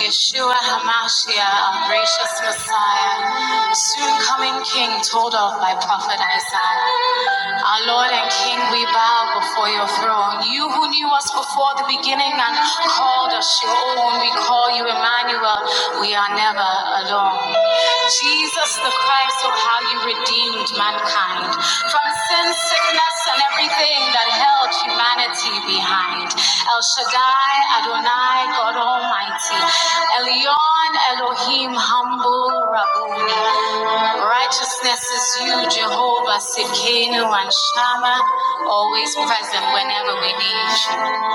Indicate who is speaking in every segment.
Speaker 1: Yeshua HaMashiach, our gracious Messiah, soon coming King, told of by prophet Isaiah. Our Lord and King, we bow before your throne. You who knew us before the beginning and called us your own, we call you Emmanuel. We are never alone. Jesus the Christ, oh, how you redeemed mankind from sin, sickness, and everything that held humanity behind. El Shaddai, Adonai, God Almighty, Elyon, Elohim, humble Rabboni. Righteousness is you, Jehovah, Sidkenu, and Shama, always present whenever we need you.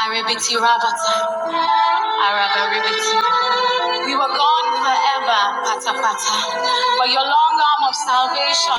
Speaker 1: Arabiti Rabata, Arabaribiti. We were gone forever, patapata, but your long arm of salvation.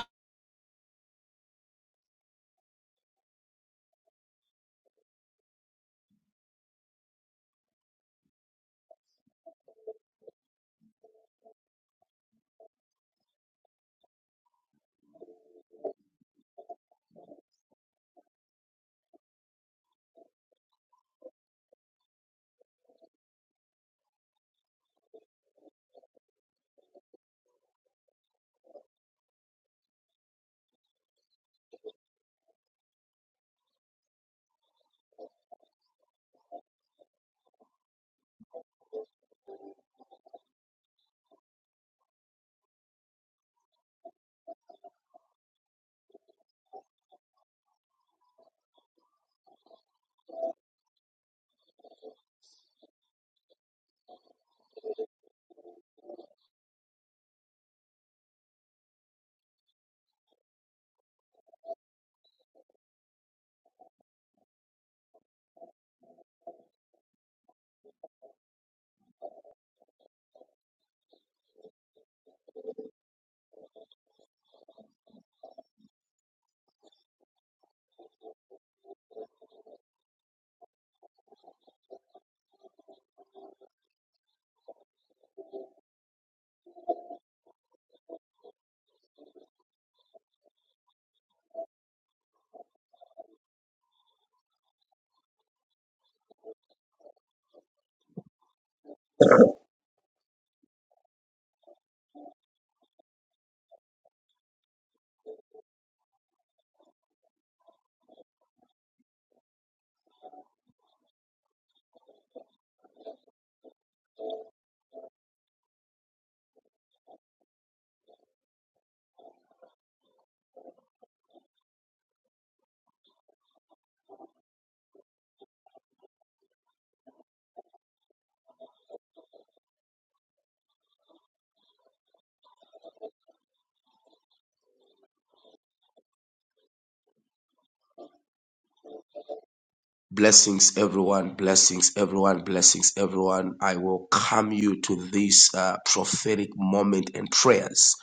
Speaker 1: Blessings, everyone. Blessings, everyone. Blessings, everyone. I welcome you to this uh, prophetic moment and prayers.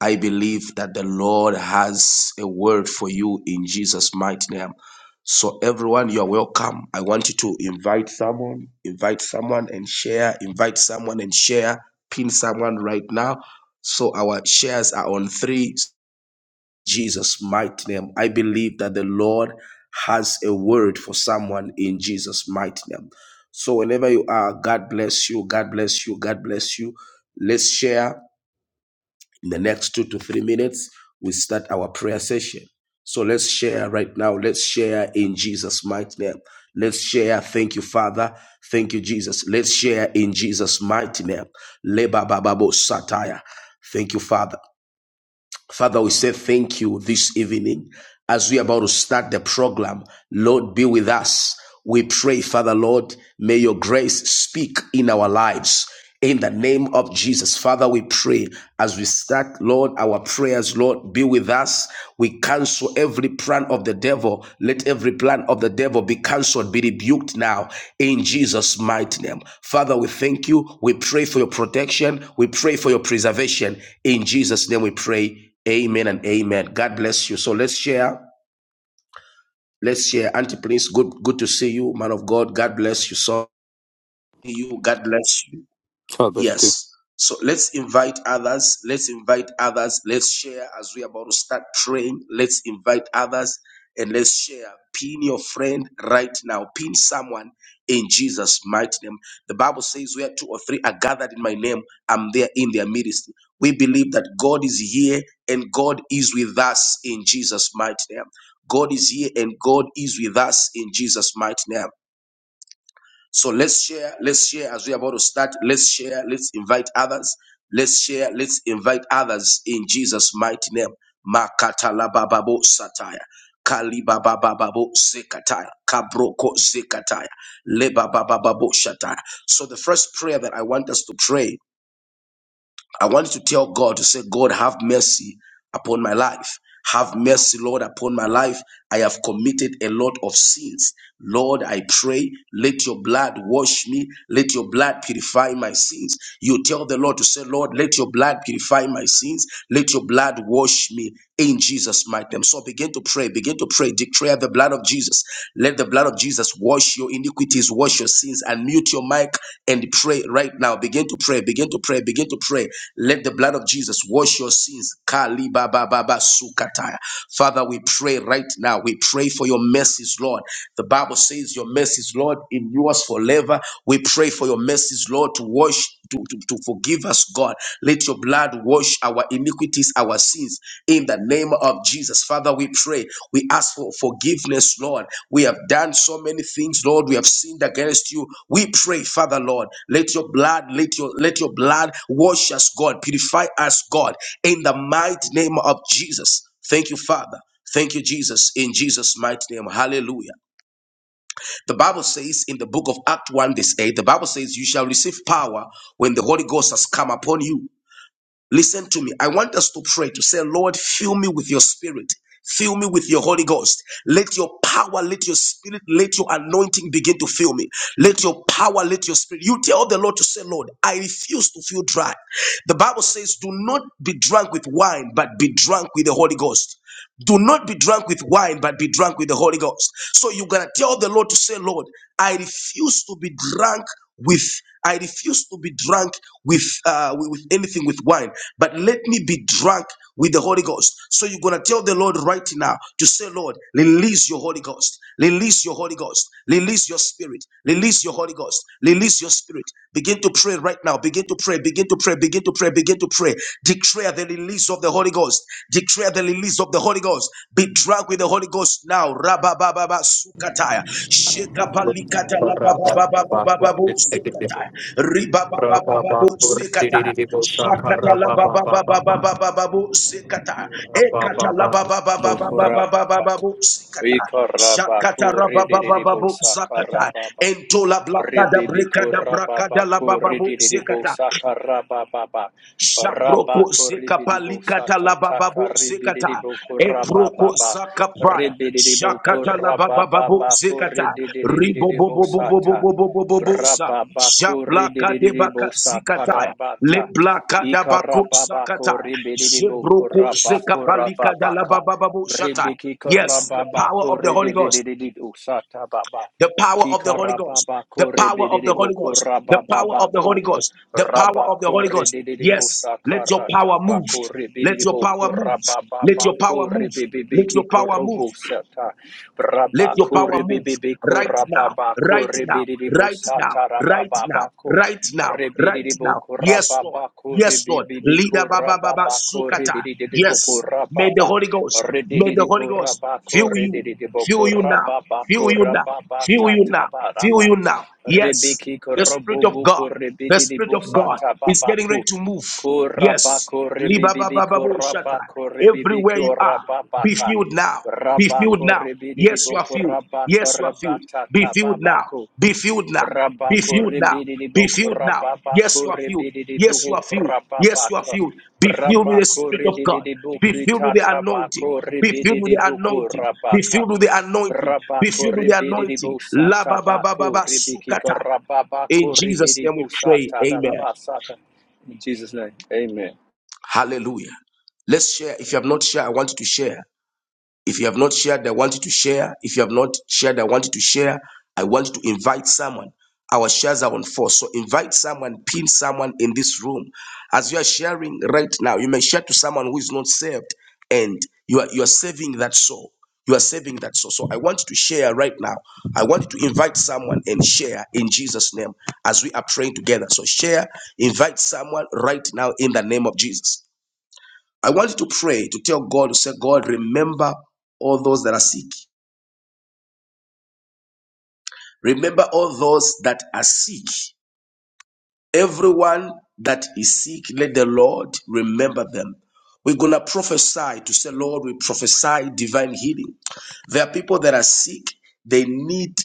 Speaker 1: I believe that the Lord has a word for you in Jesus' mighty name. So, everyone, you are welcome. I want you to invite someone, invite someone and share, invite someone and share, pin someone right now. So, our shares are on three. Jesus' mighty name. I believe that the Lord has a word for someone in Jesus' mighty name. So, whenever you are, God bless you. God bless you. God bless you. Let's share in the next two to three minutes. We start our prayer session. So, let's share right now. Let's share in Jesus' mighty name. Let's share. Thank you, Father. Thank you, Jesus. Let's share in Jesus' mighty name. Leba bababo satire. Thank you, Father. Father, we say thank you this evening as we are about to start the program. Lord, be with us. We pray, Father, Lord, may your grace speak in our lives. In the name of Jesus, Father, we pray as we start, Lord, our prayers, Lord, be with us. We cancel every plan of the devil. Let every plan of the devil be cancelled, be rebuked now in Jesus' mighty name. Father, we thank you. We pray for your protection. We pray for your preservation. In Jesus' name we pray. Amen and amen. God bless you. So let's share. Let's share. Auntie Prince, good good to see you, man of God. God bless you. So you. God bless you.
Speaker 2: God bless you too.
Speaker 1: Yes. So let's invite others. Let's invite others. Let's share as we're about to start praying. Let's invite others and let's share. Pin your friend right now. Pin someone in Jesus' mighty name. The Bible says, Where two or three are gathered in my name, I'm there in their midst. We believe that God is here and God is with us in Jesus' mighty name. God is here and God is with us in Jesus' mighty name. So let's share, let's share as we're about to start. Let's share, let's invite others. Let's share, let's invite others in Jesus' mighty name. Makatalabababo sataya. Kalibabababo zekataya. Kabroko zekataya. Lebabababo shataya. So the first prayer that I want us to pray I want you to tell God to say, God, have mercy upon my life. Have mercy, Lord, upon my life. I have committed a lot of sins. Lord, I pray, let your blood wash me. Let your blood purify my sins. You tell the Lord to say, Lord, let your blood purify my sins. Let your blood wash me in Jesus' mighty name. So begin to pray, begin to pray, declare the blood of Jesus. Let the blood of Jesus wash your iniquities, wash your sins, and mute your mic and pray right now. Begin to pray, begin to pray, begin to pray. Let the blood of Jesus wash your sins. Kali ba ba ba ba sukataya. Father, we pray right now. We pray for your mercies, Lord. The Bible says your mercies, Lord, in yours forever. We pray for your mercies, Lord, to wash, to, to, to forgive us, God. Let your blood wash our iniquities, our sins. In the name of Jesus, Father, we pray. We ask for forgiveness, Lord. We have done so many things, Lord. We have sinned against you. We pray, Father, Lord. Let your blood, let your let your blood wash us, God. Purify us, God. In the mighty name of Jesus. Thank you, Father. Thank you, Jesus, in Jesus' mighty name. Hallelujah. The Bible says in the book of Acts 1, this 8, the Bible says, You shall receive power when the Holy Ghost has come upon you Listen to me. I want us to pray to say, Lord, fill me with your spirit. Fill me with your Holy Ghost. Let your power, let your spirit, let your anointing begin to fill me. Let your power, let your spirit. You tell the Lord to say, Lord, I refuse to feel dry. The Bible says, do not be drunk with wine, but be drunk with the Holy Ghost. Do not be drunk with wine, but be drunk with the Holy Ghost. So you're gonna tell the Lord to say, Lord, I refuse to be drunk with I refuse to be drunk with uh with with anything with wine, but let me be drunk with the Holy Ghost. So you're gonna tell the Lord right now to say, Lord, release your Holy Ghost, release your Holy Ghost, release your spirit, release your Holy Ghost, release your spirit. Begin to pray right now, begin to pray, begin to pray, begin to pray, begin to pray. Declare the release of the Holy Ghost. Declare the release of the Holy Ghost. Be drunk with the Holy Ghost now. Rabababa sukataya. Shekapalikata
Speaker 2: Bokorababa.
Speaker 1: lababababababu sukataya. Ribababababu sukataya. Shakata labababababababu sukataya. Ekata lababababababababu sukataya. Shakata rababababu zakata.
Speaker 2: Ikarabakuridiribosakarababaha.
Speaker 1: Entola blakada
Speaker 2: Rebebeko
Speaker 1: brekada brakada
Speaker 2: rababako
Speaker 1: labababu
Speaker 2: ridiribo
Speaker 1: sukataya.
Speaker 2: saka rabababa.
Speaker 1: Shabroko
Speaker 2: Rabako
Speaker 1: zeka
Speaker 2: ribiribo
Speaker 1: palikata
Speaker 2: sata taka
Speaker 1: labababu zekata.
Speaker 2: ribiribo
Speaker 1: Etroko
Speaker 2: korabababa.
Speaker 1: zaka praya.
Speaker 2: Ribiribo
Speaker 1: Shakata labababu
Speaker 2: korabababa
Speaker 1: zekata.
Speaker 2: koridiribo sata.
Speaker 1: Ribobobobobobobobobobobo sa.
Speaker 2: Rababako
Speaker 1: Shablaka debaka
Speaker 2: ridiribo saka
Speaker 1: zikataya.
Speaker 2: rabata.
Speaker 1: Leblaka dabako
Speaker 2: Ikarababako
Speaker 1: sakataya.
Speaker 2: ribiribo
Speaker 1: Shebroko zeka
Speaker 2: korabako
Speaker 1: palikata
Speaker 2: rababaka.
Speaker 1: labababu shataya.
Speaker 2: Ribiki
Speaker 1: Yes, the power
Speaker 2: korababako
Speaker 1: of the Holy Ghost
Speaker 2: ridiribo sata baba.
Speaker 1: the power of the
Speaker 2: Tika
Speaker 1: Holy Ghost, the
Speaker 2: rababako
Speaker 1: power of the Holy
Speaker 2: rebedeboko
Speaker 1: Ghost, the power of the
Speaker 2: rabababako
Speaker 1: Holy Ghost, the power of the
Speaker 2: rabako
Speaker 1: Holy Ghost.
Speaker 2: rebedebo
Speaker 1: Yes, let your
Speaker 2: sakarata
Speaker 1: power move.
Speaker 2: bako
Speaker 1: Let your
Speaker 2: rebedeboko
Speaker 1: power move. Let your power
Speaker 2: rabababako
Speaker 1: move. Let
Speaker 2: rebebebeki
Speaker 1: your power move.
Speaker 2: korobo sata
Speaker 1: Let your
Speaker 2: rabako
Speaker 1: power move
Speaker 2: rebebebeko
Speaker 1: right now,
Speaker 2: rababako
Speaker 1: right now,
Speaker 2: rebedebo
Speaker 1: right now,
Speaker 2: sata
Speaker 1: right now,
Speaker 2: rabababako
Speaker 1: right now, right now.
Speaker 2: rebedeboko
Speaker 1: Yes, Lord.
Speaker 2: rababako
Speaker 1: Yes, Lord. Leader
Speaker 2: rebebebeko
Speaker 1: Baba Baba
Speaker 2: rababako
Speaker 1: Sukata.
Speaker 2: rebedeboko
Speaker 1: Yes. May the
Speaker 2: rababa
Speaker 1: Holy Ghost, may the Holy
Speaker 2: Rididiko
Speaker 1: Ghost fill
Speaker 2: rabako
Speaker 1: you, fill
Speaker 2: rididiboko
Speaker 1: you now, fill
Speaker 2: rababako
Speaker 1: you now, fill
Speaker 2: rababata
Speaker 1: you now, fill
Speaker 2: tabaraba.
Speaker 1: you now. Yes.
Speaker 2: Ribiki
Speaker 1: The Spirit of
Speaker 2: korobubuku
Speaker 1: God. The Spirit of
Speaker 2: ribidibusa
Speaker 1: God is getting ready
Speaker 2: tababaku.
Speaker 1: to move. Yes.
Speaker 2: Kurabako ribibibiko
Speaker 1: Libabababo shata.
Speaker 2: rabako
Speaker 1: Everywhere
Speaker 2: ribibiko
Speaker 1: you are, be
Speaker 2: rababaka.
Speaker 1: filled now. Be filled
Speaker 2: Rabako
Speaker 1: now. Yes, you are
Speaker 2: ribidiboko
Speaker 1: filled.
Speaker 2: rabako
Speaker 1: Yes, you are filled.
Speaker 2: rabata
Speaker 1: Be filled now.
Speaker 2: tababaku.
Speaker 1: Be filled now. Be filled now. Be
Speaker 2: Rabakorebidibuk
Speaker 1: filled now. Yes, you are filled. Yes, you
Speaker 2: rababakorebidibuk
Speaker 1: are filled. Yes, you are
Speaker 2: rababaka.
Speaker 1: filled. Be filled with the Spirit of God.
Speaker 2: Rabakorebidibuk
Speaker 1: Be filled with the anointing. Be filled with the
Speaker 2: sitatabakorebidibuk
Speaker 1: anointing. Be
Speaker 2: rabaka.
Speaker 1: filled with the anointing. Be filled with the anointing.
Speaker 2: Rabakorebidibuk
Speaker 1: La ba ba ba ba ba
Speaker 2: satabakorebiki
Speaker 1: sukata. In Jesus' name we
Speaker 2: rababakorebidibuk
Speaker 1: pray. Amen.
Speaker 2: satadabasata. In Jesus' name, amen.
Speaker 1: Hallelujah. Let's share. If you have not shared, I want you to share. If you have not shared, I want you to share. If you have not shared, I want you to share. I want you to invite someone. Our shares are on four. So invite someone, pin someone in this room. As you are sharing right now, you may share to someone who is not saved and you are, you are saving that soul. You are saving that soul. So I want you to share right now. I want you to invite someone and share in Jesus' name as we are praying together. So share, invite someone right now in the name of Jesus. I want you to pray to tell God to say, God, remember all those that are sick. Remember all those that are sick. Everyone that is sick, let the Lord remember them. We're going to prophesy to say, Lord, we prophesy divine healing. There are people that are sick. They need,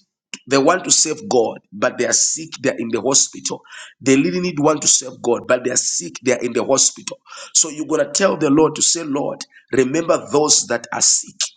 Speaker 1: they want to save God, but they are sick. They are in the hospital. They really need want to save God, but they are sick. They are in the hospital. So you're going to tell the Lord to say, Lord, remember those that are sick.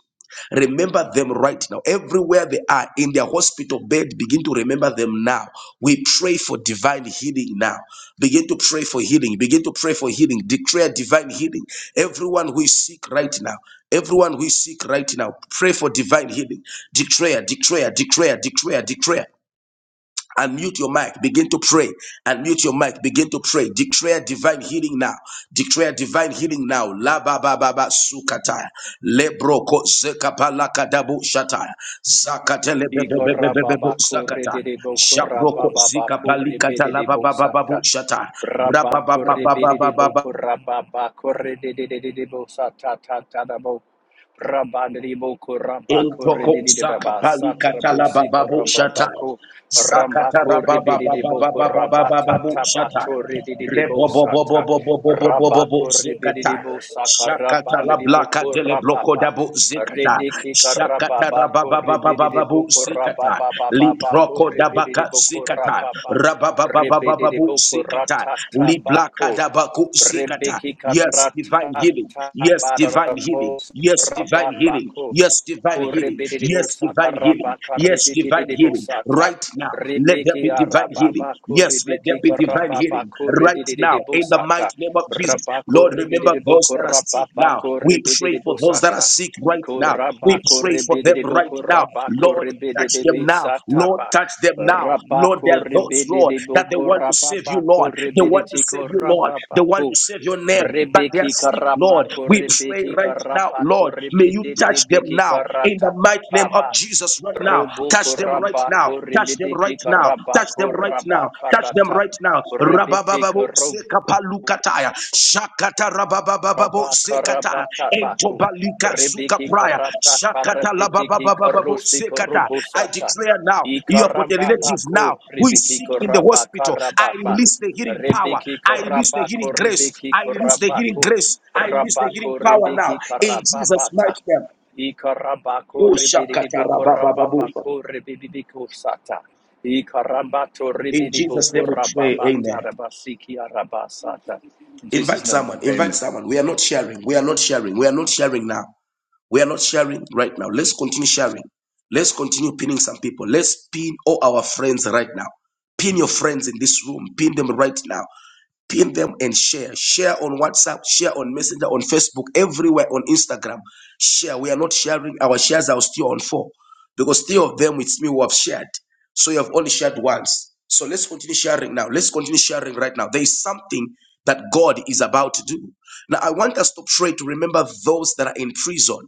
Speaker 1: Remember them right now. Everywhere they are in their hospital bed, begin to remember them now. We pray for divine healing now. Begin to pray for healing. Begin to pray for healing. Declare divine healing. Everyone who is sick right now, everyone who is sick right now, pray for divine healing. Declare, declare, declare, declare, declare. Unmute your mic, begin to pray. Unmute your mic, begin to pray. Declare divine healing now. Declare divine healing now. La ba ba ba ba sukata. Lebro ko zekapa lakadabu shata. Zakate lebe be be be be be bu
Speaker 2: Ikorababakure de
Speaker 1: zakata.
Speaker 2: de
Speaker 1: Jabroko zikapa
Speaker 2: bokurababakure
Speaker 1: likata
Speaker 2: bede
Speaker 1: la
Speaker 2: de
Speaker 1: ba ba ba ba
Speaker 2: bosata.
Speaker 1: bu shata. Ra ba ba
Speaker 2: Brabakure
Speaker 1: ba ba
Speaker 2: bede
Speaker 1: ba
Speaker 2: de
Speaker 1: ba ba.
Speaker 2: bokurababakure de de de de de bosata ta ta da bo. braba de bokurabakure de
Speaker 1: Intoko
Speaker 2: de de da ba
Speaker 1: zakapali
Speaker 2: satra
Speaker 1: katala
Speaker 2: bosiko
Speaker 1: bababu shata.
Speaker 2: rababako.
Speaker 1: Zakatara
Speaker 2: Rambakure bede de bokoraba ta
Speaker 1: bababu
Speaker 2: ta ba
Speaker 1: shata.
Speaker 2: tabatore de de de bosata.
Speaker 1: Rebobobobobobobobobobobo
Speaker 2: Rabakure bede
Speaker 1: zikata.
Speaker 2: de bosaka
Speaker 1: Shakata
Speaker 2: rabande
Speaker 1: la
Speaker 2: de
Speaker 1: blaka dele bloko
Speaker 2: bokurababa.
Speaker 1: dabu zikata.
Speaker 2: Rediki karapa
Speaker 1: Shakata
Speaker 2: bako rebidi
Speaker 1: rababababababu
Speaker 2: boko rapa
Speaker 1: zikata.
Speaker 2: papa bako
Speaker 1: Liproko
Speaker 2: rebidi
Speaker 1: dabaka
Speaker 2: boko
Speaker 1: zikata.
Speaker 2: rapa pa rebidi
Speaker 1: Rababababababu
Speaker 2: boko
Speaker 1: zikata.
Speaker 2: ratata
Speaker 1: Liblaka
Speaker 2: bako
Speaker 1: dabaku zikata.
Speaker 2: rebiki
Speaker 1: Yes, divine
Speaker 2: karata
Speaker 1: healing. Yes, divine
Speaker 2: barara
Speaker 1: healing.
Speaker 2: bosi
Speaker 1: Yes,
Speaker 2: karapa
Speaker 1: divine healing.
Speaker 2: bako
Speaker 1: Yes, divine healing.
Speaker 2: kurebidi
Speaker 1: Yes,
Speaker 2: bosa
Speaker 1: divine
Speaker 2: karaba
Speaker 1: healing. Yes, divine
Speaker 2: karedidi
Speaker 1: healing.
Speaker 2: bosata
Speaker 1: Right now, let there
Speaker 2: rebiki
Speaker 1: be divine
Speaker 2: arapa
Speaker 1: healing.
Speaker 2: bako
Speaker 1: Yes, let there
Speaker 2: rebiki
Speaker 1: be divine
Speaker 2: karapa
Speaker 1: healing.
Speaker 2: bako
Speaker 1: Right now,
Speaker 2: redidi
Speaker 1: in the
Speaker 2: bosata
Speaker 1: mighty name of Jesus.
Speaker 2: rabako
Speaker 1: Lord, remember
Speaker 2: rebidi
Speaker 1: those
Speaker 2: boko
Speaker 1: that are
Speaker 2: rapa
Speaker 1: sick now.
Speaker 2: bako
Speaker 1: We pray
Speaker 2: rebidi
Speaker 1: for those that are
Speaker 2: bosata
Speaker 1: sick right now. We
Speaker 2: Kurabako
Speaker 1: pray for them
Speaker 2: rebedebo
Speaker 1: right now.
Speaker 2: kurabako
Speaker 1: Lord, Touch
Speaker 2: rebedebe
Speaker 1: them now, Lord.
Speaker 2: sataba.
Speaker 1: Touch them now, Lord. There
Speaker 2: Rabako
Speaker 1: are those, Lord,
Speaker 2: rebedebo
Speaker 1: that they want to save you,
Speaker 2: kurabako
Speaker 1: Lord. They want to
Speaker 2: rebedete
Speaker 1: save you, Lord. They want
Speaker 2: kurabako.
Speaker 1: to save your name, but they
Speaker 2: Brebeki
Speaker 1: are sick, Lord.
Speaker 2: karabako
Speaker 1: We pray
Speaker 2: rebeki
Speaker 1: right now,
Speaker 2: karabako
Speaker 1: Lord. May you
Speaker 2: rebedete
Speaker 1: touch them
Speaker 2: beki
Speaker 1: now in the
Speaker 2: karata
Speaker 1: mighty name of
Speaker 2: baba.
Speaker 1: Jesus. Right now,
Speaker 2: Roboko
Speaker 1: touch them right now.
Speaker 2: rabako
Speaker 1: Touch them right
Speaker 2: rebedeki
Speaker 1: now. Touch
Speaker 2: karabako
Speaker 1: them right now. Touch them
Speaker 2: rabakarata.
Speaker 1: right
Speaker 2: Rebete
Speaker 1: now. Sekapalukataya, Shakata Rabababo
Speaker 2: Rabba
Speaker 1: Sekata,
Speaker 2: karabata baku.
Speaker 1: Entobalika Suka
Speaker 2: Rebiki
Speaker 1: Praya,
Speaker 2: karata
Speaker 1: Shakata
Speaker 2: karatiti ki
Speaker 1: Labababo
Speaker 2: karusi
Speaker 1: Sekata. I
Speaker 2: korubusata.
Speaker 1: declare now,
Speaker 2: I
Speaker 1: you have got a
Speaker 2: karamba
Speaker 1: relative
Speaker 2: baku.
Speaker 1: now who is
Speaker 2: Rebiki
Speaker 1: sick in the
Speaker 2: karaba
Speaker 1: hospital. I
Speaker 2: karababa.
Speaker 1: release the healing power.
Speaker 2: ribiki
Speaker 1: I release the
Speaker 2: karaba
Speaker 1: healing grace.
Speaker 2: koribiki
Speaker 1: I release the healing
Speaker 2: karabaku.
Speaker 1: grace. I release the
Speaker 2: Rabaku
Speaker 1: healing power now
Speaker 2: rebiki
Speaker 1: in Jesus'
Speaker 2: karababata.
Speaker 1: mighty name.
Speaker 2: I karabaku
Speaker 1: Oh, Shakata
Speaker 2: ribidibu
Speaker 1: Rabababo.
Speaker 2: karababaku ribidibiku sata. I karambato
Speaker 1: In
Speaker 2: ribidibu
Speaker 1: Jesus' name we pray.
Speaker 2: karababata
Speaker 1: Amen.
Speaker 2: rabasiki arabasata. In Jesus'
Speaker 1: Invite
Speaker 2: name,
Speaker 1: someone. Invite
Speaker 2: amen.
Speaker 1: someone. We are not sharing. We are not sharing. We are not sharing now. We are not sharing right now. Let's continue sharing. Let's continue pinning some people. Let's pin all our friends right now. Pin your friends in this room. Pin them right now pin them and share. Share on WhatsApp, share on Messenger, on Facebook, everywhere on Instagram. Share. We are not sharing. Our shares are still on four because three of them with me who have shared. So you have only shared once. So let's continue sharing now. Let's continue sharing right now. There is something that God is about to do. Now, I want us to pray to remember those that are in prison.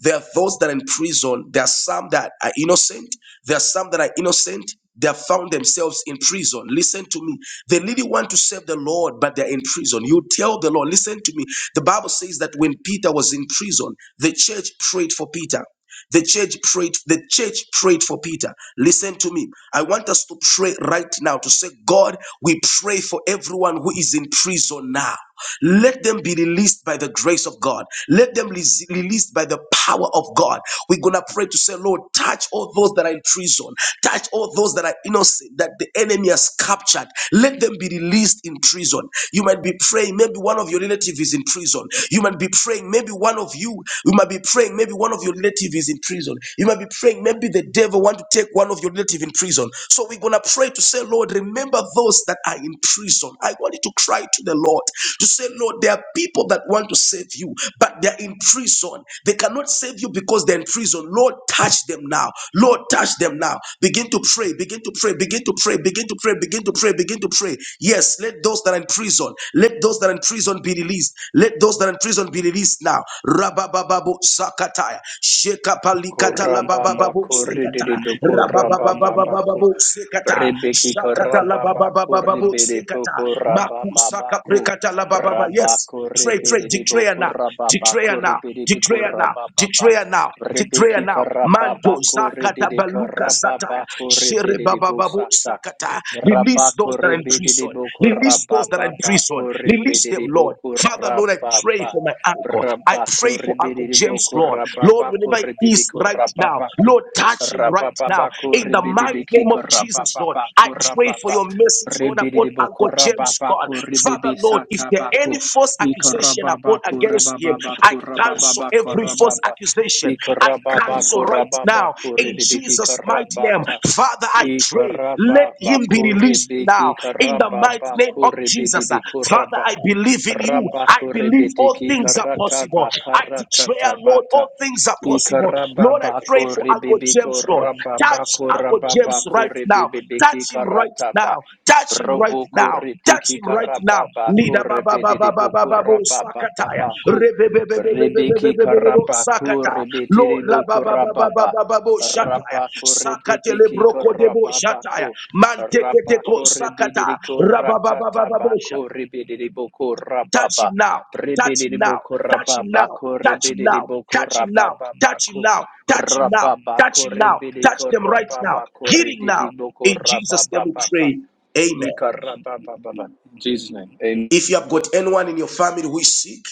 Speaker 1: There are those that are in prison. There are some that are innocent. There are some that are innocent. They have found themselves in prison. Listen to me. They really want to serve the Lord, but they're in prison. You tell the Lord, listen to me. The Bible says that when Peter was in prison, the church prayed for Peter. The church prayed, the church prayed for Peter. Listen to me. I want us to pray right now to say, God, we pray for everyone who is in prison now. Let them be released by the grace of God. Let them be released by the power of God. We're going to pray to say, Lord, touch all those that are in prison. Touch all those that are innocent, that the enemy has captured. Let them be released in prison. You might be praying, maybe one of your relatives is in prison. You might be praying, maybe one of you, you might be praying, maybe one of your relatives is in prison. You might be praying, maybe the devil want to take one of your relative in prison. So we're going to pray to say, Lord, remember those those that are in prison. I want you to cry to the Lord to say, Lord, there are people that want to save you, but they're in prison. They cannot save you because they're in prison. Lord, touch them now. Lord, touch them now. Begin to pray, begin to pray, begin to pray, begin to pray, begin to pray, begin to pray. Yes, let those that are in prison, let those that are in prison be released. Let those that are in prison be released now. Rabababu Zakataya. Shekapalikata Labababu
Speaker 2: Korababako rididiboko
Speaker 1: Zekataya
Speaker 2: rabababako.
Speaker 1: babababababu sekata
Speaker 2: Rebeki
Speaker 1: shakata la
Speaker 2: karababako
Speaker 1: bababababu sekata
Speaker 2: ribidiboko
Speaker 1: makusaka
Speaker 2: rabababako.
Speaker 1: prekata la bababa yes
Speaker 2: Rabako
Speaker 1: pray pray declare
Speaker 2: ribidiboko
Speaker 1: now
Speaker 2: rababako
Speaker 1: declare now
Speaker 2: ribidiboko
Speaker 1: declare now
Speaker 2: rabababa.
Speaker 1: declare now declare
Speaker 2: Rebeki
Speaker 1: now manto
Speaker 2: karababako
Speaker 1: zakata
Speaker 2: rididiko
Speaker 1: baluka sataya
Speaker 2: rababako
Speaker 1: shere babababu
Speaker 2: ribidibosata.
Speaker 1: sakata release
Speaker 2: Rabako
Speaker 1: those that are in prison
Speaker 2: ribidiboko
Speaker 1: release those that are in prison
Speaker 2: rabababako
Speaker 1: release them lord
Speaker 2: ribidiboko
Speaker 1: Father, Lord, I pray
Speaker 2: rababa.
Speaker 1: for my uncle. I
Speaker 2: Rabako
Speaker 1: pray for Uncle James,
Speaker 2: ribiriboko
Speaker 1: Lord. Lord,
Speaker 2: rababako
Speaker 1: whenever where he is
Speaker 2: ribibiko
Speaker 1: right now.
Speaker 2: rababako
Speaker 1: Lord, touch him right now.
Speaker 2: rababako
Speaker 1: In the mighty name of
Speaker 2: ribibibikiko
Speaker 1: Jesus, Lord, I
Speaker 2: rababako
Speaker 1: pray for
Speaker 2: rababa
Speaker 1: your message, Lord, upon
Speaker 2: ribiriboko
Speaker 1: Uncle James, God.
Speaker 2: rababako
Speaker 1: Father, Lord, if there any
Speaker 2: ribibisatabako
Speaker 1: false
Speaker 2: iko
Speaker 1: accusation upon
Speaker 2: rababako
Speaker 1: against him, I
Speaker 2: rababako
Speaker 1: cancel
Speaker 2: rababako
Speaker 1: every false
Speaker 2: rababa
Speaker 1: accusation.
Speaker 2: iko
Speaker 1: I cancel
Speaker 2: rababako
Speaker 1: right now
Speaker 2: rababako
Speaker 1: in
Speaker 2: ribibikiko
Speaker 1: Jesus' mighty name.
Speaker 2: rabata
Speaker 1: Father, I
Speaker 2: iko
Speaker 1: pray, let him be
Speaker 2: rababako
Speaker 1: released now
Speaker 2: ribikiko
Speaker 1: in the mighty name
Speaker 2: rababako
Speaker 1: of Jesus. uh,
Speaker 2: ribibibiko
Speaker 1: Father,
Speaker 2: rababa
Speaker 1: I believe in you. I believe all
Speaker 2: Rabakurebedeki
Speaker 1: things things are
Speaker 2: karata
Speaker 1: possible. I
Speaker 2: bakarata
Speaker 1: declare, Lord, all
Speaker 2: tabata.
Speaker 1: things are possible. Lord, I pray
Speaker 2: Ikarababako
Speaker 1: for Uncle
Speaker 2: rebebeko
Speaker 1: James, Lord. Touch
Speaker 2: rababako
Speaker 1: Uncle James
Speaker 2: rababako
Speaker 1: right now.
Speaker 2: rebebeki
Speaker 1: Touch him right
Speaker 2: karata ba.
Speaker 1: now. Touch him right
Speaker 2: Roboko
Speaker 1: now. Touch
Speaker 2: reteki
Speaker 1: him right now.
Speaker 2: karababako
Speaker 1: Lida ba ba ba ba ba ba
Speaker 2: rebedeboko
Speaker 1: ba bo sakataya.
Speaker 2: rabababako.
Speaker 1: Rebe be be be be be be be
Speaker 2: Rebeki
Speaker 1: be be be bo
Speaker 2: karabako
Speaker 1: sakataya. Lord la
Speaker 2: rebedeboko
Speaker 1: ba ba ba ba ba
Speaker 2: rababa.
Speaker 1: ba ba bo shataya.
Speaker 2: Rabako
Speaker 1: Sakatele
Speaker 2: rebedeki
Speaker 1: broko de bo shataya.
Speaker 2: karababako.
Speaker 1: Manteke de ko
Speaker 2: Rabako
Speaker 1: sakata.
Speaker 2: rebidiko
Speaker 1: Ra ba ba ba ba
Speaker 2: ratata
Speaker 1: ba bo shataya.
Speaker 2: bako rebidiboko
Speaker 1: Touch him
Speaker 2: rababa
Speaker 1: now. Touch him now.
Speaker 2: rebidiboko
Speaker 1: Touch him
Speaker 2: rababa
Speaker 1: now.
Speaker 2: ko
Speaker 1: Touch him now.
Speaker 2: rebidiboko
Speaker 1: Touch him now.
Speaker 2: rababa
Speaker 1: Touch him
Speaker 2: bako
Speaker 1: now. Touch him now.
Speaker 2: rababa
Speaker 1: Touch
Speaker 2: ko
Speaker 1: him now. Touch
Speaker 2: rebidiko
Speaker 1: them right now.
Speaker 2: rababa ko
Speaker 1: Healing now.
Speaker 2: rebidiboko
Speaker 1: In Jesus' name
Speaker 2: rababa
Speaker 1: we
Speaker 2: baka
Speaker 1: pray. Amen.
Speaker 2: ika rababa baba. In Jesus name. Amen.
Speaker 1: If you have got anyone in your family who is sick,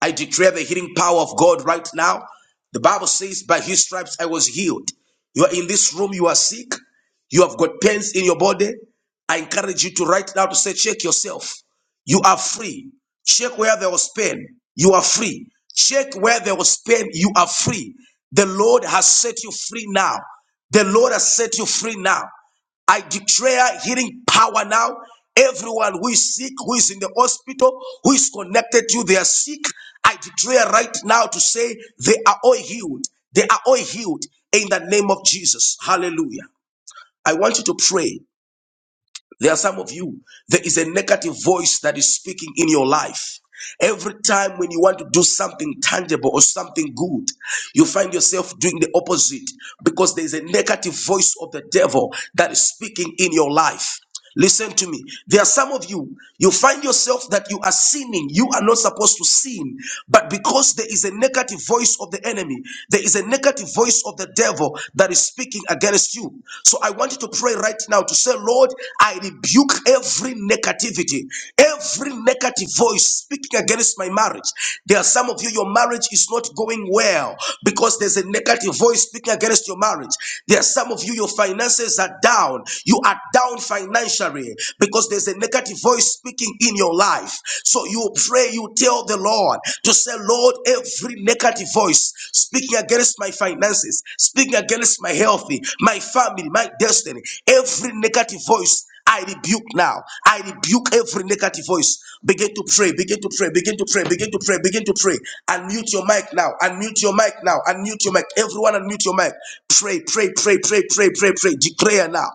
Speaker 1: I declare the healing power of God right now. The Bible says, By his stripes I was healed. You are in this room, you are sick, you have got pains in your body. I encourage you to right now to say, check yourself. You are free. Check where there was pain. You are free. Check where there was pain. You are free. The Lord has set you free now. The Lord has set you free now. I declare healing power now. Everyone who is sick, who is in the hospital, who is connected to you, they are sick. I declare right now to say they are all healed. They are all healed in the name of Jesus. Hallelujah. I want you to pray. There are some of you, there is a negative voice that is speaking in your life. Every time when you want to do something tangible or something good, you find yourself doing the opposite because there is a negative voice of the devil that is speaking in your life. Listen to me. There are some of you, you find yourself that you are sinning. You are not supposed to sin. But because there is a negative voice of the enemy, there is a negative voice of the devil that is speaking against you. So I want you to pray right now to say, Lord, I rebuke every negativity, every negative voice speaking against my marriage. There are some of you, your marriage is not going well because there's a negative voice speaking against your marriage. There are some of you, your finances are down. You are down financially because there's a negative voice speaking in your life. So you you pray, you tell the Lord to say, Lord, every negative voice speaking against my finances, speaking against my health, my family, my destiny, every negative voice. I rebuke now. I rebuke every negative voice. Begin to pray, begin to pray, begin to pray, begin to pray, begin to pray. Unmute your mic now. Unmute your mic now. Unmute your mic. Everyone unmute your mic. Pray, pray, pray, pray, pray, pray, pray. Declare now.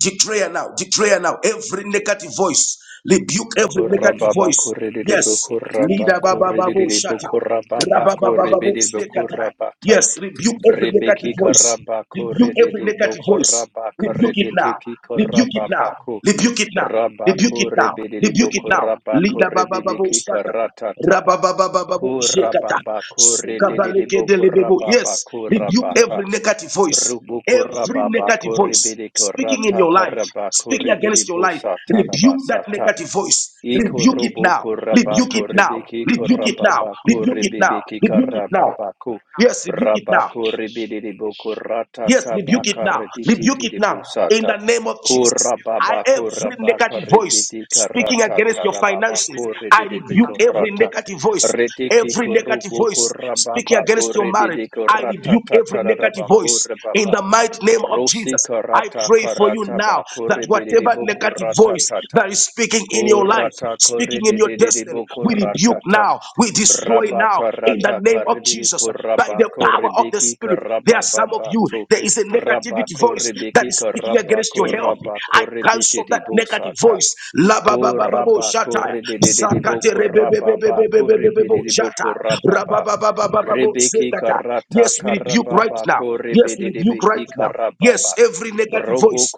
Speaker 1: Declare now, declare now. Every negative voice, rebuke every negative
Speaker 2: Korababa
Speaker 1: voice.
Speaker 2: koredidibu
Speaker 1: Yes,
Speaker 2: koraba
Speaker 1: leader babababu
Speaker 2: koredidibu
Speaker 1: shata,
Speaker 2: korababa
Speaker 1: rababababu
Speaker 2: koredidibu
Speaker 1: stekata.
Speaker 2: korabata.
Speaker 1: Yes, rebuke every negative
Speaker 2: Rebeki
Speaker 1: voice.
Speaker 2: koraba
Speaker 1: Rebuke every
Speaker 2: koredidibu
Speaker 1: negative voice.
Speaker 2: koraba
Speaker 1: Rebuke it now.
Speaker 2: koredidiki
Speaker 1: Rebuke it
Speaker 2: korababa
Speaker 1: now.
Speaker 2: ko.
Speaker 1: Rebuke it now.
Speaker 2: Braba
Speaker 1: Rebuke it now.
Speaker 2: koredidibu
Speaker 1: Rebuke it now.
Speaker 2: koraba
Speaker 1: Leader babababu
Speaker 2: koredidiki
Speaker 1: shata.
Speaker 2: karatataba.
Speaker 1: Rabababababo, Jekata,
Speaker 2: Korababa
Speaker 1: Sukabaleke
Speaker 2: koredidibu korababa
Speaker 1: delebebo.
Speaker 2: koridi bokorababa
Speaker 1: Yes, rebuke
Speaker 2: korabaka.
Speaker 1: every negative voice.
Speaker 2: Brubu
Speaker 1: Every
Speaker 2: korababa
Speaker 1: negative voice
Speaker 2: koredidiko
Speaker 1: speaking in
Speaker 2: rata
Speaker 1: your life,
Speaker 2: koraba
Speaker 1: speaking against your
Speaker 2: koredidibu
Speaker 1: life, rebuke that
Speaker 2: sataraba
Speaker 1: negative voice. Rebuke
Speaker 3: course,
Speaker 1: it
Speaker 2: Ikorobo
Speaker 3: Father,
Speaker 1: now.
Speaker 3: Father, we
Speaker 1: Rebuke
Speaker 2: korabako
Speaker 3: come
Speaker 1: it now.
Speaker 2: rebeki
Speaker 1: Rebuke it
Speaker 3: up to
Speaker 1: now.
Speaker 2: korababako
Speaker 1: Rebuke
Speaker 3: Jesus.
Speaker 1: it now.
Speaker 2: rebebeki
Speaker 1: Rebuke it
Speaker 3: Father, we
Speaker 1: now.
Speaker 2: karababako
Speaker 3: right now,
Speaker 1: Yes, rebuke it now.
Speaker 3: She,
Speaker 2: rabako
Speaker 3: she,
Speaker 2: rebedebo
Speaker 3: she,
Speaker 2: korata
Speaker 1: Yes, rebuke it
Speaker 2: tabaka
Speaker 1: now.
Speaker 3: she,
Speaker 1: Rebuke it now.
Speaker 2: reditidebo
Speaker 1: In
Speaker 2: sata
Speaker 1: the name of
Speaker 3: Father,
Speaker 1: Jesus.
Speaker 3: we
Speaker 1: I
Speaker 3: right
Speaker 2: korababako
Speaker 1: every
Speaker 3: now,
Speaker 2: rabaka
Speaker 1: negative
Speaker 3: she,
Speaker 1: voice
Speaker 2: rebedi
Speaker 1: speaking
Speaker 2: karata
Speaker 1: against your
Speaker 3: Every
Speaker 1: finances.
Speaker 2: tarababako
Speaker 1: I
Speaker 3: negative voice,
Speaker 1: rebuke
Speaker 2: rededebeko
Speaker 3: Father,
Speaker 1: every
Speaker 2: rata
Speaker 1: negative voice.
Speaker 2: redeki
Speaker 1: Every negative
Speaker 2: korobo
Speaker 1: voice speaking against
Speaker 2: korababako
Speaker 1: your marriage.
Speaker 2: rededeko
Speaker 1: I
Speaker 3: she,
Speaker 2: rata
Speaker 1: rebuke every negative
Speaker 2: tatarabako
Speaker 1: voice in
Speaker 2: rebaba
Speaker 1: the mighty name of
Speaker 2: rosi
Speaker 1: Jesus. I
Speaker 2: karata
Speaker 1: pray for you
Speaker 2: karata
Speaker 1: now
Speaker 2: bako
Speaker 1: that whatever
Speaker 2: rebedebo
Speaker 1: negative
Speaker 2: korata
Speaker 1: voice
Speaker 2: tata
Speaker 1: that is speaking in your life,
Speaker 2: Kurata
Speaker 1: speaking
Speaker 2: korede
Speaker 1: in your
Speaker 2: de de de
Speaker 1: destiny,
Speaker 2: boko
Speaker 1: we rebuke
Speaker 2: ratata.
Speaker 1: now, we destroy
Speaker 2: Braba
Speaker 1: now in the
Speaker 2: karata
Speaker 1: name of
Speaker 2: karibiri
Speaker 1: Jesus by
Speaker 2: koraba
Speaker 1: the power of the
Speaker 2: koribiki
Speaker 1: Spirit. There are
Speaker 2: koraba
Speaker 1: some of you,
Speaker 2: babato.
Speaker 1: there is a
Speaker 2: Braba
Speaker 1: negativity voice that
Speaker 2: koribiki
Speaker 1: is speaking
Speaker 2: koraba
Speaker 1: against your health.
Speaker 2: koraba
Speaker 1: I
Speaker 2: koribiti
Speaker 1: cancel
Speaker 2: de
Speaker 1: that negative
Speaker 2: bosata.
Speaker 1: voice. La ba ba ba ba bo
Speaker 2: Koraba
Speaker 1: shataya.
Speaker 2: korede de de de
Speaker 1: Zakate
Speaker 2: boko
Speaker 1: re be be be
Speaker 2: rababa
Speaker 1: be be be be be
Speaker 2: koribiri
Speaker 1: bo
Speaker 2: de
Speaker 1: shata.
Speaker 2: boko
Speaker 1: Ra ba ba ba ba ba ba bo
Speaker 2: Rebeki
Speaker 1: sekata.
Speaker 2: karata
Speaker 1: Yes, we rebuke right
Speaker 2: karababa
Speaker 1: now.
Speaker 2: ko
Speaker 1: Yes, we rebuke right
Speaker 2: rebedebeki
Speaker 1: now. Yes,
Speaker 2: karababa.
Speaker 1: every negative
Speaker 2: Brobo
Speaker 1: voice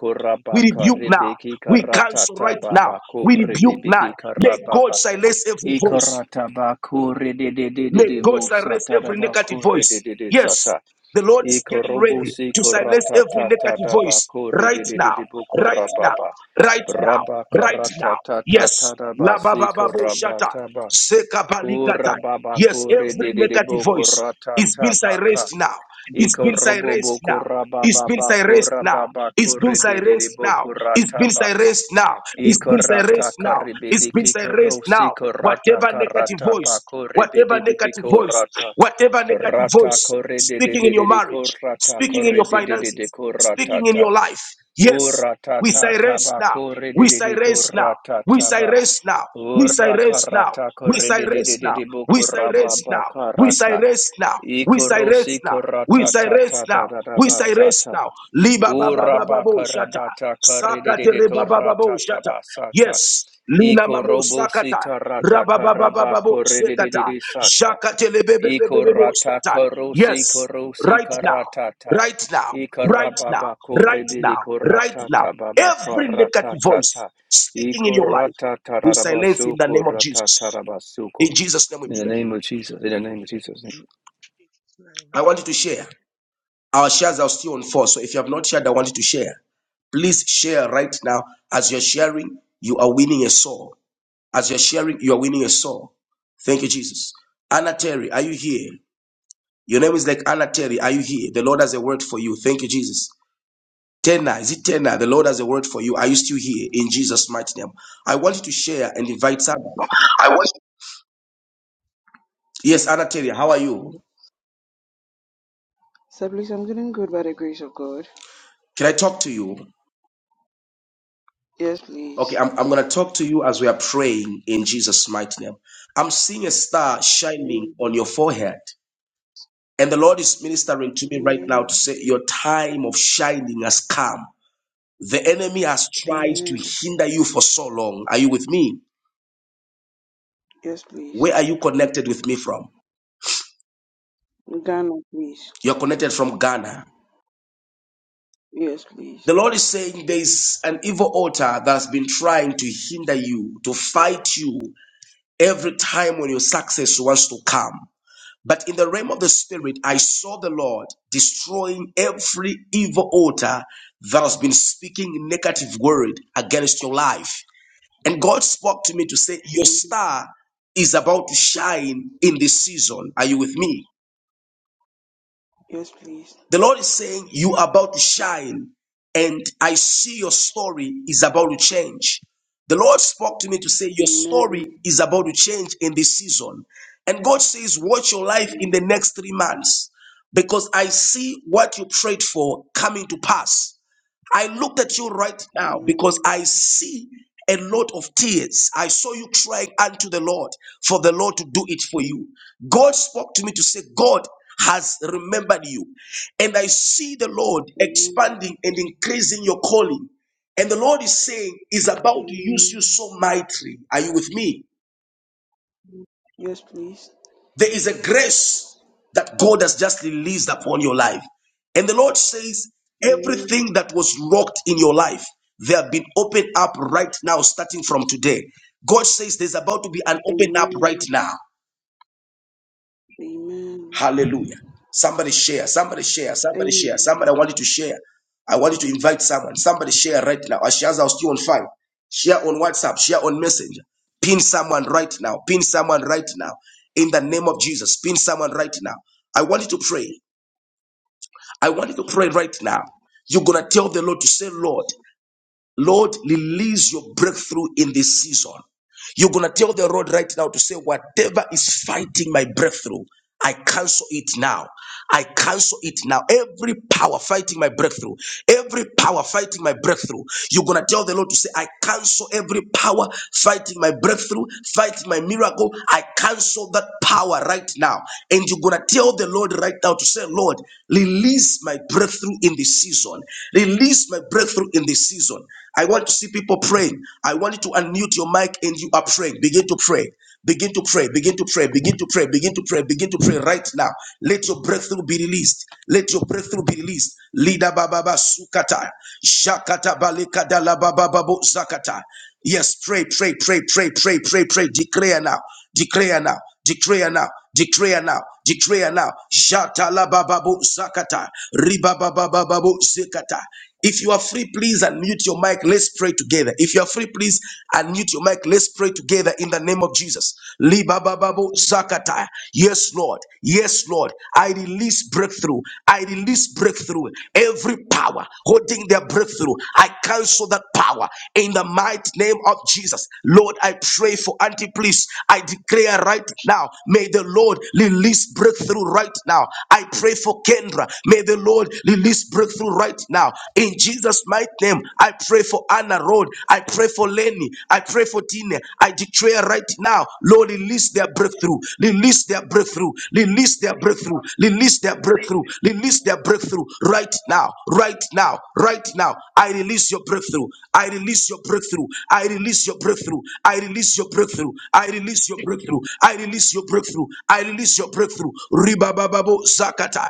Speaker 1: we rebuke now.
Speaker 2: rebeki
Speaker 1: We
Speaker 2: karata
Speaker 1: cancel right now.
Speaker 2: tababa ko
Speaker 1: We rebuke now.
Speaker 2: rebeki
Speaker 1: Let God
Speaker 2: karababa.
Speaker 1: silence every voice.
Speaker 2: Ikarata ba ko
Speaker 1: May God
Speaker 2: rededededebo
Speaker 1: silence every
Speaker 2: sataraba
Speaker 1: negative
Speaker 2: ko
Speaker 1: voice.
Speaker 2: rededede
Speaker 1: Yes,
Speaker 2: sata.
Speaker 1: the Lord is getting ready
Speaker 2: Ikorobusi
Speaker 1: to silence
Speaker 2: korata
Speaker 1: every
Speaker 2: tata
Speaker 1: negative
Speaker 2: daba
Speaker 1: voice
Speaker 2: ko
Speaker 1: right now,
Speaker 2: redededebo
Speaker 1: right now,
Speaker 2: korababa.
Speaker 1: right now,
Speaker 2: Braba
Speaker 1: right
Speaker 2: karata
Speaker 1: now.
Speaker 2: tata
Speaker 1: Yes,
Speaker 2: tadaba
Speaker 1: la ba
Speaker 2: si
Speaker 1: ba ba bo shata,
Speaker 2: korababa.
Speaker 1: zeka balikata.
Speaker 2: Kurababa
Speaker 1: Yes,
Speaker 2: kuri
Speaker 1: every
Speaker 2: didi
Speaker 1: negative
Speaker 2: boko
Speaker 1: voice
Speaker 2: rata
Speaker 1: is being
Speaker 2: tabaka.
Speaker 1: silenced now. It's
Speaker 2: Iko
Speaker 1: been
Speaker 2: robo
Speaker 1: silenced
Speaker 2: boko
Speaker 1: now. It's been
Speaker 2: rababa
Speaker 1: silenced now.
Speaker 2: kurababa
Speaker 1: It's been
Speaker 2: kuri didi
Speaker 1: silenced now.
Speaker 2: boko
Speaker 1: It's been
Speaker 2: rataba.
Speaker 1: silenced now. It's
Speaker 2: Iko
Speaker 1: been
Speaker 2: rata
Speaker 1: silenced now. It's
Speaker 2: karibidi
Speaker 1: been
Speaker 2: kiko
Speaker 1: silenced
Speaker 2: rosi
Speaker 1: now.
Speaker 2: korata
Speaker 1: Whatever negative
Speaker 2: karata
Speaker 1: voice
Speaker 2: bako
Speaker 1: Whatever
Speaker 2: ribidi
Speaker 1: negative
Speaker 2: bibiko
Speaker 1: voice,
Speaker 2: rata.
Speaker 1: whatever negative
Speaker 2: Rata
Speaker 1: voice
Speaker 2: kore de de
Speaker 1: speaking
Speaker 2: de
Speaker 1: in
Speaker 2: de
Speaker 1: your
Speaker 2: de
Speaker 1: marriage,
Speaker 2: korata
Speaker 1: speaking in
Speaker 2: kore
Speaker 1: your
Speaker 2: de de de de
Speaker 1: finances,
Speaker 2: korata
Speaker 1: speaking in
Speaker 2: ta.
Speaker 1: your life. Yes,
Speaker 2: Kurata
Speaker 1: we
Speaker 2: ta
Speaker 1: silence
Speaker 2: taba
Speaker 1: now.
Speaker 3: Jesus'
Speaker 2: kore de
Speaker 1: We
Speaker 2: de de
Speaker 1: silence now.
Speaker 2: korata
Speaker 1: We
Speaker 2: taba.
Speaker 1: silence now. We silence now.
Speaker 2: Urakarata
Speaker 1: We silence now. We
Speaker 2: korididididiboko
Speaker 1: silence now. We
Speaker 2: rababakarata.
Speaker 1: silence now. We silence
Speaker 2: Ikorosi
Speaker 1: now. We
Speaker 2: korata ta
Speaker 1: silence
Speaker 2: ta
Speaker 1: now.
Speaker 2: ta ta ta
Speaker 1: We silence
Speaker 2: basata.
Speaker 1: now. Liba baba baba bo shata.
Speaker 2: Urabakarabata
Speaker 1: Sakate
Speaker 2: koridididiko
Speaker 1: reba baba bo
Speaker 2: rata
Speaker 1: shata.
Speaker 2: tabasata.
Speaker 1: Yes. Lina mamo
Speaker 2: Ikorobosi
Speaker 1: sakata.
Speaker 2: tarata
Speaker 1: Rabababababo
Speaker 2: karabako
Speaker 1: sekata.
Speaker 2: ridididisata.
Speaker 1: Shakatelebebebebebo
Speaker 2: Ikorata
Speaker 1: sata.
Speaker 2: korosi
Speaker 1: Yes,
Speaker 2: korosi
Speaker 1: right now,
Speaker 2: karatata.
Speaker 1: right now, right now,
Speaker 2: Ikarababa
Speaker 1: right
Speaker 2: koribidi
Speaker 1: now, right now.
Speaker 2: koratata baba
Speaker 1: Every negative voice
Speaker 2: karatata.
Speaker 1: speaking in your life,
Speaker 2: Ikorata
Speaker 1: we silence in
Speaker 2: tararabasu
Speaker 1: the name of
Speaker 2: korata
Speaker 1: Jesus.
Speaker 2: tarabasu.
Speaker 1: In Jesus' name we
Speaker 2: In the
Speaker 1: pray.
Speaker 2: name of Jesus. In the name of Jesus.
Speaker 3: Jesus' name.
Speaker 1: I want you to share. Our shares are still on four. So if you have not shared, I want you to share. Please share right now. As you're sharing, you are winning a soul. As you're sharing, you're winning a soul. Thank you, Jesus. Anna Terry, are you here? Your name is like Anna Terry. Are you here? The Lord has a word for you. Thank you, Jesus. Tena, is it Tena? The Lord has a word for you. Are you still here? In Jesus' mighty name. I want you to share and invite someone.
Speaker 4: I watched.
Speaker 1: Yes, Anna Terry, how are you?
Speaker 4: So please, I'm getting good by the grace of God.
Speaker 1: Can I talk to you?
Speaker 4: Yes,
Speaker 1: Okay,
Speaker 4: please.
Speaker 1: I'm, I'm going to talk to you as we are praying in Jesus' mighty name. I'm seeing a star shining on
Speaker 4: Amen.
Speaker 1: your forehead. And the Lord is ministering to me right
Speaker 4: Amen.
Speaker 1: now to say, Your time of shining has come. The enemy has tried to
Speaker 4: Amen.
Speaker 1: hinder you for so long. Are you with me?
Speaker 4: Yes, please.
Speaker 1: Where are you connected with me from?
Speaker 4: Ghana, please.
Speaker 1: You're connected from Ghana.
Speaker 4: Yes, please.
Speaker 1: The Lord is saying there's an evil altar that's been trying to hinder you, to fight you every time when your success wants to come. But in the realm of the spirit, I saw the Lord destroying every evil altar that has been speaking negative word against your life. And God spoke to me to say, Your
Speaker 4: Amen.
Speaker 1: star is about to shine in this season. Are you with me?
Speaker 4: Yes, please.
Speaker 1: The Lord is saying, You are about to shine, and I see your story is about to change. The Lord spoke to me to say, Your
Speaker 4: Amen.
Speaker 1: story is about to change in this season. And God says, Watch your life in the
Speaker 4: Amen.
Speaker 1: next three months because I see what you prayed for coming to pass. I looked at you right now because
Speaker 4: Amen.
Speaker 1: I see a lot of tears. I saw you crying unto the Lord for the Lord to do it for you. God spoke to me to say, God has remembered you. And I see the Lord
Speaker 4: Amen.
Speaker 1: expanding and increasing your calling. And the Lord is saying, is about to use
Speaker 4: Amen.
Speaker 1: you so mightily. Are you with me?
Speaker 4: Yes, please.
Speaker 1: There is a grace that God has just released upon your life. And the Lord says,
Speaker 4: Amen.
Speaker 1: everything that was locked in your life, they have been opened up right now, starting from today. God says there's about to be an open up right
Speaker 4: Amen.
Speaker 1: now.
Speaker 4: Amen.
Speaker 1: Hallelujah. Somebody share, somebody share, somebody share,
Speaker 4: Amen.
Speaker 1: somebody I want you to share. I want you to invite someone. Somebody share right now. Or shares are still on fire. Share on WhatsApp, share on Messenger. Pin someone right now. Pin someone right now. In the name of Jesus, pin someone right now. I want you to pray. I want you to pray right now. You're going to tell the Lord to say, Lord, Lord, release your breakthrough in this season. You're going to tell the Lord right now to say, whatever is fighting my breakthrough, I cancel it now. I cancel it now. Every power fighting my breakthrough, every power fighting my breakthrough, you're going to tell the Lord to say, I cancel every power fighting my breakthrough, fighting my miracle. I cancel that power right now. And you're going to tell the Lord right now to say, Lord, release my breakthrough in this season. Release my breakthrough in this season. I want to see people praying. I want you to unmute your mic and you are praying. Begin to pray. Begin to pray, begin to pray, begin to pray, begin to pray, begin to pray right now. Let your breakthrough be released. Let your breakthrough be released. Lida bababa sukata, shakata balika dala bababo zakata. Yes, pray, pray, pray, pray, pray, pray, pray. Declare now. Declare now. Declare now. Declare now. Declare now. Shata la bababu zakata. Riba babababu zakata. If you are free, please unmute your mic. Let's pray together. If you are free, please unmute your mic. Let's pray together in the name of Jesus. Liba bababu zakata. Yes, Lord. Yes, Lord. I release release breakthrough. I release breakthrough. Every power holding their breakthrough, I cancel that power in the mighty name of Jesus. Lord, I pray for Auntie, please. I declare right now, may the Lord release breakthrough right now. I pray for Kendra. May the Lord release breakthrough right now. In Jesus' mighty name, I pray for Anna Road. I pray for Lenny. I pray for Tina. I declare right now, Lord, release their breakthrough, release their breakthrough, release their
Speaker 3: she,
Speaker 1: breakthrough, release their breakthrough, release their breakthrough right now, right now, right now. I release your breakthrough. I release your breakthrough. I release your breakthrough. I release your breakthrough. I release your
Speaker 3: she, she, Thank you,
Speaker 1: breakthrough. I release your breakthrough. I release your breakthrough. Ribababo Zakata.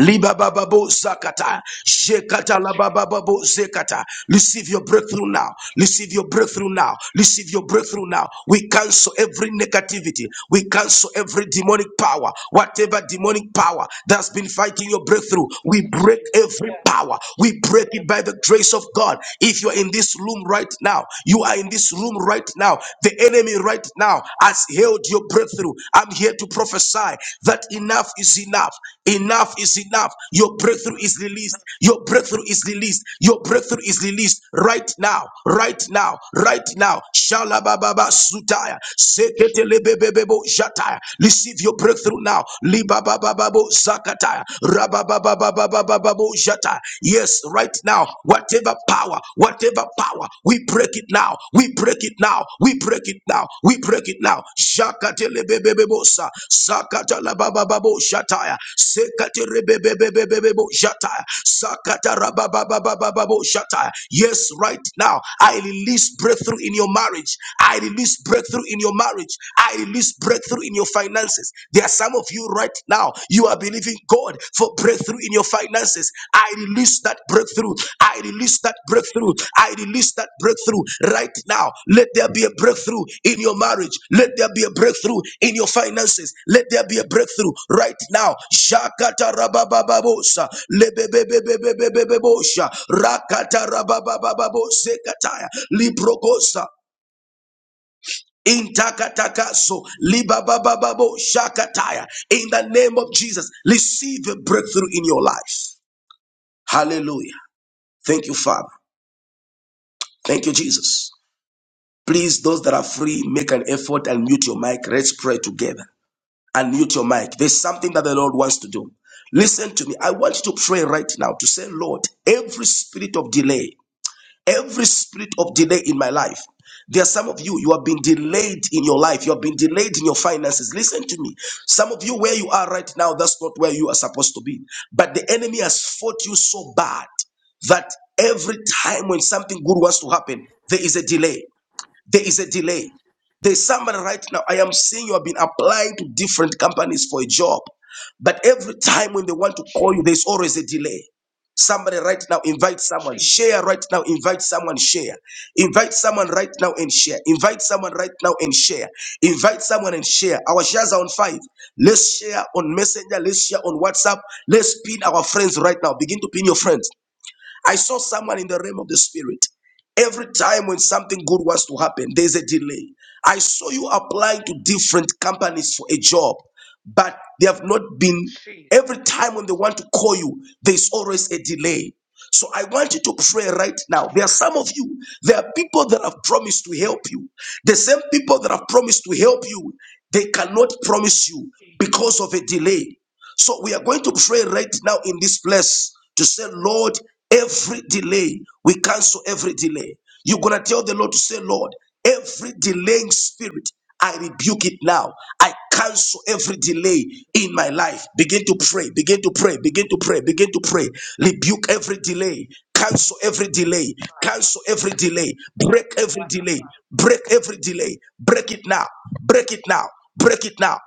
Speaker 1: Libababo zakata. Shekata
Speaker 3: she, she, she, she, she,
Speaker 1: labababo zekata. Receive your breakthrough now. Receive your breakthrough now. Receive your breakthrough now. We cancel every negativity. We cancel every demonic power. Whatever demonic power that's been fighting your breakthrough, we
Speaker 3: yes,
Speaker 1: break
Speaker 3: Jesus.
Speaker 1: every
Speaker 3: Jesus, Jesus,
Speaker 1: power. We break it by the grace of God. If you are in this room right now, you are in this room right now. The enemy right now now has held your breakthrough. I'm here to prophesy that enough is enough. Enough is enough. Your breakthrough is released. Your breakthrough is released. Your breakthrough is released right now. Right now. Right now. Shalababa sutaya. Seketelebebebebo jataya. Receive your breakthrough now. Libabababo zakataya. Rabababababababo jataya. Yes, right now whatever power, whatever power, we break it now, we break it now, we break it now, we break it now. Shakatelebebebebosa, Sakatalabababo Shataya, Sekatelebebebebebebo Shataya, Sakatarabababababo Shataya. Yes, right now, I release breakthrough in your marriage. I release breakthrough in your marriage. I release breakthrough in your finances. There are some of you you right now. You are believing God for breakthrough in your finances. I release that breakthrough. I release that breakthrough. I release that breakthrough right now. Let there be a breakthrough in your marriage. Let there be a breakthrough in your finances. Let there be a breakthrough right now. Shakata rababababosa, lebebebebebebebebosha, rakata rababababo, zekataya, librokosa. Intakatakaso, libabababo, shakataya. In the name of Jesus, receive a breakthrough in your life. Hallelujah. Thank you, Father. Thank you, Jesus. Please, those that are free, make an effort and mute your mic. Let's pray together. And mute your mic. There's something that the Lord wants to do. Listen to me. I want you to pray right now to say, Lord, every spirit of delay every spirit of delay in my life. There are some of you, you have been delayed in your life. You have been delayed in your finances. Listen to me. Some of you, where you are right now, that's not where you are supposed to be. But the enemy has fought you so bad that every time when something good wants to happen, there is a delay. There is a delay. There's somebody right now, I am seeing you have been applying to different companies for a job, but every time when they want to call you, there's always a delay. Somebody right now, invite someone, share right now, invite someone, share. Invite someone right now and share. Invite someone right now and share. Invite someone and share. Our shares are on five. Let's share on Messenger, let's share on WhatsApp, let's pin our friends right now. Begin to pin your friends. I saw someone in the realm of the spirit. Every time when something good wants to happen, there's a delay. I saw you applying to different companies for a job, but they have not been. Every time when they want to call you, there's always a delay. So I want you to pray right now. There are
Speaker 3: Jesus, Jesus,
Speaker 1: some of you, there are people that have promised to help you. The same people that have promised to help you, they cannot promise you
Speaker 3: Jesus.
Speaker 1: because of a delay. So we are going to pray right now in this place to say, Lord, every delay, we cancel every delay. You're going to tell the Lord to say, Lord, every delaying spirit, I rebuke it now. I cancel every delay in my life. Begin to pray, begin to pray, begin to pray, begin to pray. Rebuke every delay, cancel every delay,
Speaker 3: Father,
Speaker 1: cancel every delay,
Speaker 3: help
Speaker 1: break
Speaker 3: us
Speaker 1: every
Speaker 3: right now,
Speaker 1: delay,
Speaker 3: Father.
Speaker 1: break every delay, break it now, break it now, break it now.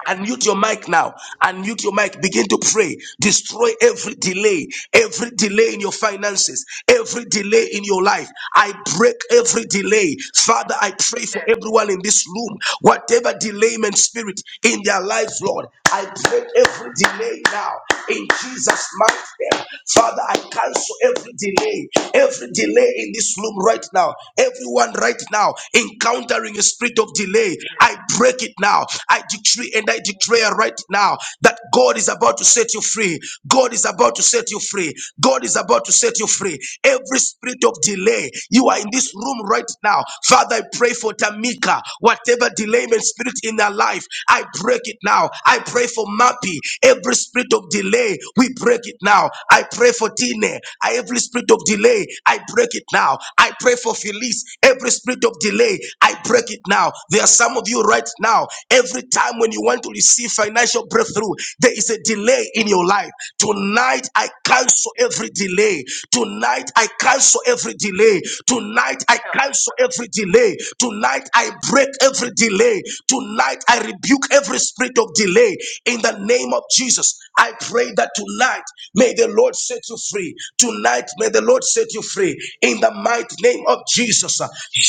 Speaker 3: Yes,
Speaker 1: Unmute your mic now. Unmute your mic. Begin to pray. Destroy every delay, every delay in your finances, every delay in your life. I break every delay. Father, I pray for everyone in this room, whatever delayment spirit in their lives, Lord. I break every delay now in Jesus' mighty name. Father, I cancel every delay, every delay in this room right now. Everyone anyone right now encountering a spirit of delay,
Speaker 3: yes,
Speaker 1: I break it now. I decree and I declare right now that God is about to set you free. God is about to set you free. God is about to set you free. Every spirit of delay, you are in this
Speaker 3: Father.
Speaker 1: room right now. Father, I pray for Tamika, whatever delayment spirit in her life, I break it now. I pray for Mappy, every spirit of delay, we break it now. I pray for Tine. I every spirit of delay, I break it now. I pray for Felice. Every spirit of delay, I break it now. There are some of you right now. Every time when you want to receive financial breakthrough, there is a delay in your life. Tonight I
Speaker 3: she,
Speaker 1: cancel every delay. Tonight I cancel every delay. Tonight I
Speaker 3: help she,
Speaker 1: cancel every delay. Tonight I break every delay. Tonight I rebuke rebuke every spirit of delay in the name of Jesus. I pray that tonight may the Lord set you free. Tonight may the Lord set you free in the mighty name of Jesus.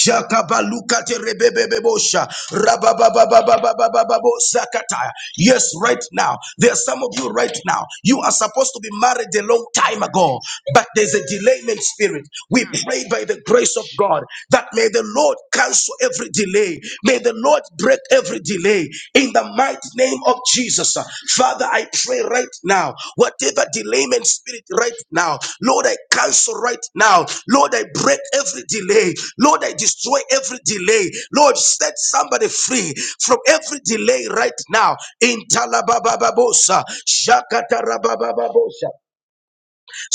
Speaker 1: Jakabalukate rebebebebosha, rabababababababababosakata. Yes, right now. There are some of you right now. You are supposed to be married a long time ago, but there's a delayment spirit. We
Speaker 3: Mm,
Speaker 1: pray by the grace of God.
Speaker 3: Jesus,
Speaker 1: God, that may the Lord cancel every delay. May the Lord break every delay in the mighty name of Jesus. Father, I pray right now, whatever delayment spirit right now, Lord, I cancel right now. Lord, I break every delay. Lord, I destroy every delay. Lord, set somebody free from every delay right now. In Talabababosa, Shakatarabababosa.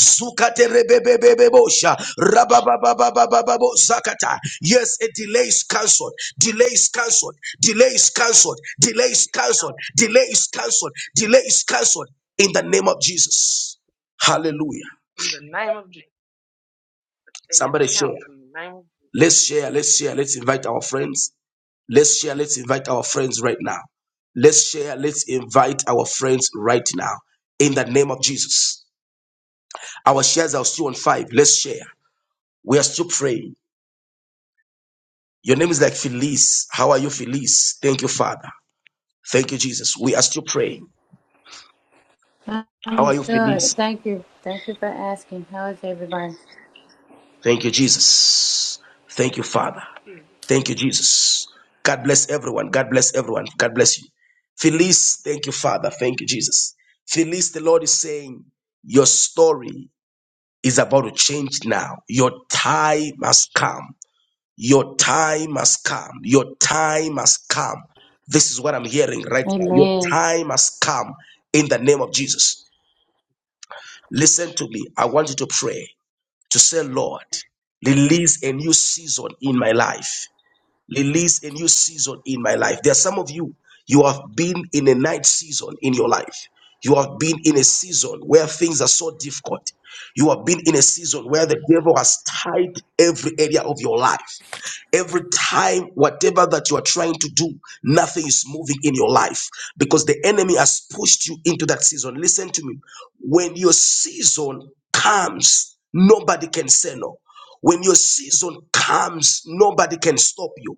Speaker 1: Zukate rebebebebebosha. Rababababababo zakata. Yes, a delay is cancelled. Delay is cancelled. Delay is cancelled. Delay is
Speaker 3: help
Speaker 1: cancelled.
Speaker 3: us,
Speaker 1: Delay
Speaker 3: Father.
Speaker 1: is cancelled. Delay is cancelled. In the name of Jesus. Hallelujah.
Speaker 3: In the name of Jesus. That his
Speaker 1: Somebody share.
Speaker 3: counts in the name of
Speaker 1: Let's share. Let's share. Let's invite our friends. Let's share. Let's invite our friends right now. Let's share. Let's invite our friends right now. In the name of Jesus. Our shares are still on five. Let's share. We are still praying. Your name is like Felice. How are you, Felice? Thank you, Father. Thank you, Jesus. We are still praying. How
Speaker 5: I'm
Speaker 1: are you, Felice?
Speaker 5: good. Thank you. Thank you for asking. How is everybody?
Speaker 1: Thank you, Jesus. Thank you, Father.
Speaker 3: Jesus.
Speaker 1: Thank you, Jesus. God bless everyone. God bless everyone. God bless you. Felice, thank you, Father. Thank you, Jesus. Felice, the Lord is saying, Your story is about to change now. Your time has come. Your time has come. Your time has come. This is what I'm hearing right now. Your
Speaker 5: Amen.
Speaker 1: time has come in the name of Jesus. Listen
Speaker 3: Jesus.
Speaker 1: to me. I want you to pray to say, Lord, release a new season in my life. Release a new season in my life. There are some of you, you have been in a night season in your life. You have been in a season where things are so difficult. You have been in a season where the devil has tied every area of your life. Every time, whatever that you are trying to do, nothing is moving in your life because the enemy has pushed you into that season. Listen to me. When your season comes, nobody can say no. When your season comes, nobody can stop you.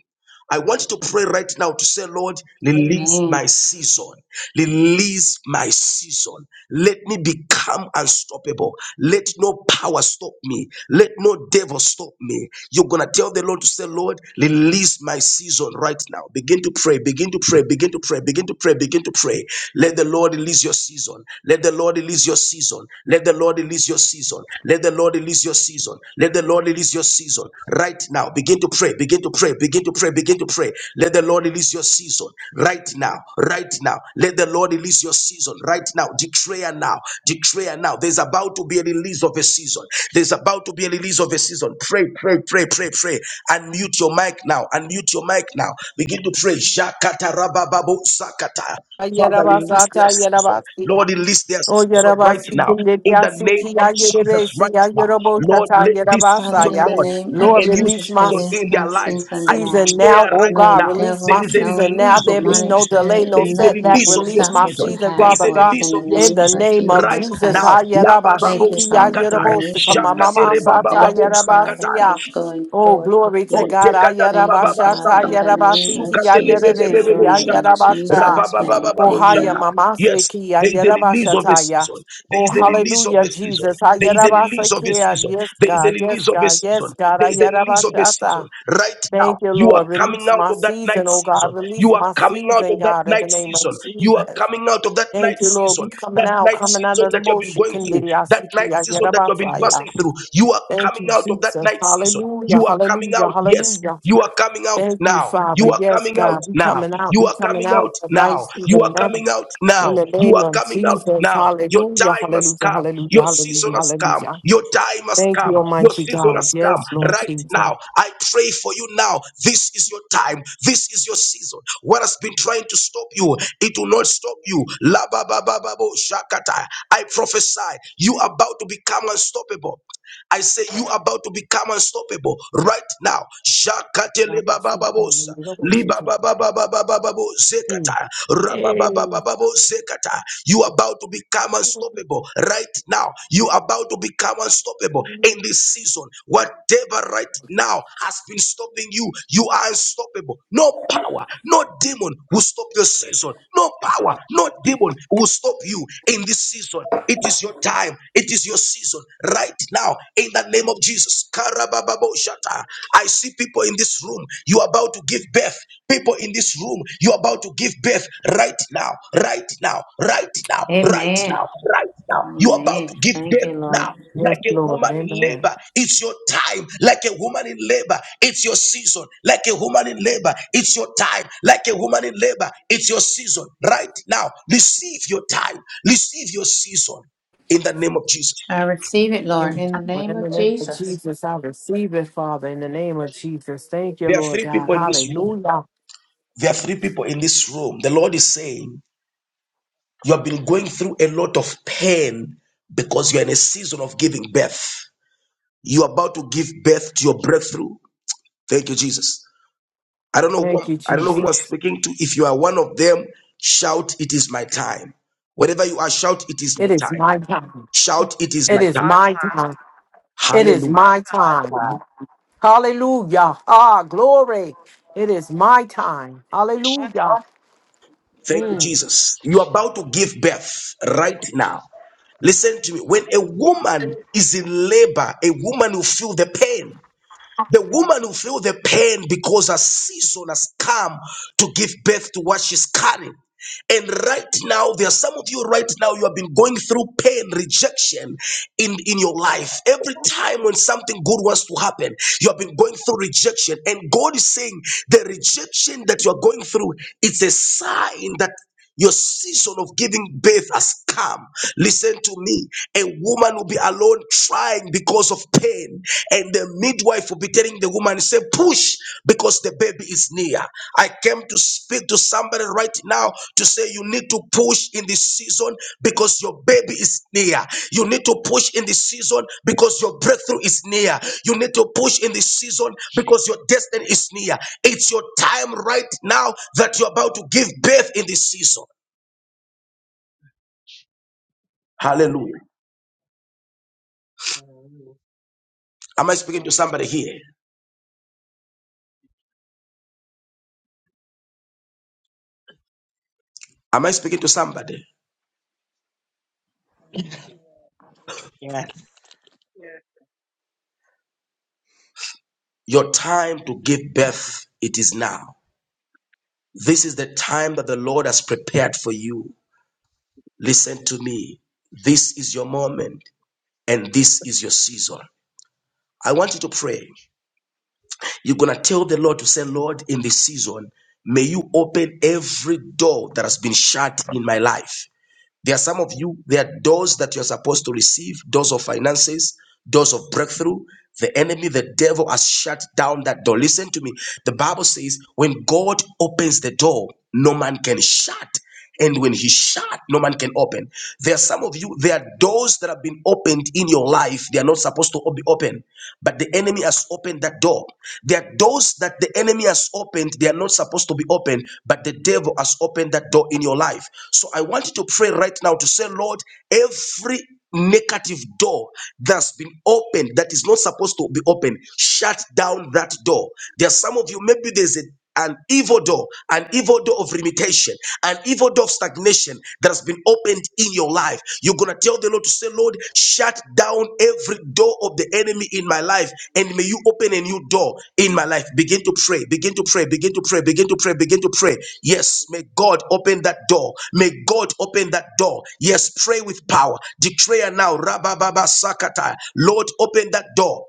Speaker 1: I want you to pray right now to say, Lord, release
Speaker 5: Amen.
Speaker 1: my season. Release my season. Let me become unstoppable. Let no power stop me. Let no devil stop me. You're going to tell the Lord to say, Lord, release my season right now. Begin to pray, begin to pray, begin to pray, begin to pray, begin to pray. Let the Lord release your season. Let the Lord release your season. Let the Lord release your season season. Let the Lord release your season. Let the Lord release your season right now. Begin to pray. Begin to pray. Begin to pray. Begin to pray. Let the Lord release your season right now. Right now. Let the Lord release your season right now. Declare now. Declare now. There's about to be a release of a season. There's about to be a release of a season. Pray, pray, pray, pray, pray. Unmute your mic now. Unmute your mic now. Begin to pray. Jakata rabababu sakata. Father, release their
Speaker 6: Yerabasata
Speaker 1: season.
Speaker 6: Yerabasia.
Speaker 1: Lord, release their
Speaker 6: O
Speaker 1: season right
Speaker 6: Yerabasi
Speaker 1: now. In
Speaker 6: Kindia
Speaker 1: the name
Speaker 6: Siti
Speaker 1: of Jesus,
Speaker 6: Yerebesi
Speaker 1: right now. Lord,
Speaker 6: Yerobosata
Speaker 1: let this
Speaker 5: Father,
Speaker 1: season,
Speaker 5: in
Speaker 6: Yerabasaya.
Speaker 5: the
Speaker 1: Lord,
Speaker 5: name
Speaker 1: be
Speaker 5: of
Speaker 6: Lord,
Speaker 1: a new
Speaker 6: release
Speaker 5: Jesus,
Speaker 6: my
Speaker 1: season
Speaker 5: release
Speaker 1: in their
Speaker 5: our
Speaker 1: lives.
Speaker 5: season
Speaker 1: I
Speaker 5: now.
Speaker 6: season now.
Speaker 1: declare
Speaker 6: Oh
Speaker 1: right
Speaker 6: God,
Speaker 5: No
Speaker 1: now,
Speaker 6: release
Speaker 1: there
Speaker 6: my
Speaker 5: devil,
Speaker 1: is a
Speaker 5: no
Speaker 6: season now.
Speaker 1: release of
Speaker 6: There
Speaker 1: your
Speaker 6: be
Speaker 5: demonic
Speaker 6: no
Speaker 1: season.
Speaker 6: delay,
Speaker 5: spirit,
Speaker 6: no
Speaker 1: There is a
Speaker 5: nothing
Speaker 6: setback.
Speaker 1: release
Speaker 5: can
Speaker 1: of your
Speaker 6: Release
Speaker 5: stop
Speaker 6: my
Speaker 5: what
Speaker 1: season.
Speaker 5: you
Speaker 6: season,
Speaker 1: There
Speaker 5: have
Speaker 1: is
Speaker 6: Father
Speaker 1: a
Speaker 5: for
Speaker 6: God.
Speaker 5: us. In
Speaker 1: release
Speaker 5: the
Speaker 1: of your
Speaker 6: In
Speaker 5: name
Speaker 6: the
Speaker 1: season
Speaker 5: of
Speaker 6: name of
Speaker 1: right
Speaker 5: Jesus
Speaker 6: Jesus,
Speaker 1: now.
Speaker 6: Ah,
Speaker 5: Christ.
Speaker 1: La
Speaker 5: Thank
Speaker 1: bababo
Speaker 5: you,
Speaker 6: Yerabashiki, Ah,
Speaker 5: Father, for
Speaker 1: sakata,
Speaker 6: Yerobosika,
Speaker 5: releasing our
Speaker 1: shakate
Speaker 6: Mamama,
Speaker 1: re
Speaker 5: season.
Speaker 6: Sata,
Speaker 5: Thank
Speaker 1: bababo
Speaker 5: you, Father,
Speaker 1: sakata.
Speaker 5: for
Speaker 6: Yerabasia.
Speaker 5: us going
Speaker 6: Oh,
Speaker 5: forth with
Speaker 6: glory to
Speaker 5: you.
Speaker 6: God. Ah,
Speaker 1: Ontekata la
Speaker 5: Thank
Speaker 1: baba
Speaker 5: you, Father,
Speaker 1: bastata.
Speaker 5: in the name of
Speaker 6: Yerabasiki,
Speaker 1: Zukate
Speaker 6: Ah,
Speaker 5: Jesus, for
Speaker 6: Yerebesi,
Speaker 1: lebebebebebo
Speaker 5: doing
Speaker 6: Ah,
Speaker 5: it
Speaker 1: shata.
Speaker 5: in
Speaker 6: Yerabasha.
Speaker 5: Jesus' name.
Speaker 6: Oh
Speaker 1: Rabababababo
Speaker 6: Ohaya
Speaker 5: Amen.
Speaker 1: shata.
Speaker 6: mama
Speaker 1: Yes,
Speaker 6: seki
Speaker 1: there is a release of a
Speaker 6: ayerabashataya.
Speaker 1: season. There
Speaker 6: Oh
Speaker 1: is a release of
Speaker 6: hallelujah,
Speaker 1: a season.
Speaker 6: Jesus.
Speaker 1: There is a release of a
Speaker 6: Ayerabasekia.
Speaker 1: season.
Speaker 6: Yes,
Speaker 1: There is a
Speaker 6: God.
Speaker 1: release
Speaker 6: Yes,
Speaker 1: of a
Speaker 6: God.
Speaker 1: season.
Speaker 6: Yes, God.
Speaker 1: There is a release of a season.
Speaker 6: Ayerabashata.
Speaker 1: Right
Speaker 6: Thank
Speaker 1: now,
Speaker 6: you,
Speaker 1: you are
Speaker 6: Lord.
Speaker 1: coming
Speaker 6: Release
Speaker 1: out
Speaker 6: my
Speaker 1: of that night
Speaker 6: season, oh
Speaker 1: season.
Speaker 6: God. Release
Speaker 1: You are
Speaker 6: my
Speaker 1: coming out
Speaker 6: season,
Speaker 1: of that
Speaker 6: God, in
Speaker 1: night
Speaker 6: the name of
Speaker 1: season. You are
Speaker 6: Jesus.
Speaker 1: coming out of that
Speaker 6: Thank
Speaker 1: night
Speaker 6: you, Lord. We
Speaker 1: season.
Speaker 6: coming
Speaker 1: That
Speaker 6: out,
Speaker 1: night
Speaker 6: coming out
Speaker 1: season
Speaker 6: of the
Speaker 1: that you have been
Speaker 6: motion.
Speaker 1: going through. That
Speaker 6: Kendiriasiki
Speaker 1: night season that you have been
Speaker 6: ayerabasaya.
Speaker 1: passing through. You are
Speaker 6: Thank
Speaker 1: coming
Speaker 6: you,
Speaker 1: out of that night
Speaker 6: Jesus.
Speaker 1: night season.
Speaker 6: Hallelujah.
Speaker 1: You are coming
Speaker 6: Hallelujah.
Speaker 1: out. Yes.
Speaker 6: Hallelujah.
Speaker 1: You are coming out
Speaker 6: Thank you,
Speaker 1: now.
Speaker 6: Father.
Speaker 1: You are
Speaker 6: Yes,
Speaker 1: coming out
Speaker 6: God. We
Speaker 1: now.
Speaker 6: coming out.
Speaker 1: You
Speaker 6: We
Speaker 1: are
Speaker 6: coming
Speaker 1: coming
Speaker 6: out
Speaker 1: out
Speaker 6: tonight,
Speaker 1: now. You
Speaker 6: even
Speaker 1: are
Speaker 6: now.
Speaker 1: coming out
Speaker 6: In
Speaker 1: now.
Speaker 6: the
Speaker 1: You
Speaker 6: name
Speaker 1: are
Speaker 6: of
Speaker 1: coming out
Speaker 6: Jesus,
Speaker 1: now. Your
Speaker 6: hallelujah,
Speaker 1: time has
Speaker 6: hallelujah,
Speaker 1: come.
Speaker 6: hallelujah,
Speaker 1: Your season
Speaker 6: hallelujah,
Speaker 1: has come.
Speaker 6: hallelujah.
Speaker 1: Your time has
Speaker 6: Thank
Speaker 1: come.
Speaker 6: you,
Speaker 1: Your
Speaker 6: Almighty
Speaker 1: season
Speaker 6: God.
Speaker 1: has come.
Speaker 6: Yes, Lord
Speaker 1: Right
Speaker 6: Jesus.
Speaker 1: now, I pray for you now. This is your time. This is your season. What has been trying to stop you, it will not stop you. La ba ba ba ba bo shakata. I prophesy you are about to become unstoppable. I say you are about to become unstoppable right now. Shakate libabababosa, libababababababo
Speaker 6: Mm.
Speaker 1: zekata,
Speaker 6: Hey.
Speaker 1: rabababababo zekata. You are about to become unstoppable right now. You are about to become unstoppable in this season. Whatever right now has been stopping you, you are unstoppable. No power, no demon will stop your season. No power, no demon will stop you in this season. It is your time. It is your season right now in the name of Jesus. Karabababoshata. I see people in this room, you are about to give birth. People in this room, you are about to give birth right now, right now, right now, right
Speaker 5: Amen.
Speaker 1: now, right now. You are about
Speaker 5: Amen.
Speaker 1: to give
Speaker 5: Thank
Speaker 1: birth
Speaker 5: you, Lord.
Speaker 1: now,
Speaker 6: Yes,
Speaker 1: like a
Speaker 6: Lord,
Speaker 1: woman in
Speaker 6: amen.
Speaker 1: labor. It's your time, like a woman in labor. It's your season, like a woman in labor. It's your time, like a woman in labor. It's your season right now. Receive your time, receive your season in the name of Jesus.
Speaker 5: I receive it, Lord,
Speaker 6: Yes,
Speaker 5: in the
Speaker 6: Lord,
Speaker 5: name
Speaker 6: in the
Speaker 5: of
Speaker 6: name of
Speaker 5: Jesus.
Speaker 6: Jesus, I receive it, Father, in the
Speaker 3: In the name of
Speaker 6: name of
Speaker 3: Jesus.
Speaker 6: Jesus. Thank you,
Speaker 1: There are
Speaker 6: Lord
Speaker 1: three
Speaker 6: God.
Speaker 1: people in this room.
Speaker 6: Hallelujah.
Speaker 1: There are three people in this room. The Lord is saying, You have been going through a lot of pain because you're in a season of giving birth. You're about to give birth to your breakthrough. Thank you, Jesus. I don't know who
Speaker 6: Thank
Speaker 1: I'm,
Speaker 6: you,
Speaker 1: I don't know
Speaker 6: Jesus.
Speaker 1: who I'm
Speaker 3: Jesus.
Speaker 1: speaking to. If you are one of them, shout, It is my time. Whatever you are, shout, It is my
Speaker 6: It is
Speaker 1: time.
Speaker 6: my time.
Speaker 1: Shout, It is
Speaker 3: It
Speaker 6: It
Speaker 1: my
Speaker 3: is
Speaker 6: is
Speaker 1: time.
Speaker 3: my
Speaker 6: my
Speaker 3: time.
Speaker 6: time. It
Speaker 3: It
Speaker 6: is
Speaker 3: is
Speaker 1: Hallelujah.
Speaker 3: my
Speaker 6: my
Speaker 7: My
Speaker 3: time.
Speaker 6: time.
Speaker 7: God.
Speaker 3: It is my
Speaker 6: Hallelujah.
Speaker 3: time.
Speaker 6: Ah, glory. It is
Speaker 3: Thank
Speaker 6: my
Speaker 3: you, Jesus.
Speaker 6: time.
Speaker 3: It is my time.
Speaker 6: Hallelujah.
Speaker 1: Thank you,
Speaker 6: Mm.
Speaker 3: Hallelujah. Thank
Speaker 1: Jesus.
Speaker 3: you,
Speaker 1: You're
Speaker 3: Jesus.
Speaker 1: about to give birth right now.
Speaker 3: Jesus.
Speaker 1: Listen to me. When a woman is in labor, a woman will feel the pain. The woman who feel the pain because a season has come to give birth to what she's carrying. And right now, there are some of you right now, you have been going through pain, rejection in, in your life. Every time when something good wants to happen, you have been going through rejection. And God is saying the rejection that you are going through, it's a sign that your season of giving birth has come. Listen to me. A woman will be alone trying because of pain, and the midwife will be telling the woman, Say, push because the baby is near. I came to speak to somebody right now to say, you need to push in this season because your baby is near. You need to push in this season because your breakthrough is near. You need to push in this season
Speaker 3: Jesus.
Speaker 1: because your destiny is near. It's your time right now that you're about to give birth in this season. Hallelujah.
Speaker 7: Hallelujah.
Speaker 1: Am I speaking to
Speaker 3: Hallelujah.
Speaker 1: somebody
Speaker 3: Thank you.
Speaker 1: here? Am I speaking to somebody?
Speaker 7: Yes.
Speaker 3: Yes.
Speaker 1: Your time to give birth, it is now. This is the time that the Lord has prepared for you. Listen to me. This is your moment and this is your season. I want you to pray. You're going to tell the Lord to say, Lord, in this season, may you open every door that has been shut in my life. There are some of you, there are doors that you're supposed to receive, doors of finances, doors of breakthrough. The enemy, the devil has shut down that door. Listen to me. The Bible says, when God opens the door, no man can shut. And when he shut, no man can open. There are some of you, there are doors that have been opened in your life. They are not supposed to be open, but the enemy has opened open that door. There are doors that the enemy has opened. They are not supposed to be opened, but the devil has opened that door in your life. So I want you to pray right now to say, Lord, every negative door that's been opened that is not supposed to be open shut down that door there are some of you maybe there's a an evil door, an evil door of limitation, an evil door of stagnation that has been opened in your life. You're going to tell the Lord to say, Lord, shut down every door of the enemy in my life, and may you open a new door in my life. Begin to pray, begin to pray, begin to pray, begin to pray, begin to pray. Yes, may God open that door. May God open that door. Yes, pray with power. Declare now, Rabababa Sakata, Lord, open that door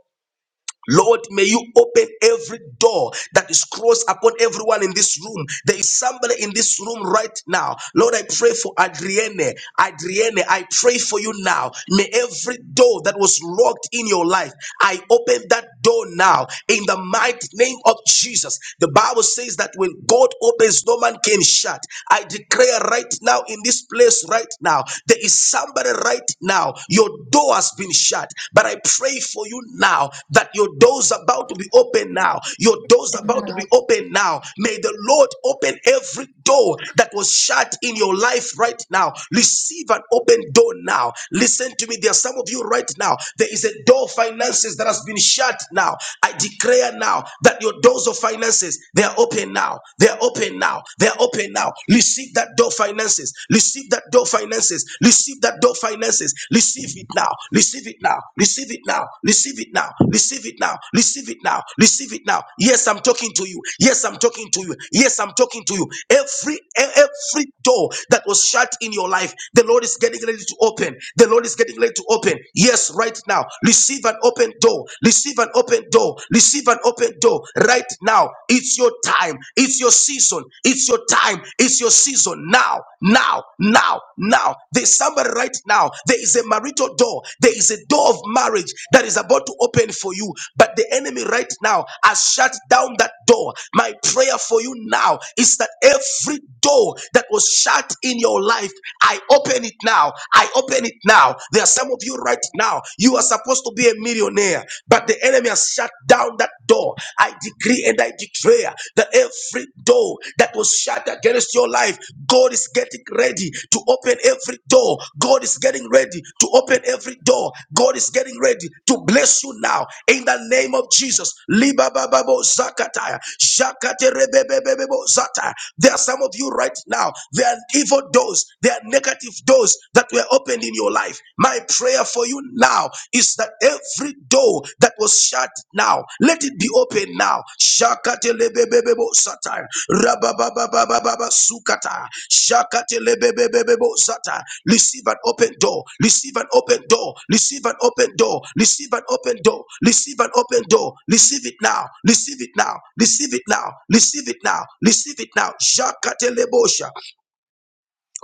Speaker 1: Lord, may you open every door that is closed upon everyone in this room. There is somebody in this room right now. Lord, I pray for Adrienne. Adrienne, I pray for you now. May every door that was locked in your life, I open that door now in the mighty name of Jesus. The Bible says that when God opens, no man can shut. I declare right now in this place, right now, there is somebody right now your door has been shut. But I pray for you now that your door's about to be open now. Your door's about to be open now. May the Lord open every door that was shut in your life right now. Receive an open door now. Listen to me. There are some of you right now. There is a door of finances that has been shut now. I declare now that your doors of finances they are open now. They are open now. They are open now. Receive that door of finances finances. Receive that door finances. Receive that door finances. Receive it now. Receive it now. Receive it now. Receive it now. Receive it now. Receive it now. Receive it now. Yes, I'm talking to you. Yes, I'm talking to you. Yes, I'm talking to you. Every e- every door that was shut in your life, the Lord is getting ready to open. The Lord is getting ready to open. Yes, right now. Receive an open door. Receive an open door. Receive an open door right now. It's your your time. It's your season. It's your time. It's your season. Now, now, now, now. There's somebody right now. There is a marital door. There is a door of marriage that is about to open for you. But the enemy right now has shut down that door. My prayer for you now is that every door that was shut in your life, I open it now. I open it now. There are some of you right now. You are supposed to be a millionaire, but the enemy has shut down that door. I decree and I declare that every door that was shut against your life, God is getting ready to open every door. God is getting ready to open every door. God is getting ready to bless you now in the name of Jesus. Libababo zakataya, shakaterebebebebebo zataya. There are some of you right now, there are evil doors, there are negative doors that were opened in your life life. My prayer for you now is that every door that was shut now, let it be open now. Shakatelebebebebo sata. Rababababababa sukata. Shakatelebebebebo sata. Receive an open door. Receive an open door. Receive an open door. Receive an open door. Receive an open door. Receive it now. Receive it now. Receive it now. Receive it now. Receive it now. Shakatelebosha.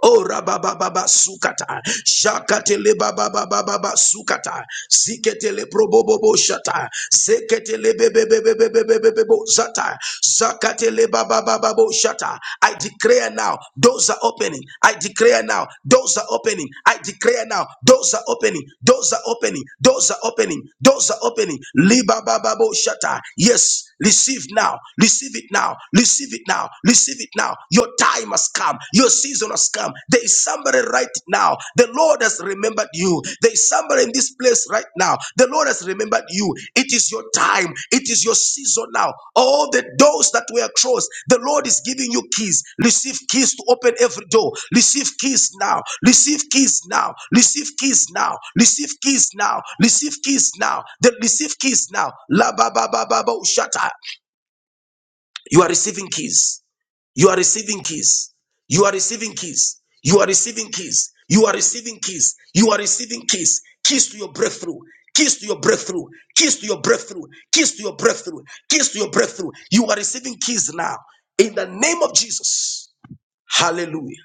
Speaker 1: Oh rabababa sukata jakatele babababa sukata siketele probobobo shata seketele bebebebebebebebebo zata zakatele babababo shata I declare now doors are opening I declare now doors are opening I declare now doors are opening doors are opening doors are opening doors are opening libabababo shata yes Receive now. Receive it now. Receive it now. Receive it now. Your time has come. Your season has come. There is somebody right now. The Lord has remembered you. There is somebody in this place right now. The Lord has remembered you. It is your time. It is your season now. All the doors that were closed, the Lord is giving you keys. Receive keys to open every door. Receive keys now. Receive keys now. Receive keys now. Receive keys now. Receive keys now. Then receive keys now. La ba ba ba ba ba ushata. You are receiving keys. You are receiving keys. You are receiving keys. You are receiving keys. You are receiving keys. You are receiving keys. Keys to your breakthrough. Keys to your breakthrough. Keys to your breakthrough. Keys to your breakthrough. Keys to your breakthrough. You are receiving keys now. In the name of Jesus. Hallelujah.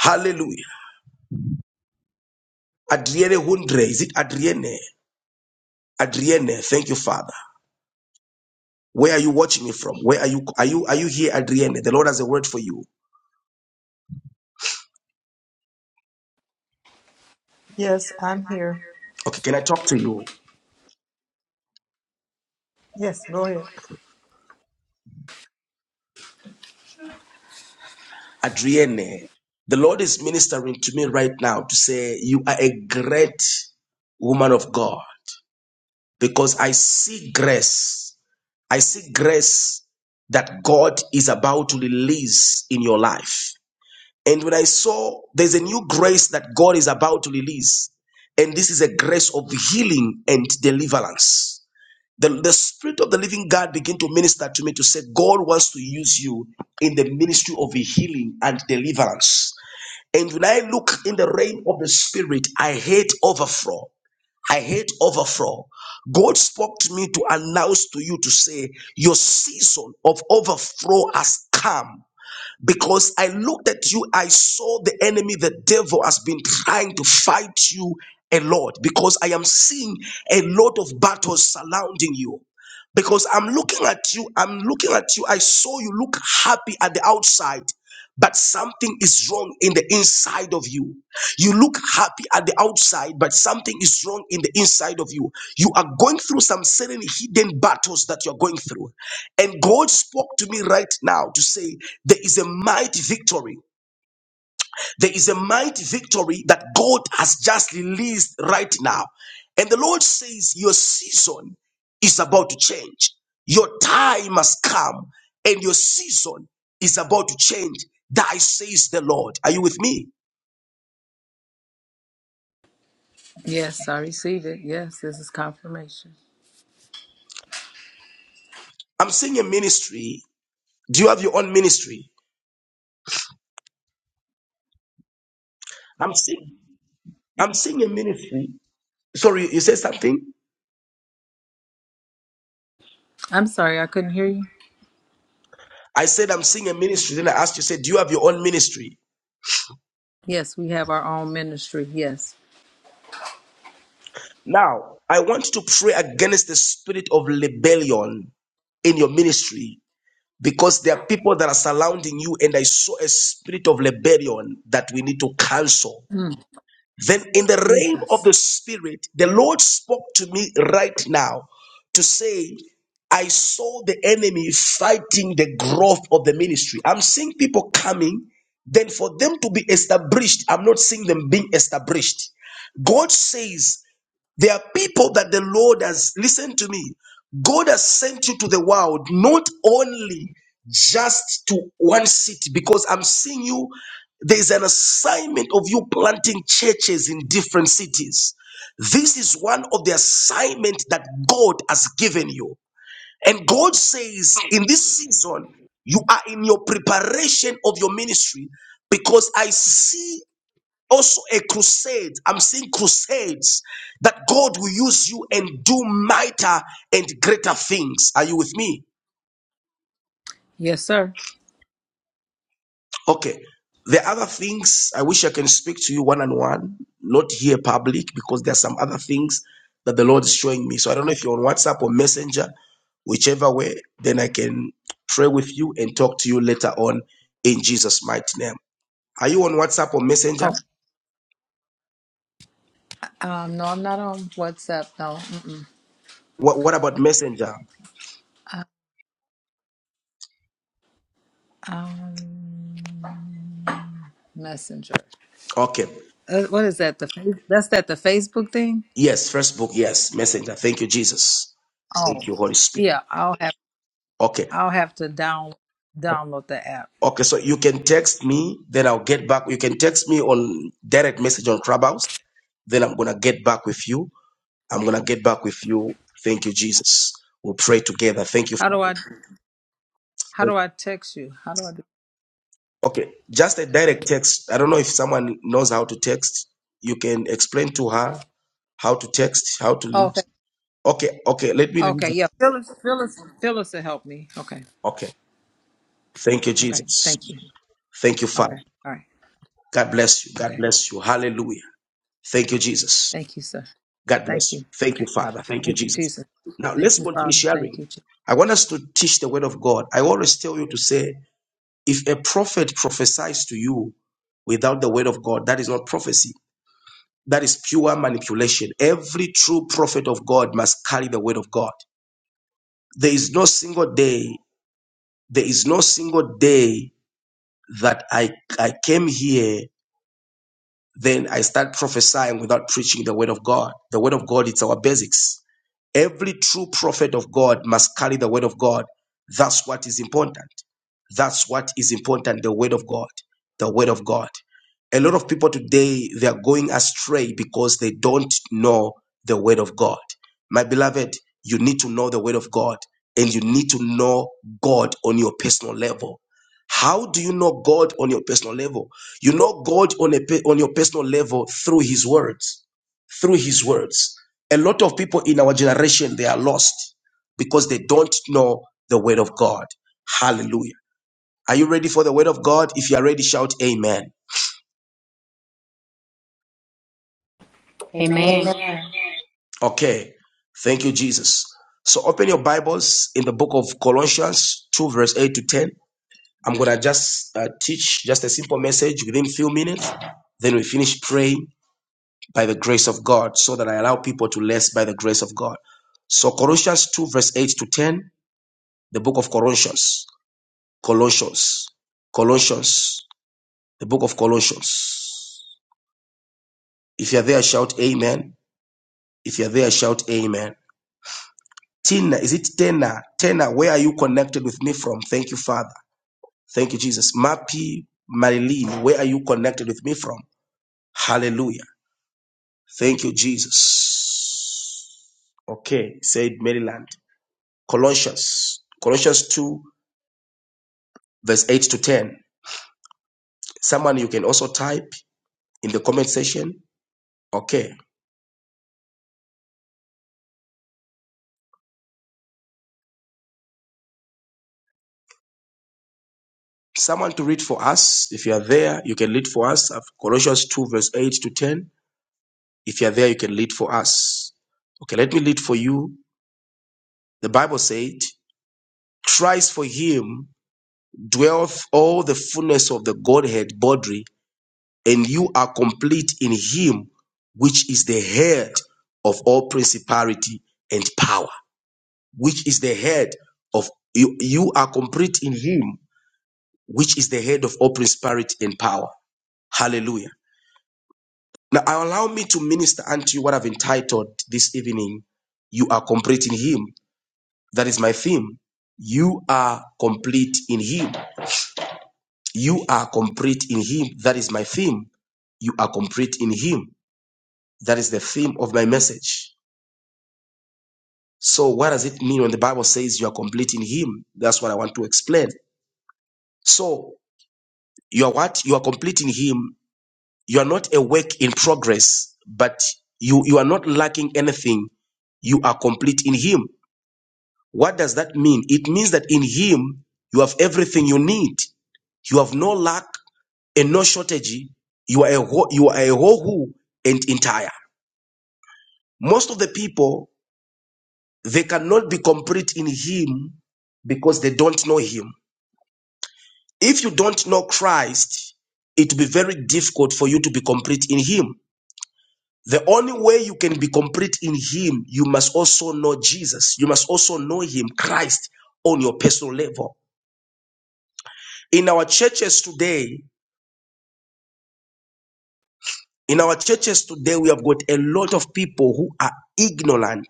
Speaker 1: Hallelujah. Adrienne Hundre. Is it Adrienne? Adrienne. Thank you, Father. Where are you watching me from? Where are you? Are you are you here, Adrienne? The Lord has a word for you.
Speaker 8: Yes, I'm here.
Speaker 1: Okay, can I talk to you?
Speaker 8: Yes, go ahead.
Speaker 1: Adrienne, the Lord is ministering to me right now to say, You are a great woman of God because I see grace. I see grace that God is about to release in your life. And when I saw there's a new grace that God is about to release, and this is a grace of healing and deliverance. The, the spirit of the living God began to minister to me to say, God wants to use you in the ministry of healing and deliverance. And when I look in the realm of the spirit, I hate overflow. I hate overflow. God spoke to me to announce to you to say, Your season of overflow has come. Because I looked at you, I saw the enemy, the devil has been trying to fight you a lot. Because I am seeing a lot of battles surrounding you because I'm looking at you. I'm looking at you. I saw you look happy at the outside, but something is wrong in the inside of you. You look happy at the outside, but something is wrong in the inside of you. You are going through some certain hidden battles that you're going through. And God spoke to me right now to say, There is a mighty victory. There is a mighty victory that God has just released right now. And the Lord says, Your season is about to change. Your time has come, and your season is about to change. Thy says the Lord. Are you with me?
Speaker 8: Yes, I receive it. Yes, this is confirmation.
Speaker 1: I'm seeing a ministry. Do you have your own ministry? I'm seeing I'm seeing a ministry. Sorry, you said something?
Speaker 8: I'm sorry, I couldn't hear you.
Speaker 1: I said I'm seeing a ministry. Then I asked you, said, Do you have your own ministry?
Speaker 8: Yes, we have our own ministry. Yes.
Speaker 1: Now, I want to pray against the spirit of rebellion in your ministry because there are people that are surrounding you, and I saw a spirit of rebellion that we need to cancel.
Speaker 8: Mm,
Speaker 1: Then, in the realm of the
Speaker 8: Jesus.
Speaker 1: spirit, the Lord spoke to me right now to say, I saw the enemy fighting the growth of the ministry. I'm seeing people coming, then for them to be established, I'm not seeing them being established. God says there are people that the Lord has, listen to me, God has sent you to the world not only just to one city, because I'm seeing you, there's an assignment of you planting churches in different cities. This is one of the assignment that God has given you. And God says,
Speaker 3: Thank you,
Speaker 1: in this season, you are in your preparation of your ministry because I see also a crusade. I'm seeing crusades that God will use you and do mightier and greater things. Are you with me?
Speaker 8: Yes, sir.
Speaker 1: Okay. The other things I wish I can speak to you one on one, not here public, because there are some other things that the Lord is showing me. So I don't know
Speaker 8: Oh,
Speaker 1: if you're on WhatsApp or Messenger, whichever way, then I can pray with you and talk to you later on in Jesus' mighty name. Are you on WhatsApp or Messenger?
Speaker 8: oh, um, no, I'm not on WhatsApp. No, mm-mm.
Speaker 1: What, what about Messenger?
Speaker 8: um, Messenger.
Speaker 1: Okay.
Speaker 8: Uh, what is that? The Fa- that's that the Facebook thing.
Speaker 1: Yes, first book, yes, messenger. Thank you, Jesus.
Speaker 8: Oh,
Speaker 1: Thank you, Holy Spirit.
Speaker 8: yeah. I'll have
Speaker 1: Okay.
Speaker 8: I'll have to down download the app.
Speaker 1: Okay, so you can text me, then I'll get back. You can text me on direct message on Clubhouse, then I'm gonna get back with you. I'm gonna get back with you. Thank you, Jesus. We'll pray together. Thank you.
Speaker 8: How do I
Speaker 1: Father.
Speaker 8: how do I text you? How do I do?
Speaker 1: Okay, just a direct text. I don't know if someone knows how to text. You can explain to her how to text, how to
Speaker 8: oh,
Speaker 1: leave.
Speaker 8: okay.
Speaker 1: Okay, okay, let me
Speaker 8: Okay,
Speaker 1: release. it.
Speaker 8: yeah. Phyllis, Phyllis, Phyllis will help me. Okay,
Speaker 1: Okay. Thank you,
Speaker 8: okay.
Speaker 1: Jesus.
Speaker 8: Thank you.
Speaker 1: Thank you, Father.
Speaker 8: Okay, all right.
Speaker 1: God bless you. God
Speaker 8: Okay,
Speaker 1: bless you. Hallelujah. Thank you, Jesus.
Speaker 8: thank you, sir.
Speaker 1: God
Speaker 8: Thank
Speaker 1: bless you.
Speaker 8: you.
Speaker 1: Thank you,
Speaker 8: Okay,
Speaker 1: Father. Thank you,
Speaker 8: thank you,
Speaker 1: Jesus.
Speaker 8: Jesus.
Speaker 1: Now
Speaker 8: Thank
Speaker 1: let's
Speaker 8: you,
Speaker 1: continue
Speaker 8: Father. Thank
Speaker 1: sharing.
Speaker 8: you, Jesus.
Speaker 1: I want us to teach the word of God. I always tell you to say, if a prophet prophesies to you without the word of God, that is not prophecy. That is pure manipulation. Every true prophet of God must carry the word of God. There is no single day, there is no single day that I, I came here then I start prophesying without preaching the word of God. The word of God, it's our basics. Every true prophet of God must carry the word of God. That's what is important. That's what is important the word of God. The word of God. A lot of people today, they are going astray because they don't know the word of God. My beloved, you need to know the word of God and you need to know God on your personal level. How do you know God on your personal level? You know God on, a, on your personal level through his words. Through his words. A lot of people in our generation, they are lost because they don't know the word of God. Hallelujah. Are you ready for the word of God? If you are ready, shout amen.
Speaker 8: Amen.
Speaker 5: Amen. Amen.
Speaker 1: Okay. Thank you, Jesus. So open your Bibles in the book of Colossians 2, verse 8 to 10. I'm going to just uh, teach just a simple message within a few minutes. Then we finish praying by the grace of God so that I allow people to less by the grace of God. So Colossians 2, verse 8 to 10, the book of Colossians. Colossians. Colossians. The book of Colossians. If you're there, shout amen. If you're there, shout amen. Tina, is it Tena? Tena, where are you connected with me from? Thank you, Father. Thank you, Jesus. Mappy, Marilyn, where are you connected with me from? Hallelujah. Thank you, Jesus. Okay, said Maryland. Colossians. Colossians 2, verse 8 to 10. Someone you can also type in the comment section. Okay. someone to read for us. If you are there, you can read for us. Colossians 2, verse 8 to 10. If you are there, you can read for us. Okay, let me read for you. The Bible said, Christ for him dwelleth all the fullness of the Godhead bodily, and you are complete in him, which is the head of all principality and power, which is the head of you. You are complete in him, which is the head of all principality and power. Hallelujah. Now, allow me to minister unto you what I've entitled this evening, You Are Complete in Him. That is my theme. You are complete in Him. You are complete in Him. That is my theme. You are complete in Him. That is the theme of my message. So, what does it mean when the Bible says you are complete in Him? That's what I want to explain. So, you are what? You are complete in Him. You are not a work in progress, but you, you are not lacking anything. You are complete in Him. What does that mean? It means that in Him, you have everything you need. You have no lack and no shortage. You are a whole, you are a whole who and entire. Most of the people, they cannot be complete in Him because they don't know Him. If you don't know Christ, it will be very difficult for you to be complete in Him. The only way you can be complete in Him, you must also know Jesus. You must also know Him, Christ, on your personal level. In our churches today, In our churches today, we have got a lot of people who are ignorant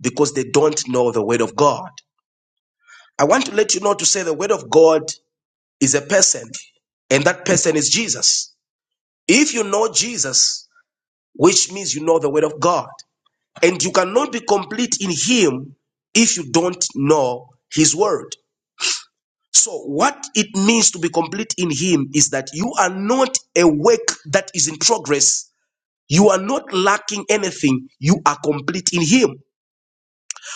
Speaker 1: because they don't know the word of God. I want to let you know to say the word of God is a person, and that person is Jesus. If you know Jesus, which means you know the word of God, and you cannot be complete in Him if you don't know His word. So, what it means to be complete in Him is that you are not a work that is in progress You are not lacking anything. You are complete in Him.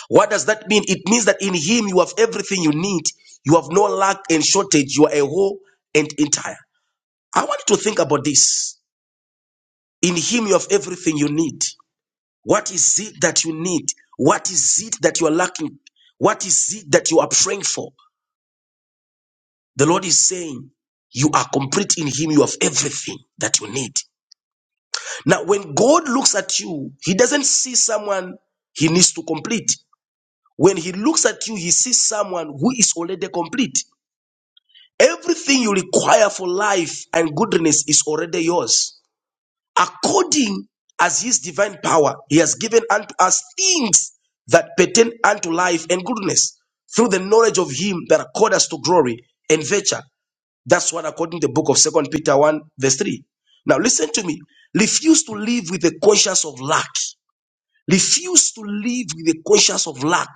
Speaker 1: What does that mean? It means that in Him you have everything you need. You have no lack and shortage. You are a whole and entire. I want you to think about this. In Him you have everything you need. What is it that you need? What is it that you are lacking? What is it that you are praying for? The Lord is saying, you are complete in Him. You have everything that you need. Now, when God looks at you, He doesn't see someone He needs to complete. When he looks at you, he sees someone who is already complete. Everything you require for life and goodness is already yours. According as his divine power, he has given unto us things that pertain unto life and goodness through the knowledge of him that called us to glory and virtue. That's what according to the book of Second Peter 1, verse 3. Now listen to me. Refuse to live with the conscience of lack. Refuse to live with the conscience of lack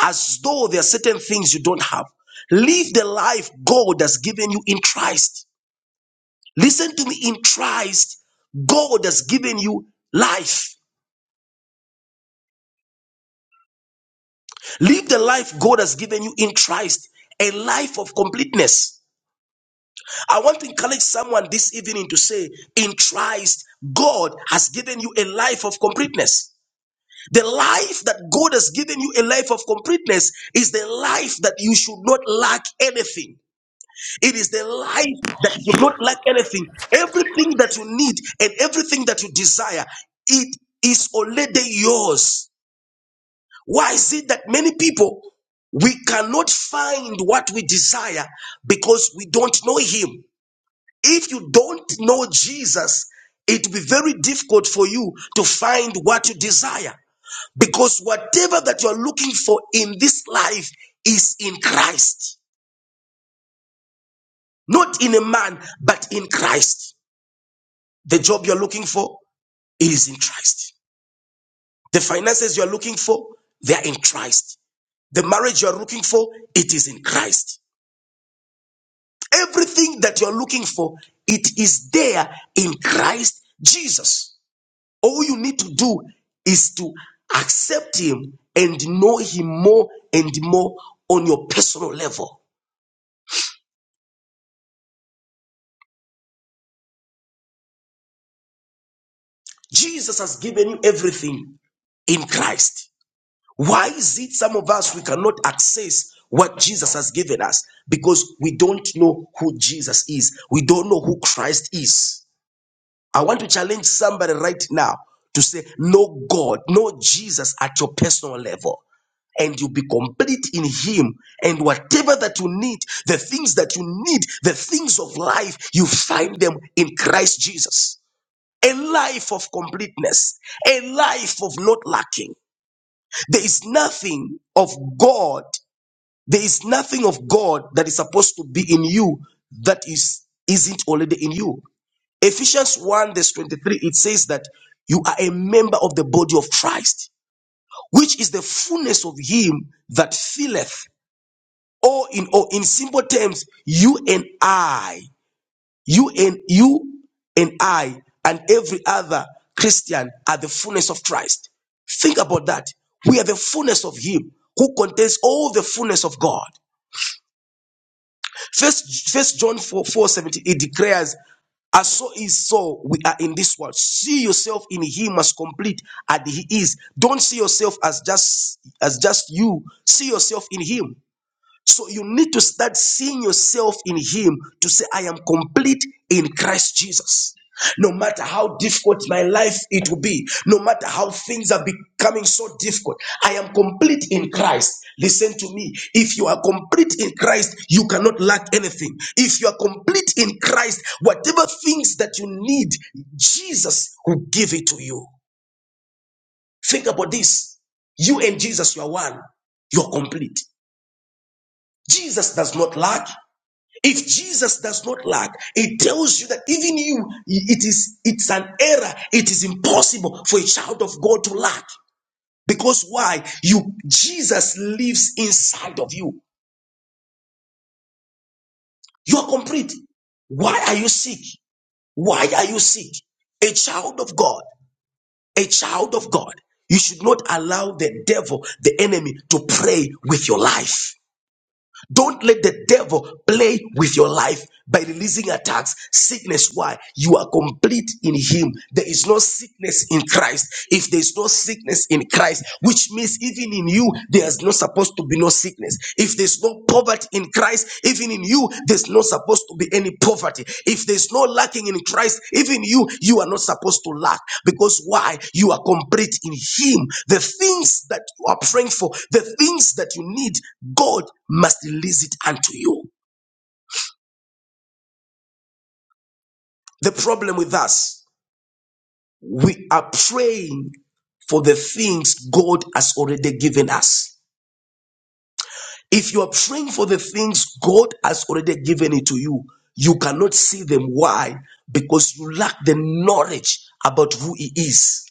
Speaker 1: as though there are certain things you don't have. Live the life God has given you in Christ. Listen to me in Christ, God has given you life. Live the life God has given you in Christ, a life of completeness. I want to encourage someone this evening to say, In Christ, God has given you a life of completeness. The life that God has given you, a life of completeness, is the life that you should not lack anything. It is the life that you should not lack anything. Everything that you need and everything that you desire, it is already yours. Why is it that many people we cannot find what we desire because we don't know Him? If you don't know Jesus, it will be very difficult for you to find what you desire because whatever that you're looking for in this life is in Christ, not in a man, but in Christ. The job you're looking for it is in Christ. The finances you're looking for, they are in Christ. The marriage you're looking for, it is in Christ. Everything that you're looking for, it is there in Christ Jesus. All you need to do is to accept Him and know Him more and more on your personal level. Jesus has given you everything in Christ. Why is it some of us we cannot access what Jesus has given us? Because we don't know who Jesus is, we don't know who Christ is. I want to challenge somebody right now to say, Know God, know Jesus at your personal level. And you'll be complete in Him. And whatever that you need, the things that you need, the things of life, you find them in Christ Jesus. A life of completeness, a life of not lacking. There is nothing of God, there is nothing of God that is supposed to be in you that is, isn't already in you. Ephesians 1, verse 23, it says that you are a member of the body of Christ, which is the fullness of Him that filleth. Or in or in simple terms, you and I, you and you and I, and every other Christian are the fullness of Christ. Think about that. We are the fullness of Him who contains all the fullness of God. First, First John 4, four seventeen it declares, as so is so, we are in this world. See yourself in him as complete as he is. Don't see yourself as just as just you. See yourself in him. So you need to start seeing yourself in Him to say, I am complete in Christ Jesus. No matter how difficult my life it will be, no matter how things are becoming so difficult, I am complete in Christ. Listen to me. If you are complete in Christ, you cannot lack anything. If you are complete in Christ, whatever things that you need, Jesus will give it to you. Think about this. You and Jesus, you are one. You're complete. Jesus does not lack. If Jesus does not lack, it tells you that even you, it is, it's an error. It is impossible for a child of God to lack. Because why? You, Jesus lives inside of you. You are complete. Why are you sick? Why are you sick? A child of God, a child of God. You should not allow the devil, the enemy to play with your life. Don't let the devil play with your life by releasing attacks. Sickness, why? You are complete in him. There is no sickness in Christ. If there is no sickness in Christ, which means even in you, there's not supposed to be no sickness. If there's no poverty in Christ, even in you, there's not supposed to be any poverty. If there's no lacking in Christ, even you, you are not supposed to lack. Because why? You are complete in him. The things that you are praying for, the things that you need, God must release it unto you. The problem with us, we are praying for the things God has already given us. If you are praying for the things God has already given it to you, you cannot see them. Why? Because you lack the knowledge about who He is.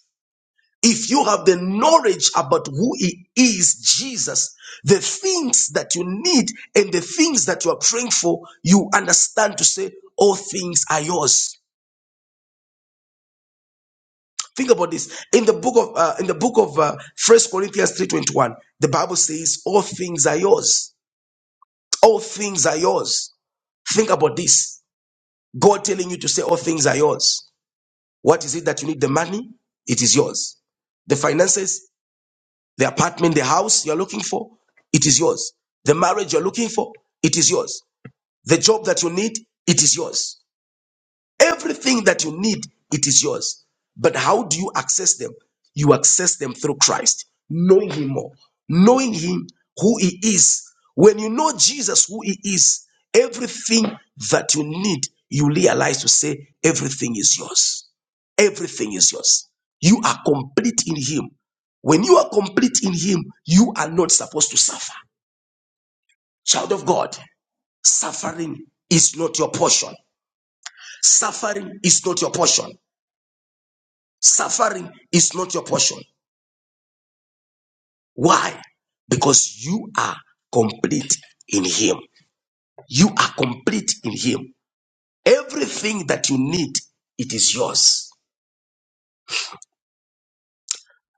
Speaker 1: If you have the knowledge about who He is, Jesus, the things that you need and the things that you are praying for, you understand to say, All things are yours. Think about this. In the book of uh, in the book of uh, First Corinthians three twenty one, the Bible says, "All things are yours. All things are yours." Think about this. God telling you to say, "All things are yours." What is it that you need? The money, it is yours. The finances, the apartment, the house you are looking for, it is yours. The marriage you are looking for, it is yours. The job that you need, it is yours. Everything that you need, it is yours. But how do you access them? You access them through Christ, knowing Him more, knowing Him who He is. When you know Jesus who He is, everything that you need, you realize to say, everything is yours. Everything is yours. You are complete in Him. When you are complete in Him, you are not supposed to suffer. Child of God, suffering is not your portion. Suffering is not your portion. Suffering is not your portion. Why? Because you are complete in Him. You are complete in Him. Everything that you need, it is yours.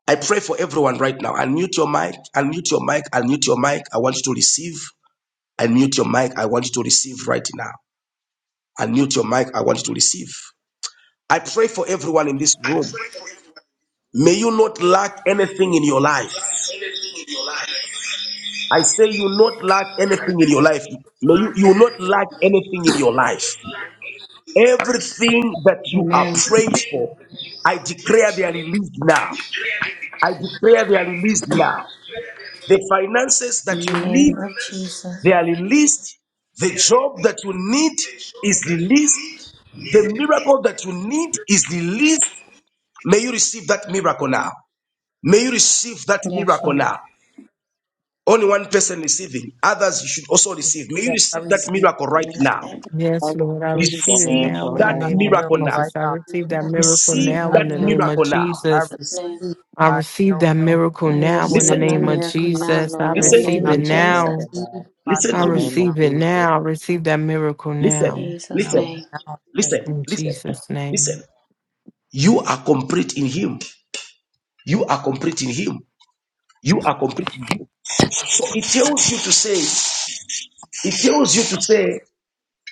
Speaker 1: I pray for everyone right now. Unmute your mic, unmute your mic, unmute your mic. I want you to receive. Unmute your mic. I want you to receive right now. Unmute your mic. I want you to receive. I pray for everyone in this
Speaker 5: I pray
Speaker 1: room.
Speaker 5: for you to
Speaker 1: May you not lack anything in your life.
Speaker 5: unlock everything in your life.
Speaker 1: I say you will not lack
Speaker 5: I
Speaker 1: anything in your
Speaker 5: say,
Speaker 1: life. May you,
Speaker 5: unlock
Speaker 1: you will
Speaker 5: everything
Speaker 1: not
Speaker 5: in
Speaker 1: lack
Speaker 5: your life.
Speaker 1: anything in your life.
Speaker 5: Unlock everything in your life.
Speaker 1: Everything that you are
Speaker 5: Amen.
Speaker 1: praying
Speaker 5: Everything
Speaker 1: for,
Speaker 5: that you
Speaker 1: I
Speaker 5: are praying
Speaker 1: declare they are
Speaker 5: for, I
Speaker 1: released now.
Speaker 5: declare that-
Speaker 1: I declare they are released now. The finances that
Speaker 5: In
Speaker 1: you
Speaker 5: the name
Speaker 1: need,
Speaker 5: of
Speaker 1: they
Speaker 5: Jesus.
Speaker 1: are released. The job that you need
Speaker 5: The
Speaker 1: is
Speaker 5: job that you
Speaker 1: released. The
Speaker 5: need
Speaker 1: miracle that you need is released. May you receive that miracle now. May you receive that
Speaker 5: Yes,
Speaker 1: miracle
Speaker 5: Lord.
Speaker 1: now. Only one person receiving, others you should also receive. May you
Speaker 8: Yes, I
Speaker 1: receive that
Speaker 8: receive.
Speaker 1: miracle right
Speaker 5: Yes,
Speaker 1: now.
Speaker 7: I
Speaker 6: Yes, Lord, I
Speaker 7: receive
Speaker 6: receive
Speaker 7: that
Speaker 6: it
Speaker 8: I
Speaker 1: Receive
Speaker 6: now
Speaker 7: miracle
Speaker 6: in
Speaker 8: receive
Speaker 6: the
Speaker 1: that
Speaker 7: right
Speaker 8: my
Speaker 6: name of
Speaker 7: now.
Speaker 1: miracle
Speaker 8: miracle
Speaker 1: now.
Speaker 8: right
Speaker 6: Jesus. I
Speaker 8: now.
Speaker 6: receive that
Speaker 5: I
Speaker 6: miracle
Speaker 5: receive
Speaker 1: Receive
Speaker 5: it
Speaker 6: now
Speaker 8: I,
Speaker 1: that
Speaker 6: in
Speaker 5: right
Speaker 6: the
Speaker 5: now,
Speaker 6: name of
Speaker 1: miracle
Speaker 5: God.
Speaker 1: now.
Speaker 5: In Jesus'
Speaker 8: I
Speaker 6: Jesus.
Speaker 5: name.
Speaker 8: receive
Speaker 6: I
Speaker 8: my
Speaker 6: receive that
Speaker 8: miracle.
Speaker 6: miracle
Speaker 5: I
Speaker 6: now in
Speaker 8: I
Speaker 6: the
Speaker 1: Listen
Speaker 5: receive my
Speaker 1: to
Speaker 6: name of
Speaker 1: me.
Speaker 5: miracle now,
Speaker 8: receive
Speaker 6: Jesus. I
Speaker 8: my
Speaker 5: Lord, in the
Speaker 7: I
Speaker 1: Listen
Speaker 8: miracle
Speaker 1: to
Speaker 6: receive
Speaker 5: name
Speaker 1: me.
Speaker 8: now.
Speaker 6: it
Speaker 5: of
Speaker 7: receive that
Speaker 5: Jesus.
Speaker 6: now.
Speaker 7: miracle now.
Speaker 8: Receive my
Speaker 1: Listen
Speaker 6: I
Speaker 7: In
Speaker 1: to
Speaker 7: the
Speaker 8: miracle
Speaker 1: me.
Speaker 7: name of
Speaker 8: now.
Speaker 6: receive it
Speaker 7: Jesus.
Speaker 6: now. I receive that miracle
Speaker 1: Listen.
Speaker 6: now
Speaker 5: Jesus'
Speaker 1: Listen.
Speaker 8: Now,
Speaker 5: name.
Speaker 8: now, in
Speaker 1: Listen.
Speaker 8: faith. I
Speaker 6: in
Speaker 1: Listen.
Speaker 8: receive.
Speaker 6: Jesus' name.
Speaker 1: Listen. You are complete in Him. You are complete in Him. You are complete in Him. So it tells you to say, it tells you to say,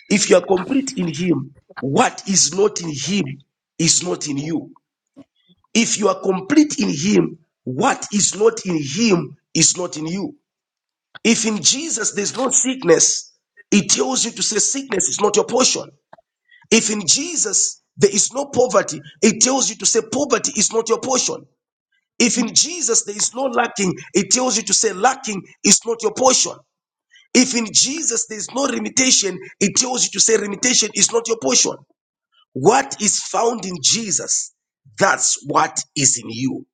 Speaker 1: if you are complete in Him, what is not in Him is not in you. If you are complete in Him, what is not in Him is not in you. If in Jesus there's no sickness, it tells you to say sickness is not your portion. If in Jesus there is no poverty, it tells you to say poverty is not your portion. If in Jesus there is no lacking, it tells you to say lacking is not your portion. If in Jesus there is no limitation, it tells you to say limitation is not your portion. What is found in Jesus, that's what is in you.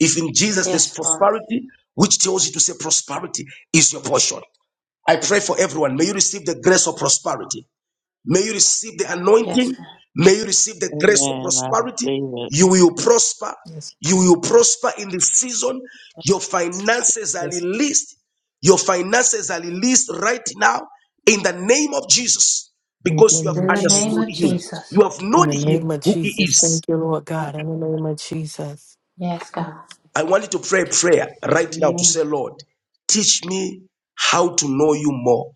Speaker 1: If in Jesus there's
Speaker 5: Yes, Lord.
Speaker 1: prosperity, which tells you to say prosperity is your portion. I pray for everyone. May you receive the grace of prosperity. May you receive the
Speaker 5: Yes,
Speaker 1: anointing.
Speaker 5: Lord.
Speaker 1: May you receive the grace of
Speaker 7: Amen. I
Speaker 1: prosperity.
Speaker 7: receive it.
Speaker 1: You will prosper.
Speaker 8: Yes,
Speaker 1: You will prosper in this season. Your finances are
Speaker 8: yes.
Speaker 1: released. Your finances are released right now in the name of Jesus
Speaker 6: Thank you,
Speaker 1: because you have
Speaker 6: Lord
Speaker 5: In the
Speaker 8: In the name,
Speaker 5: name
Speaker 8: of
Speaker 1: understood
Speaker 8: the
Speaker 5: of
Speaker 6: Jesus.
Speaker 1: Him. You
Speaker 5: Jesus.
Speaker 1: have
Speaker 6: In
Speaker 1: known
Speaker 6: the
Speaker 1: Him
Speaker 6: name of
Speaker 1: who He
Speaker 6: Jesus.
Speaker 1: is.
Speaker 6: Thank you, Lord God. In the name of Jesus.
Speaker 5: Yes, God.
Speaker 1: I want you to pray a prayer right now to say,
Speaker 5: Amen.
Speaker 1: Lord, teach me how to know you more.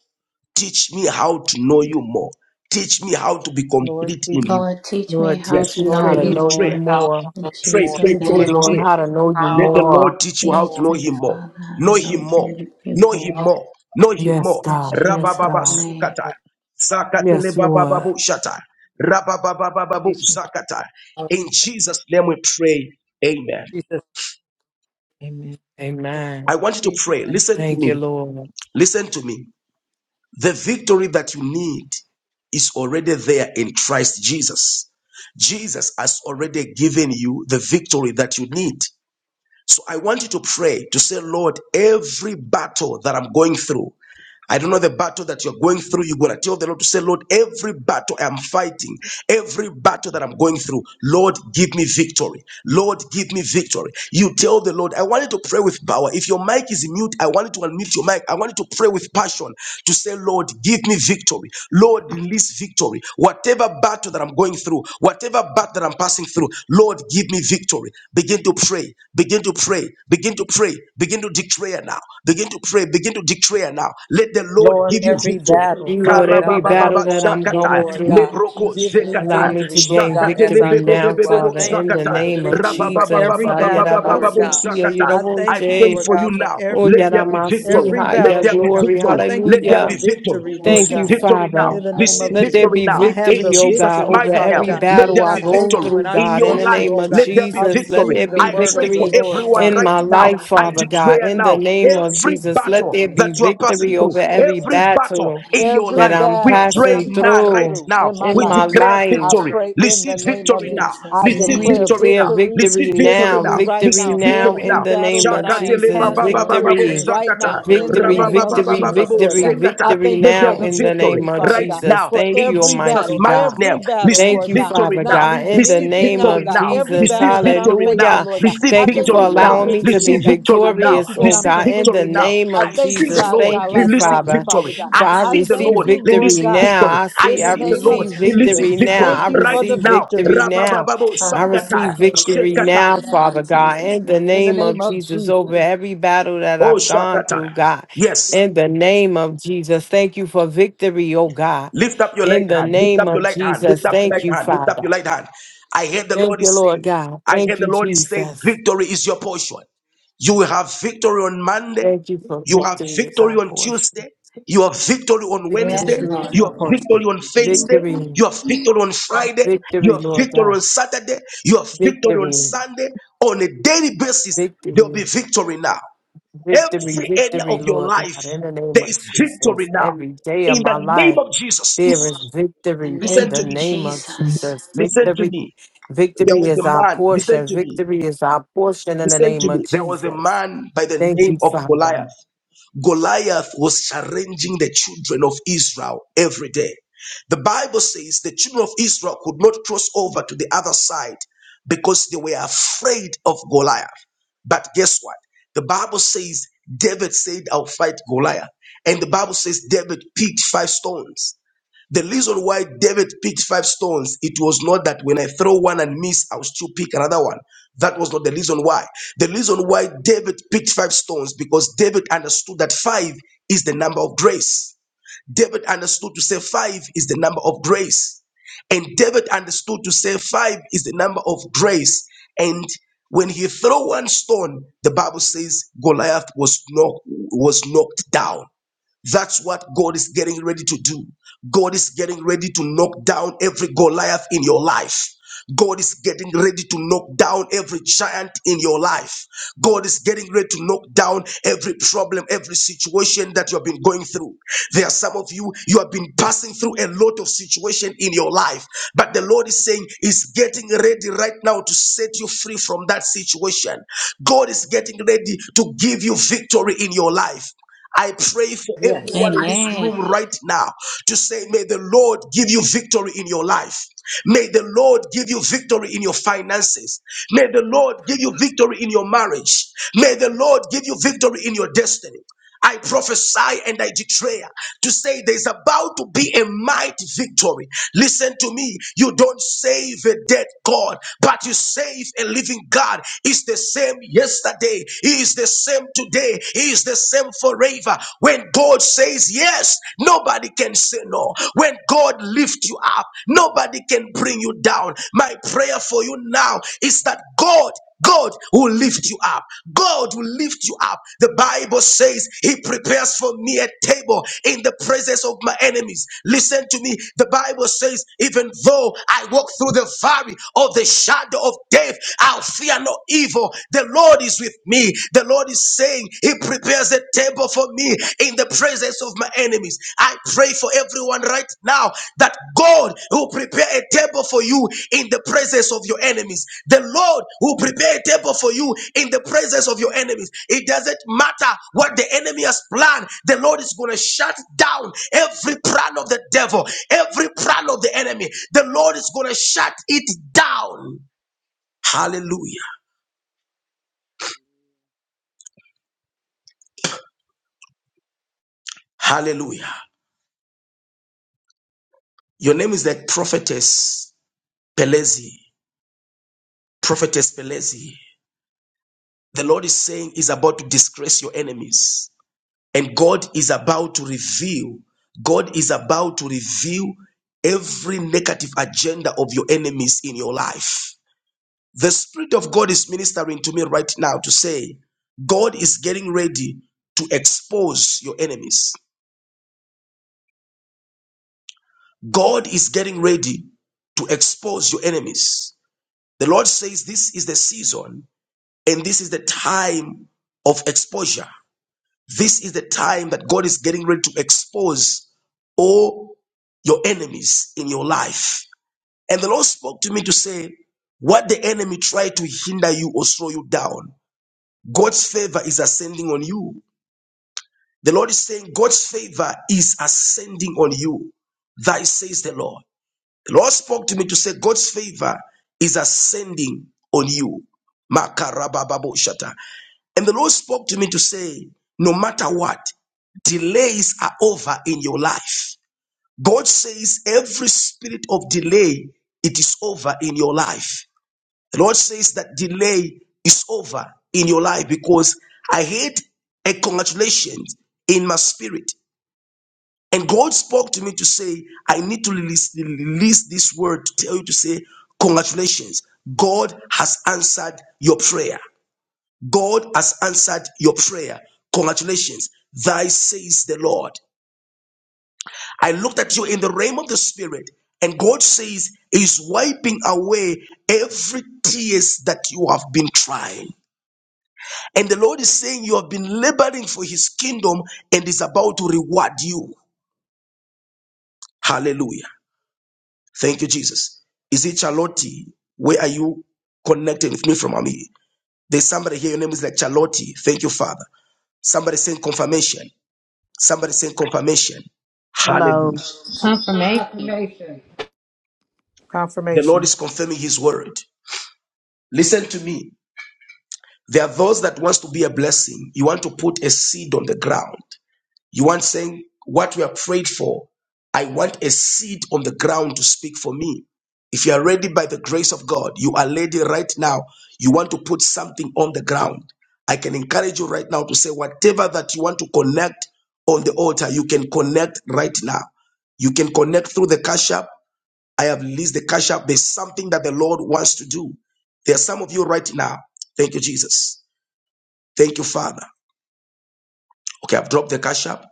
Speaker 1: Teach me how to know you more. Teach me how to be
Speaker 8: Lord,
Speaker 1: complete
Speaker 8: teach
Speaker 1: in
Speaker 8: me.
Speaker 1: you.
Speaker 5: Lord, teach me
Speaker 6: Lord,
Speaker 5: how
Speaker 1: Yes,
Speaker 6: teach
Speaker 5: to
Speaker 6: me
Speaker 8: Lord,
Speaker 5: know
Speaker 6: how
Speaker 1: pray,
Speaker 6: to
Speaker 5: you
Speaker 8: teach me
Speaker 6: know you
Speaker 1: declare,
Speaker 5: more.
Speaker 8: how to
Speaker 6: more.
Speaker 5: In
Speaker 8: go
Speaker 1: pray,
Speaker 8: forward.
Speaker 1: pray,
Speaker 5: Jesus'
Speaker 6: Teach
Speaker 1: pray,
Speaker 6: me,
Speaker 8: Lord,
Speaker 5: name.
Speaker 6: Lord,
Speaker 8: teach
Speaker 1: declare.
Speaker 6: how
Speaker 8: me
Speaker 6: to know you
Speaker 8: how
Speaker 1: Let
Speaker 8: to go.
Speaker 1: the
Speaker 6: more.
Speaker 1: Lord teach you how
Speaker 8: forward.
Speaker 1: to
Speaker 5: Teach
Speaker 1: know
Speaker 5: me,
Speaker 1: Him more.
Speaker 5: Father, how
Speaker 1: Know
Speaker 5: to know
Speaker 1: Him more.
Speaker 5: you, you
Speaker 1: Know Him
Speaker 8: how
Speaker 5: more.
Speaker 8: to,
Speaker 1: more.
Speaker 8: how
Speaker 1: Know
Speaker 8: to
Speaker 1: Him
Speaker 8: know.
Speaker 6: Yes,
Speaker 1: more.
Speaker 5: In
Speaker 6: God. Yes,
Speaker 5: Jesus'
Speaker 1: Rabababa
Speaker 6: God.
Speaker 5: name.
Speaker 1: sukata. Zakatele
Speaker 6: Yes, Lord.
Speaker 1: babababu shata. Rabababababu
Speaker 8: Teach me
Speaker 1: zakata.
Speaker 8: how to know.
Speaker 1: In Jesus' name we pray. Amen.
Speaker 8: In Jesus' name, amen.
Speaker 1: I
Speaker 6: Amen.
Speaker 1: want you to
Speaker 8: Receive it.
Speaker 1: pray.
Speaker 8: Thank
Speaker 1: Listen
Speaker 8: you, Lord.
Speaker 1: to
Speaker 6: Thank you,
Speaker 1: me.
Speaker 6: Lord.
Speaker 1: Listen to me. The victory that you need is already there in Christ Jesus. Jesus has already given you the victory that you need. So I want you to pray to say, Lord, every battle that I'm going through, I don't know the battle that you're going through. You're going to tell the Lord to say, Lord, every battle I'm fighting, every battle that I'm going through, Lord, give me victory. Lord, give me victory. You tell the Lord, I want you to pray with power. If your mic is mute, I want you to unmute your mic. I want you to pray with passion to say, Lord, give me victory. Lord, release victory. Whatever battle that I'm going through, whatever battle that I'm passing through, Lord, give me victory. Begin to pray. Begin to pray. Begin to pray. Begin to declare now. Begin to pray. Begin to declare now. Let the Lord
Speaker 8: Lord,
Speaker 1: give you
Speaker 8: every
Speaker 1: victory.
Speaker 8: battle,
Speaker 6: You, Lord,
Speaker 8: Father
Speaker 6: every
Speaker 8: God, that I'm
Speaker 6: battle
Speaker 1: Karabababa
Speaker 6: that
Speaker 8: going
Speaker 6: I'm
Speaker 8: through,
Speaker 5: Lord,
Speaker 1: shakata
Speaker 6: going
Speaker 5: in the
Speaker 8: Lord
Speaker 6: through,
Speaker 5: name
Speaker 8: God,
Speaker 5: of
Speaker 1: lebroko
Speaker 5: Jesus,
Speaker 8: give me
Speaker 6: allow
Speaker 1: shekata
Speaker 5: everything,
Speaker 6: me to
Speaker 8: victory,
Speaker 5: every
Speaker 8: Lord
Speaker 6: gain
Speaker 8: God,
Speaker 5: battle
Speaker 1: shakata
Speaker 5: that
Speaker 8: as
Speaker 6: victory
Speaker 8: I
Speaker 5: I'm
Speaker 8: go
Speaker 6: now,
Speaker 5: going
Speaker 8: through. I
Speaker 5: through,
Speaker 1: lebebebebebebo
Speaker 6: Father,
Speaker 5: give
Speaker 8: thank
Speaker 6: in
Speaker 8: you
Speaker 6: the
Speaker 5: me
Speaker 8: for
Speaker 1: shakata
Speaker 8: the
Speaker 6: name of
Speaker 8: victory
Speaker 5: victory.
Speaker 8: for
Speaker 3: Jesus.
Speaker 6: Jesus.
Speaker 8: every
Speaker 5: In the
Speaker 8: battle, Lord
Speaker 5: name
Speaker 1: rababababababababo
Speaker 5: of
Speaker 8: God.
Speaker 6: Ayarabasiki,
Speaker 1: shakata.
Speaker 8: I
Speaker 5: Jesus,
Speaker 1: I
Speaker 8: thank you,
Speaker 5: Christ.
Speaker 1: pray
Speaker 6: ayaraboshe,
Speaker 8: Lord
Speaker 1: for you
Speaker 8: God, for
Speaker 1: now. Let
Speaker 8: every
Speaker 1: there be
Speaker 5: Glory
Speaker 1: victory.
Speaker 6: oyaramasi,
Speaker 5: to
Speaker 8: every
Speaker 5: you,
Speaker 1: Let
Speaker 6: haya,
Speaker 8: battle,
Speaker 5: Father.
Speaker 1: there be
Speaker 8: Lord God.
Speaker 6: Glory.
Speaker 8: I
Speaker 1: victory.
Speaker 8: thank you
Speaker 5: of
Speaker 1: Let
Speaker 8: for
Speaker 1: there
Speaker 8: the
Speaker 6: Hallelujah.
Speaker 1: be
Speaker 5: Jesus,
Speaker 1: victory.
Speaker 5: in
Speaker 8: victory,
Speaker 5: the
Speaker 8: Lord
Speaker 6: Thank
Speaker 1: Receive
Speaker 6: you,
Speaker 8: God.
Speaker 5: name of
Speaker 1: victory now.
Speaker 5: Jesus,
Speaker 6: Father.
Speaker 8: In the name
Speaker 1: Receive
Speaker 8: of
Speaker 6: Let
Speaker 8: Jesus.
Speaker 6: there
Speaker 1: victory
Speaker 6: be
Speaker 1: now.
Speaker 8: I
Speaker 5: hallelujah.
Speaker 8: have
Speaker 1: In
Speaker 8: the
Speaker 6: victory, oh
Speaker 5: In
Speaker 1: Jesus'
Speaker 6: God,
Speaker 8: victory,
Speaker 6: over
Speaker 1: mighty
Speaker 5: the name
Speaker 8: Father
Speaker 1: name,
Speaker 6: every
Speaker 8: God.
Speaker 5: of
Speaker 1: let
Speaker 6: battle
Speaker 1: there
Speaker 8: And
Speaker 6: I
Speaker 8: I
Speaker 1: be
Speaker 5: Jesus,
Speaker 6: go
Speaker 8: thank
Speaker 1: victory
Speaker 8: you
Speaker 5: Father,
Speaker 6: through,
Speaker 8: and I
Speaker 1: in
Speaker 6: God. In
Speaker 1: your
Speaker 6: the
Speaker 5: thank
Speaker 8: trust
Speaker 1: life.
Speaker 5: you.
Speaker 8: you,
Speaker 6: name
Speaker 8: oh
Speaker 6: of
Speaker 8: God.
Speaker 1: Let there be
Speaker 8: I
Speaker 6: Jesus, let
Speaker 1: victory.
Speaker 6: there
Speaker 8: receive the
Speaker 6: be
Speaker 1: I
Speaker 5: Father,
Speaker 8: word
Speaker 1: pray
Speaker 8: of the
Speaker 1: for
Speaker 6: victory
Speaker 5: every
Speaker 8: Lord,
Speaker 1: everyone
Speaker 5: battle
Speaker 6: in
Speaker 8: Father.
Speaker 1: right
Speaker 6: my
Speaker 5: is
Speaker 1: now.
Speaker 8: and
Speaker 6: life,
Speaker 1: I
Speaker 5: already
Speaker 6: Father God.
Speaker 5: won.
Speaker 1: declare
Speaker 6: In
Speaker 5: You've
Speaker 6: the
Speaker 1: now
Speaker 6: name
Speaker 5: given me
Speaker 6: of
Speaker 1: every
Speaker 6: Jesus,
Speaker 5: victory
Speaker 6: let
Speaker 1: battle
Speaker 5: over
Speaker 6: there
Speaker 5: it.
Speaker 6: be
Speaker 1: that you are passing
Speaker 6: victory
Speaker 5: In
Speaker 1: through,
Speaker 6: over every
Speaker 5: Jesus,
Speaker 1: every battle
Speaker 6: battle
Speaker 1: in
Speaker 5: thank you.
Speaker 1: your
Speaker 8: Every
Speaker 6: that
Speaker 1: life,
Speaker 6: I'm
Speaker 1: we
Speaker 8: battle that
Speaker 1: pray
Speaker 8: I'm
Speaker 6: passing
Speaker 1: now,
Speaker 8: passing
Speaker 1: right
Speaker 6: through
Speaker 8: through
Speaker 1: now.
Speaker 8: in my
Speaker 6: in
Speaker 1: We
Speaker 5: Thank
Speaker 8: life,
Speaker 6: my
Speaker 5: you,
Speaker 1: declare
Speaker 5: Father.
Speaker 3: Out of
Speaker 8: I
Speaker 6: life.
Speaker 3: that, I'm
Speaker 1: victory.
Speaker 3: going
Speaker 8: pray
Speaker 3: to
Speaker 8: in
Speaker 1: Receive
Speaker 8: the
Speaker 3: pray
Speaker 5: In
Speaker 8: name of
Speaker 1: victory now.
Speaker 8: Jesus. I
Speaker 5: Jesus'
Speaker 1: Receive
Speaker 6: We
Speaker 5: name.
Speaker 8: declare
Speaker 1: victory
Speaker 6: declare
Speaker 1: now.
Speaker 8: victory,
Speaker 1: Receive
Speaker 6: victory
Speaker 1: victory
Speaker 6: now,
Speaker 1: now.
Speaker 8: victory right
Speaker 6: victory
Speaker 1: Receive
Speaker 8: now.
Speaker 6: now
Speaker 1: victory
Speaker 8: Every
Speaker 6: in
Speaker 1: now.
Speaker 6: the
Speaker 8: battle
Speaker 6: name
Speaker 8: that
Speaker 6: of
Speaker 8: I am
Speaker 1: Shakatele
Speaker 6: Jesus,
Speaker 5: In the
Speaker 8: passing
Speaker 5: name
Speaker 8: through
Speaker 5: of
Speaker 1: bababababo
Speaker 6: victory.
Speaker 5: Jesus,
Speaker 8: right now
Speaker 1: zakata.
Speaker 5: victory
Speaker 8: in the
Speaker 6: Victory,
Speaker 5: right
Speaker 8: name
Speaker 5: now. In
Speaker 8: of
Speaker 6: victory,
Speaker 8: Jesus,
Speaker 1: Rabababababo
Speaker 5: Jesus'
Speaker 8: Lord
Speaker 6: victory,
Speaker 8: God.
Speaker 5: name.
Speaker 8: I
Speaker 1: zetata.
Speaker 6: victory
Speaker 8: thank
Speaker 1: Let
Speaker 8: you
Speaker 1: there
Speaker 8: for
Speaker 6: now
Speaker 8: the
Speaker 1: be
Speaker 6: in the
Speaker 1: victory
Speaker 6: name
Speaker 8: victory,
Speaker 6: of
Speaker 8: Father
Speaker 1: right
Speaker 8: God,
Speaker 6: Jesus.
Speaker 1: now.
Speaker 8: for
Speaker 6: Thank
Speaker 1: In
Speaker 6: you,
Speaker 8: every
Speaker 1: Jesus'
Speaker 6: Almighty
Speaker 8: battle,
Speaker 1: mighty
Speaker 6: God.
Speaker 8: every
Speaker 1: name,
Speaker 8: battle,
Speaker 1: receive
Speaker 6: Thank
Speaker 8: Lord
Speaker 6: you,
Speaker 8: God,
Speaker 1: victory
Speaker 6: Father
Speaker 8: not
Speaker 1: now.
Speaker 6: God, in
Speaker 8: leaving
Speaker 6: the
Speaker 1: Receive
Speaker 8: anything
Speaker 6: name
Speaker 8: out,
Speaker 1: victory
Speaker 6: of
Speaker 8: God.
Speaker 1: now.
Speaker 5: In the
Speaker 8: Every
Speaker 5: name
Speaker 6: Jesus.
Speaker 5: of
Speaker 1: Receive
Speaker 8: battle that
Speaker 5: Jesus.
Speaker 8: I'm
Speaker 1: victory
Speaker 5: victory.
Speaker 1: now.
Speaker 8: facing,
Speaker 6: Hallelujah.
Speaker 8: Lord God,
Speaker 1: Receive
Speaker 5: In
Speaker 8: I
Speaker 6: Thank you
Speaker 8: thank
Speaker 5: the
Speaker 6: for
Speaker 1: victory
Speaker 8: you for the
Speaker 1: now.
Speaker 5: name
Speaker 6: allowing
Speaker 5: of
Speaker 6: me to
Speaker 8: victory,
Speaker 6: be
Speaker 8: oh
Speaker 1: Receive
Speaker 5: Jesus.
Speaker 8: God.
Speaker 1: victory
Speaker 8: I
Speaker 1: now.
Speaker 8: thank you
Speaker 6: victorious,
Speaker 8: that
Speaker 6: oh
Speaker 8: I'm
Speaker 1: Receive
Speaker 6: God, in the
Speaker 1: victory
Speaker 8: completing you.
Speaker 1: now.
Speaker 6: name
Speaker 8: I
Speaker 1: I
Speaker 6: of
Speaker 8: thank
Speaker 1: see
Speaker 8: you,
Speaker 1: the
Speaker 6: Jesus.
Speaker 8: God, that
Speaker 1: Lord
Speaker 8: I
Speaker 6: Thank
Speaker 5: Yes,
Speaker 6: you,
Speaker 8: lack
Speaker 5: God.
Speaker 1: releasing
Speaker 5: In
Speaker 8: nothing,
Speaker 6: Father,
Speaker 1: victory.
Speaker 8: Father
Speaker 5: the
Speaker 8: God.
Speaker 5: name
Speaker 1: I
Speaker 6: for
Speaker 5: of
Speaker 6: I
Speaker 5: Jesus.
Speaker 8: I
Speaker 1: see the
Speaker 6: receive
Speaker 8: thank
Speaker 1: Lord
Speaker 8: you, Lord
Speaker 6: victory
Speaker 1: releasing
Speaker 8: God,
Speaker 6: now.
Speaker 1: victory.
Speaker 6: I
Speaker 1: I
Speaker 8: in
Speaker 6: see I
Speaker 8: the
Speaker 1: see
Speaker 5: In
Speaker 1: the
Speaker 8: name
Speaker 1: Lord
Speaker 8: of
Speaker 6: receive
Speaker 5: Jesus'
Speaker 8: Jesus.
Speaker 1: releasing
Speaker 5: name,
Speaker 6: victory
Speaker 1: victory
Speaker 6: now.
Speaker 8: Thank
Speaker 6: I
Speaker 5: Father,
Speaker 8: you for
Speaker 5: thank
Speaker 1: right
Speaker 8: the
Speaker 6: receive
Speaker 5: you.
Speaker 1: now.
Speaker 8: victory.
Speaker 6: victory now.
Speaker 1: Rabababo
Speaker 6: I
Speaker 5: Father, I
Speaker 1: sakata,
Speaker 6: receive
Speaker 5: receive
Speaker 6: victory
Speaker 5: victory
Speaker 1: shekata,
Speaker 5: right
Speaker 6: now,
Speaker 5: now in
Speaker 6: Father
Speaker 8: Urabasha.
Speaker 6: God,
Speaker 5: Jesus'
Speaker 6: in the
Speaker 5: name.
Speaker 8: In the
Speaker 6: name of
Speaker 8: name of
Speaker 6: Jesus, over
Speaker 8: Jesus.
Speaker 6: every battle that
Speaker 1: Oh,
Speaker 6: I've gone
Speaker 1: Shakata.
Speaker 6: through, God.
Speaker 1: Yes.
Speaker 6: In the name of Jesus, thank you for victory, oh God.
Speaker 1: Lift up your light
Speaker 6: In the
Speaker 1: hand. Lift
Speaker 6: name
Speaker 1: up your
Speaker 6: of
Speaker 1: light hand.
Speaker 6: Jesus,
Speaker 1: Lift up your
Speaker 6: thank
Speaker 1: light
Speaker 6: you,
Speaker 1: hand. Lift up
Speaker 6: Father.
Speaker 1: your light hand. I hear the
Speaker 6: Thank
Speaker 1: Lord
Speaker 6: you,
Speaker 1: is
Speaker 6: Lord
Speaker 1: saying,
Speaker 6: God.
Speaker 1: I hear
Speaker 6: Thank
Speaker 1: the
Speaker 6: you,
Speaker 1: Lord is saying,
Speaker 6: Jesus.
Speaker 1: victory is your portion. You will have victory on Monday.
Speaker 6: Thank you for
Speaker 1: You have
Speaker 6: victory is
Speaker 1: victory
Speaker 6: our
Speaker 1: on
Speaker 6: portion.
Speaker 1: Tuesday. You have victory on
Speaker 6: Victory,
Speaker 5: Yes,
Speaker 1: Wednesday.
Speaker 8: Victory is
Speaker 5: Lord.
Speaker 1: You
Speaker 8: my
Speaker 1: have victory
Speaker 8: portion.
Speaker 1: on Thursday.
Speaker 6: victory,
Speaker 1: You have victory on Friday.
Speaker 5: In
Speaker 1: You
Speaker 6: victory,
Speaker 1: have
Speaker 6: Lord
Speaker 1: victory on
Speaker 6: God.
Speaker 1: Saturday. You have victory on
Speaker 6: Victory,
Speaker 1: Sunday. On a daily basis, there will be
Speaker 6: victory,
Speaker 1: victory now.
Speaker 6: victory,
Speaker 1: Every area
Speaker 6: victory,
Speaker 1: of your
Speaker 6: Lord
Speaker 1: life,
Speaker 6: God. In the name
Speaker 1: there
Speaker 6: of
Speaker 1: is victory
Speaker 6: Jesus,
Speaker 1: now.
Speaker 6: every day of
Speaker 1: In the
Speaker 6: my
Speaker 1: name
Speaker 6: life,
Speaker 1: of Jesus.
Speaker 6: there is
Speaker 5: the
Speaker 6: victory in
Speaker 1: Listen
Speaker 5: name
Speaker 6: the
Speaker 1: to
Speaker 5: of
Speaker 1: me.
Speaker 6: name of
Speaker 5: Jesus.
Speaker 6: Jesus.
Speaker 1: Listen to
Speaker 6: Victory,
Speaker 1: me. There
Speaker 6: victory
Speaker 1: was
Speaker 6: is
Speaker 1: a
Speaker 6: our
Speaker 1: man. Listen
Speaker 6: portion.
Speaker 1: to me.
Speaker 6: Victory is our portion in the
Speaker 1: Listen
Speaker 6: name
Speaker 1: to me.
Speaker 6: of
Speaker 1: There was a
Speaker 6: Jesus.
Speaker 1: man by the
Speaker 6: Thank
Speaker 1: name
Speaker 6: you,
Speaker 1: of
Speaker 6: Father.
Speaker 1: Goliath. Goliath was challenging the children of Israel every day. The Bible says the children of Israel could not cross over to the other side because they were afraid of Goliath. But guess what? The Bible says David said, I'll fight Goliath. And the Bible says David picked five stones. The reason why David picked five stones, it was not that when I throw one and miss, I'll still pick another one. That was not the reason why. The reason why David picked five stones, because David understood that five is the number of grace. David understood to say five is the number of grace. And David understood to say five is the number of grace. And when he threw one stone, the Bible says Goliath was knocked, was knocked down. That's what God is getting ready to do. God is getting ready to knock down every Goliath in your life. God is getting ready to knock down every giant in your life. God is getting ready to knock down every problem, every situation that you have been going through. There are some of you, you have been passing through a lot of situation in your life, but the Lord is saying, is getting ready right now to set you free from that situation. God is getting ready to give you victory in your life. I pray for everyone in this
Speaker 5: Amen.
Speaker 1: room right now to say, May the Lord give you victory in your life. May the Lord give you victory in your finances. May the Lord give you victory in your marriage. May the Lord give you victory in your destiny. I prophesy and I declare to say there's about to be a mighty victory. Listen to me. You don't save a dead God, but you save a living God. He's the same yesterday. He is the same today. He is the same forever. When God says yes, nobody can say no. When God lifts you up, nobody can bring you down. My prayer for you now is that God God will lift you up. God will lift you up. The Bible says he prepares for me a table in the presence of my enemies. Listen to me. The Bible says, even though I walk through the valley of the shadow of death, I'll fear no evil evil. The Lord is with me. The Lord is saying, He prepares a table for me in the presence of my enemies. I pray for everyone right now that God will prepare a table for you in the presence of your enemies. The Lord will prepare a table for you in the presence of your enemies. It doesn't matter what the enemy has planned, the Lord is going to shut down every plan of the devil, every plan of the enemy. The Lord is going to shut it down. Hallelujah. Hallelujah. Your name is like prophetess Pelezi. Prophetess Pelezi. The Lord is saying is about to disgrace your enemies. And God is about to reveal, God is about to reveal every negative agenda of your enemies in your life. The Spirit of God is ministering to me right now to say, God is getting ready to expose your enemies. God is getting ready to expose your enemies. The Lord says this is the season And this is the time of exposure. This is the time that God is getting ready to expose all your enemies in your life. And the Lord spoke to me to say, What the enemy tried to hinder you or slow you down, God's favor is ascending on you. The Lord is saying, God's favor is ascending on you. Thy says the Lord. The Lord spoke to me to say, God's favor is ascending on you. Makarababo shata. And the Lord spoke to me to say, no matter what, delays are over in your life. God says every spirit of delay, it is over in your life. The Lord says that delay is over in your life because I had a congratulations in my spirit. And God spoke to me to say, I need to release, release this word to tell you to say, congratulations. God has answered your prayer. God has answered your prayer. Congratulations. Thy says the Lord. I looked at you in the realm of the spirit, and God says He's wiping away every tears that you have been trying. And the Lord is saying you have been laboring for his kingdom and is about to reward you. Hallelujah. Thank you, Jesus. Is it Charlotte? Where are you connecting with me from? Ami? There's somebody here, your name is like Charlotte. Thank you, Father. Somebody saying confirmation. Somebody saying confirmation.
Speaker 9: Hello.
Speaker 1: Hallelujah.
Speaker 5: Confirmation.
Speaker 1: The Lord
Speaker 8: Confirmation.
Speaker 1: is confirming his word. Listen to me. There are those that wants to be a blessing. You want to put a seed on the ground. You want saying what we are prayed for. I want a seed on the ground to speak for me. If you are ready by the grace of God, you are ready right now. You want to put something on the ground. I can encourage you right now to say whatever that you want to connect on the altar, you can connect right now. You can connect through the cash app. I have leased the cash app. There's something that the Lord wants to do. There are some of you right now. Thank you, Jesus. Thank you, Father. Okay, I've dropped the cash app.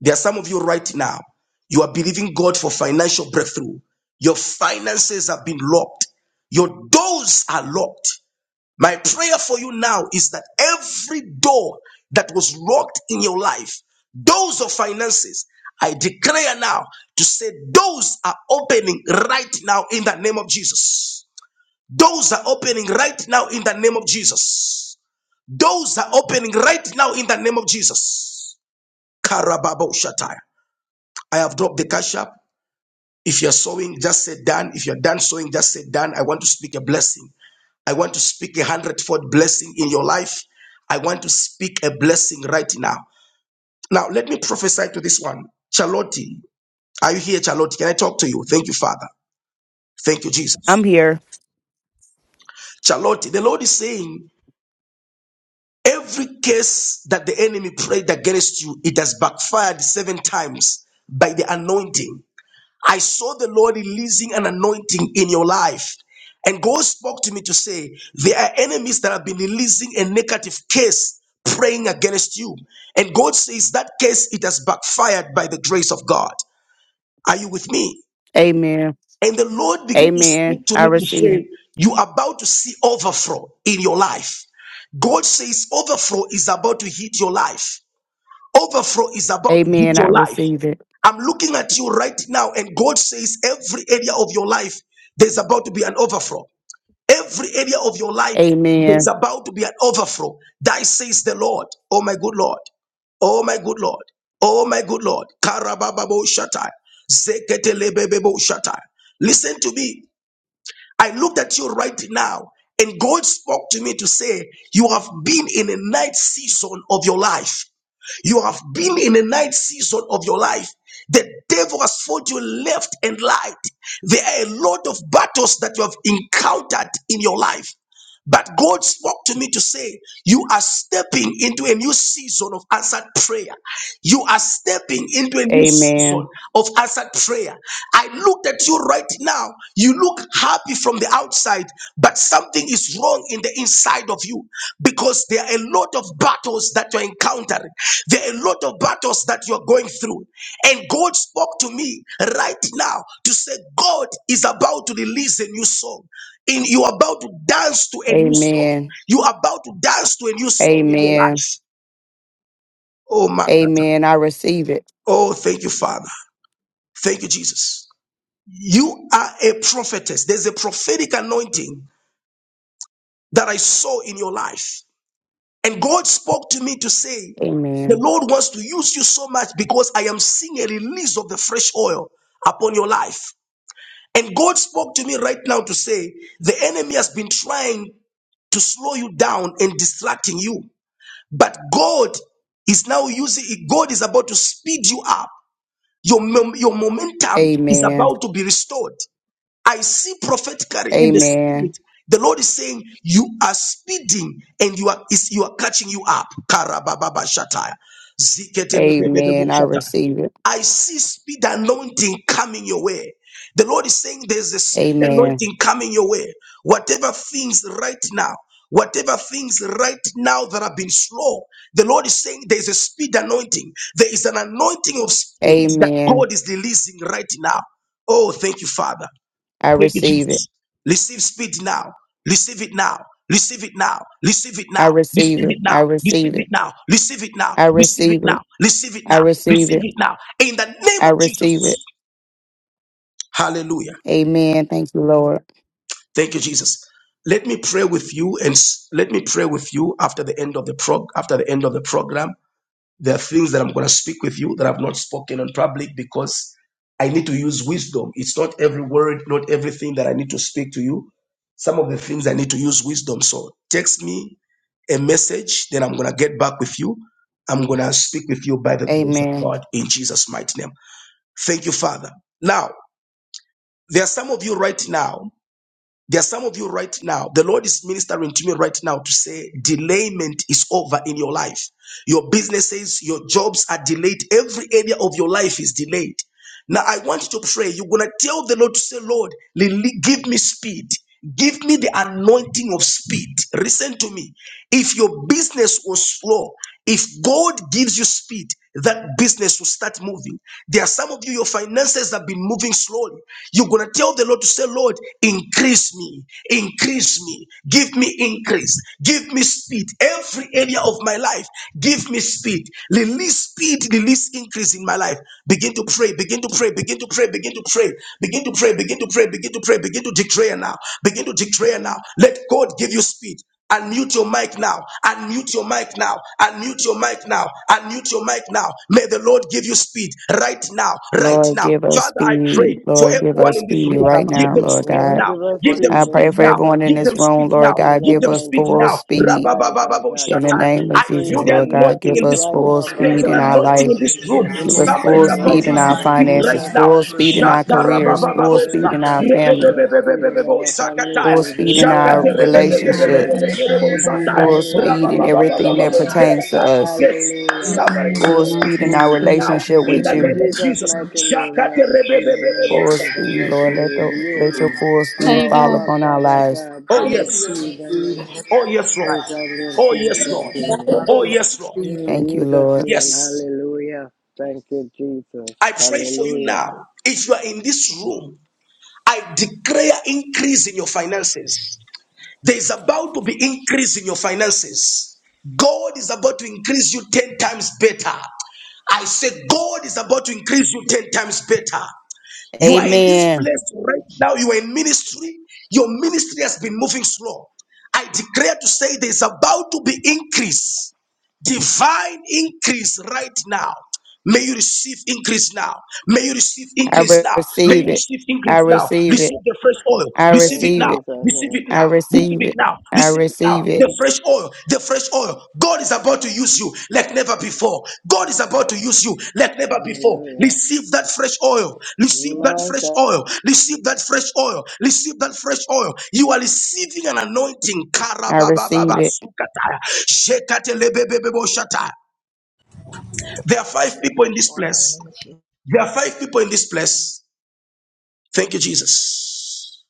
Speaker 1: There are some of you right now. You are believing God for financial breakthrough. Your finances have been locked. Your doors are locked. My prayer for you now is that every door that was locked in your life, doors of finances, I declare now to say those are opening right now in the name of Jesus. Doors are opening right now in the name of Jesus. Doors are opening right now in the name of Jesus. Karababo Shatai. I have dropped the cash app. If you're sowing, just say done. If you're done sowing, just say done. I want to speak a blessing. I want to speak a hundredfold blessing in your life. I want to speak a blessing right now. Now, let me prophesy to this one. Charlotte, are you here, Charlotte? Can I talk to you? Thank you, Father. Thank you,
Speaker 9: I'm
Speaker 1: Jesus.
Speaker 9: here.
Speaker 1: Charlotte, the Lord is saying Every case that the enemy prayed against you, it has backfired seven times by the anointing. I saw the Lord releasing an anointing in your life. And God spoke to me to say, there are enemies that have been releasing a negative case praying against you. And God says that case, it has backfired by the grace of God. Are you with me?
Speaker 9: Amen.
Speaker 1: And the Lord began to
Speaker 9: Amen.
Speaker 1: speak to
Speaker 9: I
Speaker 1: me to
Speaker 9: receive it.
Speaker 1: say, You are about to see overflow in your life. God says, Overflow is about to hit your life. Overflow is about to hit
Speaker 9: Amen. I
Speaker 1: your life.
Speaker 9: receive it.
Speaker 1: I'm looking at you right now, and God says, Every area of your life, there's about to be an overflow. Every area of your life, there is
Speaker 9: Amen.
Speaker 1: about to be an overflow. Thy says the Lord, oh my good Lord, oh my good Lord, oh my good Lord. Karabababo shatai, zeketelebebebo shatai. Listen to me. I looked at you right now, and God spoke to me to say, You have been in a night season of your life. You have been in a night season of your life. The devil has fought you left and right. There are a lot of battles that you have encountered in your life. But God spoke to me to say, You are stepping into a new season of answered prayer. You are stepping into a new season
Speaker 9: Amen.
Speaker 1: of answered prayer. I looked at you right now. You look happy from the outside, but something is wrong in the inside of you because there are a lot of battles that you're encountering. There are a lot of battles that you're going through. And God spoke to me right now to say, God is about to release a new song in you are about to dance to a new song.
Speaker 9: Amen.
Speaker 1: You are about to dance to a new song in your
Speaker 9: Amen.
Speaker 1: life. Oh my God.
Speaker 9: Amen. I receive it.
Speaker 1: Oh, thank you, Father. Thank you, Jesus. You are a prophetess. There's a prophetic anointing that I saw in your life. And God spoke to me to say, the
Speaker 9: Amen.
Speaker 1: Lord wants to use you so much because I am seeing a release of the fresh oil upon your life. And God spoke to me right now to say, the enemy has been trying to slow you down and distracting you. But God is now using, God is about to speed you up. Your, mom- your momentum is
Speaker 9: Amen.
Speaker 1: about to be restored. I see prophetically in the
Speaker 9: Amen.
Speaker 1: spirit. The Lord is saying, You are speeding and you are is you are catching you up. Karababa shataya. Ziketelebebebebo
Speaker 9: Amen. I
Speaker 1: shataya.
Speaker 9: receive it.
Speaker 1: I see speed anointing coming your way. The Lord is saying there's a speed
Speaker 9: Amen.
Speaker 1: anointing coming your way. Whatever things right now, whatever things right now that have been slow, the Lord is saying there's a speed anointing. There is an anointing of speed that
Speaker 9: Amen.
Speaker 1: God is releasing right now. Oh, thank you, Father.
Speaker 9: I
Speaker 1: Thank you,
Speaker 9: receive it.
Speaker 1: Jesus. Receive speed now. Receive it now. Receive it now. Receive it
Speaker 9: I
Speaker 1: now.
Speaker 9: receive
Speaker 1: Receive it
Speaker 9: it. I
Speaker 1: now. Receive
Speaker 9: receive
Speaker 1: it
Speaker 9: it.
Speaker 1: now. Receive it now.
Speaker 9: I
Speaker 1: Receive it
Speaker 9: receive
Speaker 1: now.
Speaker 9: it.
Speaker 1: Receive it
Speaker 9: I
Speaker 1: now.
Speaker 9: receive
Speaker 1: Receive
Speaker 9: it.
Speaker 1: it now. In the name
Speaker 9: I
Speaker 1: of
Speaker 9: receive it.
Speaker 1: Jesus. Hallelujah.
Speaker 9: Amen. Thank you, Lord.
Speaker 1: Thank you, Jesus. Let me pray with you and s- let me pray with you after the end of the prog after the end of the program. There are things that I'm going to speak with you that I've not spoken on public because I need to use wisdom. It's not every word, not everything that I need to speak to you. Some of the things I need to use wisdom. So text me a message, then I'm going to get back with you. I'm going to speak with you by the grace of
Speaker 9: Amen.
Speaker 1: God in Jesus' mighty name. Thank you, Father. Now, there are some of you right now. There are some of you right now, the Lord is ministering to me right now to say, delayment is over in your life. Your businesses, your jobs are delayed. Every area of your life is delayed. Now, I want you to pray. You're going to tell the Lord to say, Lord, give me speed. Give me the anointing of speed. Listen to me. If your business was slow, if God gives you speed, that business will start moving. There are some of you, your finances have been moving slowly. You're going to tell the Lord to say, Lord, increase me, increase me, give me increase, give me speed. Every area of my life, give me speed. Release speed, release increase in my life life. Begin to pray, begin to pray, begin to pray, begin to pray, begin to pray, begin to pray, begin to pray, begin to declare now, begin to declare now. Let God give you speed. Unmute your mic now. Unmute your mic now. Unmute your mic now. Unmute your mic now. May the Lord give you speed right now. Right
Speaker 9: Lord,
Speaker 1: now.
Speaker 9: give us
Speaker 1: Father, I pray
Speaker 9: speed.
Speaker 1: for
Speaker 9: Lord, give
Speaker 1: everyone
Speaker 9: us
Speaker 1: in this
Speaker 9: speed
Speaker 1: room.
Speaker 8: By
Speaker 9: right
Speaker 8: my
Speaker 1: Give
Speaker 9: now,
Speaker 1: them
Speaker 9: Lord
Speaker 1: speed
Speaker 9: God.
Speaker 10: Lord,
Speaker 1: now.
Speaker 10: give us
Speaker 1: Give them
Speaker 9: I
Speaker 10: speed
Speaker 1: speed
Speaker 9: pray
Speaker 10: in
Speaker 9: for
Speaker 1: now.
Speaker 10: Jesus'
Speaker 9: everyone in
Speaker 1: Give them
Speaker 9: this
Speaker 10: name.
Speaker 9: room,
Speaker 1: speed
Speaker 9: Lord
Speaker 1: now.
Speaker 10: Give me
Speaker 9: God,
Speaker 10: the
Speaker 1: Give
Speaker 9: give
Speaker 1: them
Speaker 9: us
Speaker 1: speed
Speaker 10: anointing
Speaker 9: full
Speaker 10: of
Speaker 1: now.
Speaker 10: speed,
Speaker 9: speed
Speaker 10: Father
Speaker 1: Rababababo
Speaker 10: God.
Speaker 9: in the
Speaker 10: Give
Speaker 1: shata.
Speaker 10: me
Speaker 9: name
Speaker 1: I
Speaker 9: of
Speaker 10: increase.
Speaker 1: feel
Speaker 9: Jesus,
Speaker 1: the
Speaker 10: Give
Speaker 9: Lord
Speaker 10: me
Speaker 9: God.
Speaker 1: anointing
Speaker 9: Give
Speaker 1: in
Speaker 10: speed
Speaker 9: us
Speaker 1: this
Speaker 10: right
Speaker 1: room.
Speaker 9: full
Speaker 10: now,
Speaker 1: There is
Speaker 9: speed
Speaker 1: an
Speaker 10: Father
Speaker 9: in our
Speaker 10: God.
Speaker 1: anointing
Speaker 9: life.
Speaker 1: in this
Speaker 5: Confirmations to
Speaker 1: room.
Speaker 10: Give
Speaker 9: Give
Speaker 5: receive
Speaker 10: me
Speaker 9: us
Speaker 1: Somebody
Speaker 5: victory
Speaker 9: full
Speaker 1: is
Speaker 10: speed
Speaker 1: about
Speaker 10: right
Speaker 9: speed
Speaker 1: to
Speaker 5: over
Speaker 9: in
Speaker 10: now
Speaker 9: our
Speaker 1: receive
Speaker 10: in
Speaker 1: speed
Speaker 5: our
Speaker 1: right
Speaker 9: finances,
Speaker 10: Jesus'
Speaker 5: lives
Speaker 1: now.
Speaker 9: full
Speaker 5: in
Speaker 10: mighty
Speaker 9: speed in
Speaker 10: name.
Speaker 9: our
Speaker 1: Shata
Speaker 5: Jesus'
Speaker 9: careers,
Speaker 5: name.
Speaker 10: In
Speaker 9: full
Speaker 1: rababababo
Speaker 10: yes,
Speaker 9: speed
Speaker 1: sa.
Speaker 9: in our
Speaker 10: God,
Speaker 9: family,
Speaker 10: Jesus, speed in
Speaker 1: Rebebebebebebebo
Speaker 10: our families,
Speaker 1: sakataya.
Speaker 9: full
Speaker 10: in
Speaker 9: speed in
Speaker 5: I
Speaker 9: our
Speaker 1: Shakate
Speaker 10: deliverance, in
Speaker 5: receive
Speaker 10: everything.
Speaker 5: power
Speaker 9: relationships,
Speaker 5: in every area of
Speaker 10: In
Speaker 5: our
Speaker 10: Jesus'
Speaker 9: full
Speaker 5: lives
Speaker 10: name,
Speaker 5: in
Speaker 9: speed
Speaker 5: the
Speaker 9: in
Speaker 10: speed,
Speaker 5: name of
Speaker 10: Father
Speaker 9: everything that
Speaker 1: Rabababababo
Speaker 10: God.
Speaker 5: Jesus.
Speaker 9: pertains to
Speaker 1: sekataya.
Speaker 9: us,
Speaker 1: Yes,
Speaker 5: We
Speaker 10: Hallelujah,
Speaker 1: somebody is
Speaker 5: enter the
Speaker 9: full
Speaker 1: about to
Speaker 10: hallelujah,
Speaker 9: speed
Speaker 1: receive
Speaker 9: in
Speaker 5: anointing of
Speaker 9: our
Speaker 10: speed.
Speaker 1: speed now.
Speaker 5: peace,
Speaker 9: relationship
Speaker 1: In
Speaker 5: Father.
Speaker 9: with
Speaker 1: the
Speaker 10: In
Speaker 9: you.
Speaker 1: name of
Speaker 10: Jesus'
Speaker 1: Jesus.
Speaker 10: mighty name,
Speaker 1: Shakate
Speaker 10: Lord, speed in
Speaker 1: rebebebebebo
Speaker 9: Full
Speaker 10: everything that
Speaker 9: speed,
Speaker 10: has to
Speaker 9: Lord.
Speaker 10: do
Speaker 9: Let,
Speaker 10: with
Speaker 9: the,
Speaker 10: you.
Speaker 9: let your full
Speaker 5: How
Speaker 9: speed
Speaker 10: Our
Speaker 5: you
Speaker 9: fall
Speaker 5: doing?
Speaker 10: work,
Speaker 9: upon our
Speaker 10: Father
Speaker 9: lives.
Speaker 10: God,
Speaker 1: Oh,
Speaker 10: give me
Speaker 1: yes.
Speaker 10: speed and
Speaker 1: Oh, yes, Lord.
Speaker 10: exactly and
Speaker 1: Oh,
Speaker 10: feel
Speaker 1: yes, Lord.
Speaker 10: sincere.
Speaker 1: Oh, yes, Lord.
Speaker 8: feet, Lord
Speaker 9: Thank you,
Speaker 10: In Jesus'
Speaker 9: Lord.
Speaker 10: name,
Speaker 1: Yes.
Speaker 10: hallelujah. Thank you, Jesus.
Speaker 1: I pray for you
Speaker 10: Hallelujah.
Speaker 1: now. If you are in this room, I declare increase in your finances. There is about to be increase in your finances. God is about to increase you 10 times better. I say, God is about to increase you 10 times better. You are in this
Speaker 9: Amen.
Speaker 1: place right now. You are in ministry. Your ministry has been moving slow. I declare to say there is about to be increase, divine increase right now. May you receive increase now. May you receive
Speaker 9: I
Speaker 1: increase
Speaker 9: re-
Speaker 1: now. May you
Speaker 9: receive it.
Speaker 1: receive
Speaker 9: I
Speaker 1: increase now.
Speaker 9: receive it.
Speaker 1: Receive the fresh oil.
Speaker 9: I
Speaker 1: Receive it
Speaker 10: In
Speaker 9: receive
Speaker 1: now.
Speaker 9: it.
Speaker 10: Jesus'
Speaker 1: Receive it
Speaker 10: name,
Speaker 9: I
Speaker 1: now. Receive
Speaker 9: receive
Speaker 1: it
Speaker 9: it.
Speaker 1: now.
Speaker 9: I
Speaker 1: Receive it now.
Speaker 9: receive it.
Speaker 1: The fresh oil. The fresh oil. God is about to use you like never before. God is about to use you like never before.
Speaker 10: hallelujah.
Speaker 1: Receive that fresh oil. Receive that
Speaker 10: My
Speaker 1: fresh
Speaker 10: God,
Speaker 1: oil. Receive that fresh oil. Receive that fresh oil. You are receiving an anointing.
Speaker 9: I receive
Speaker 1: Karabababa
Speaker 9: it.
Speaker 1: sukataya. Shekatelebebebebo shataya. There are five
Speaker 11: Receive
Speaker 1: people in
Speaker 11: fresh
Speaker 1: this
Speaker 11: oil in the
Speaker 1: place.
Speaker 11: name of Jesus.
Speaker 1: There are five people in this place. Thank you, Jesus.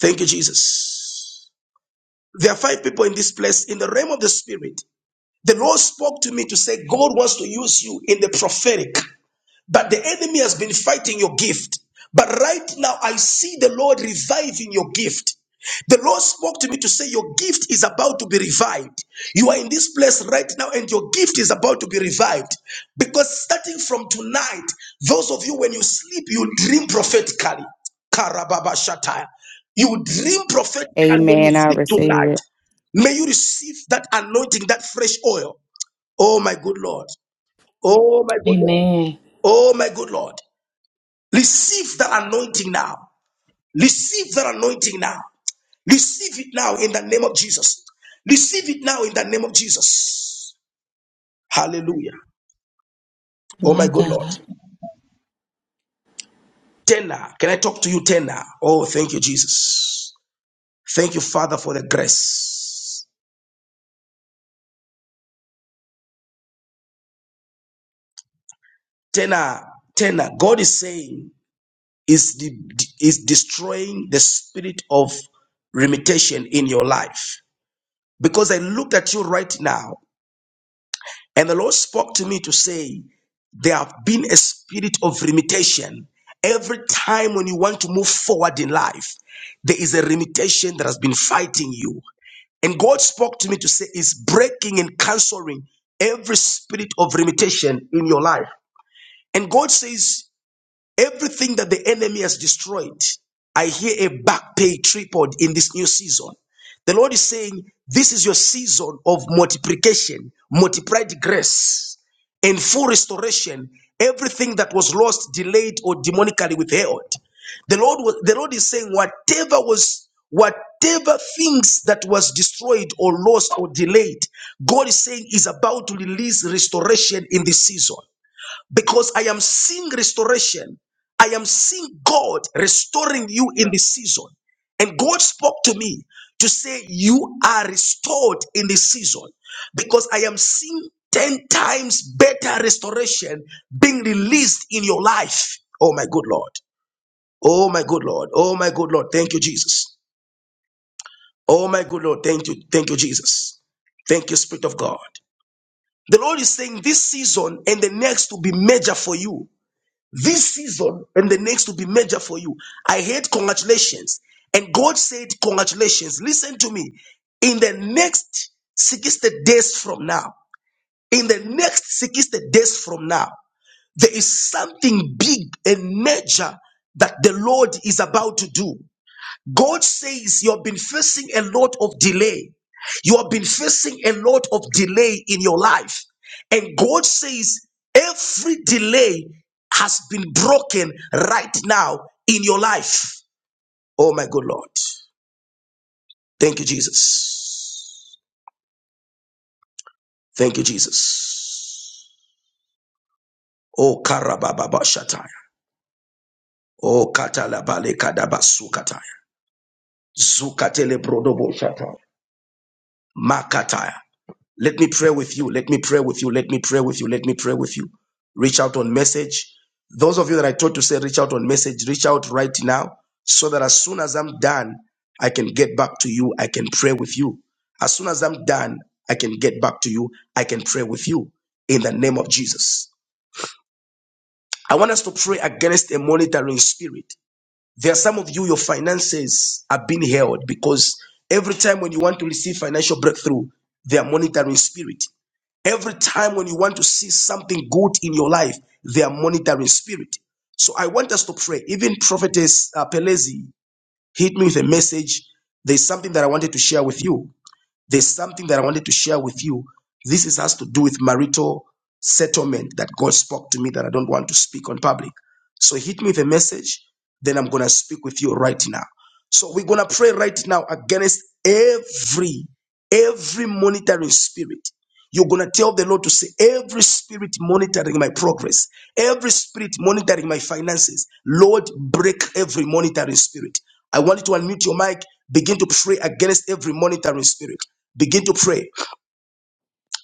Speaker 1: Thank you, Jesus. There are five people in this place in the realm of the spirit. The Lord spoke to me to say, God wants to use you in the prophetic. But the enemy has been fighting your gift. But right now, I see the Lord reviving your gift. The Lord spoke to me to say, Your gift is about to be revived. You are in this place right now, and your gift is about to be revived. Because starting from tonight, those of you, when you sleep, you dream prophetically. Karababa Shataya. You dream prophetically when you
Speaker 9: Amen. I
Speaker 1: sleep
Speaker 9: receive
Speaker 1: tonight.
Speaker 9: it.
Speaker 1: May you receive that anointing, that fresh oil. Oh, my good Lord. Oh, my good Lord.
Speaker 5: Amen.
Speaker 1: Oh, my good Lord. Receive that anointing now. Receive that anointing now. Receive it now in the name of Jesus. Receive it now in the name of Jesus. Hallelujah. Oh, my
Speaker 5: My
Speaker 1: good Lord.
Speaker 5: God.
Speaker 1: Tena, can I talk to you, Tena? Oh, thank you, Jesus. Thank you, Father, for the grace. Tena, Tena, God is saying, is, de- is destroying the spirit of limitation in your life. because I looked at you right now, and the Lord spoke to me to say, There have been a spirit of limitation. Every time when you want to move forward in life, there is a limitation that has been fighting you. And God spoke to me to say, Is breaking and canceling every spirit of limitation in your life. And God says, Everything that the enemy has destroyed, I hear a back pay tripod in this new season. The Lord is saying, This is your season of multiplication, multiplied grace, and full restoration. Everything that was lost, delayed, or demonically withheld. The Lord, was, the Lord is saying, Whatever was whatever things that was destroyed or lost
Speaker 3: my
Speaker 1: or delayed god is saying is about to release restoration in this season because I am seeing restoration. I am seeing God restoring you in
Speaker 3: Lord.
Speaker 1: this season. And God spoke to me to say, You are restored in this season because I am seeing 10 times better restoration being released in your life. Oh, my good Lord. Oh, my good Lord. Oh, my good Lord. Thank you, Jesus. Oh, my good Lord. Thank you. Thank you, Jesus. Thank you, Spirit of God. The Lord is saying this season and the next will be major for you this season and the next will be major for you. I hate congratulations. And God said, Congratulations. Listen to me. In the next 60 days from now, in the next 60 days from now, there is something big and major that the Lord is about to do. God says you have been facing a lot of delay. You have been facing a lot of delay in your life. And God says every delay has been broken right now in your life. Oh my good Lord. Thank you, Jesus. Thank you, Jesus. Oh Karababa Shataya. Oh Katalabale Kadabasu Kataya. Zukatele Brodobo Shataya. Makataya. Let me pray with you. Let me pray with you. Let me pray with you. Let me pray with you. Reach out on message. Those of you that I told to say reach out on message, reach out right now so that as soon as I'm done, I can get back to you. I can pray with you. As soon as I'm done, I can get back to you. I can pray with you in the name of Jesus. I want us to pray against a monitoring spirit. There are some of you, your finances are being held because every time when you want to receive financial breakthrough, they are monitoring spirit. Every time when you want to see something good in your life, they are monitoring spirit. So I want us to pray. Even Prophetess uh, Pelezi hit me with a message. There's something that I wanted to share with you. There's something that I wanted to share with you. This is has to do with marital settlement that God spoke to me that I don't want to speak on public. So hit me with a message, then I'm gonna speak with you right now. So we're gonna pray right now against every every monitoring spirit you're going to tell the Lord to say, every spirit monitoring my progress, every spirit monitoring my finances, Lord, break every monitoring spirit. I want you to unmute your mic, begin to pray against every monitoring spirit. Begin to pray.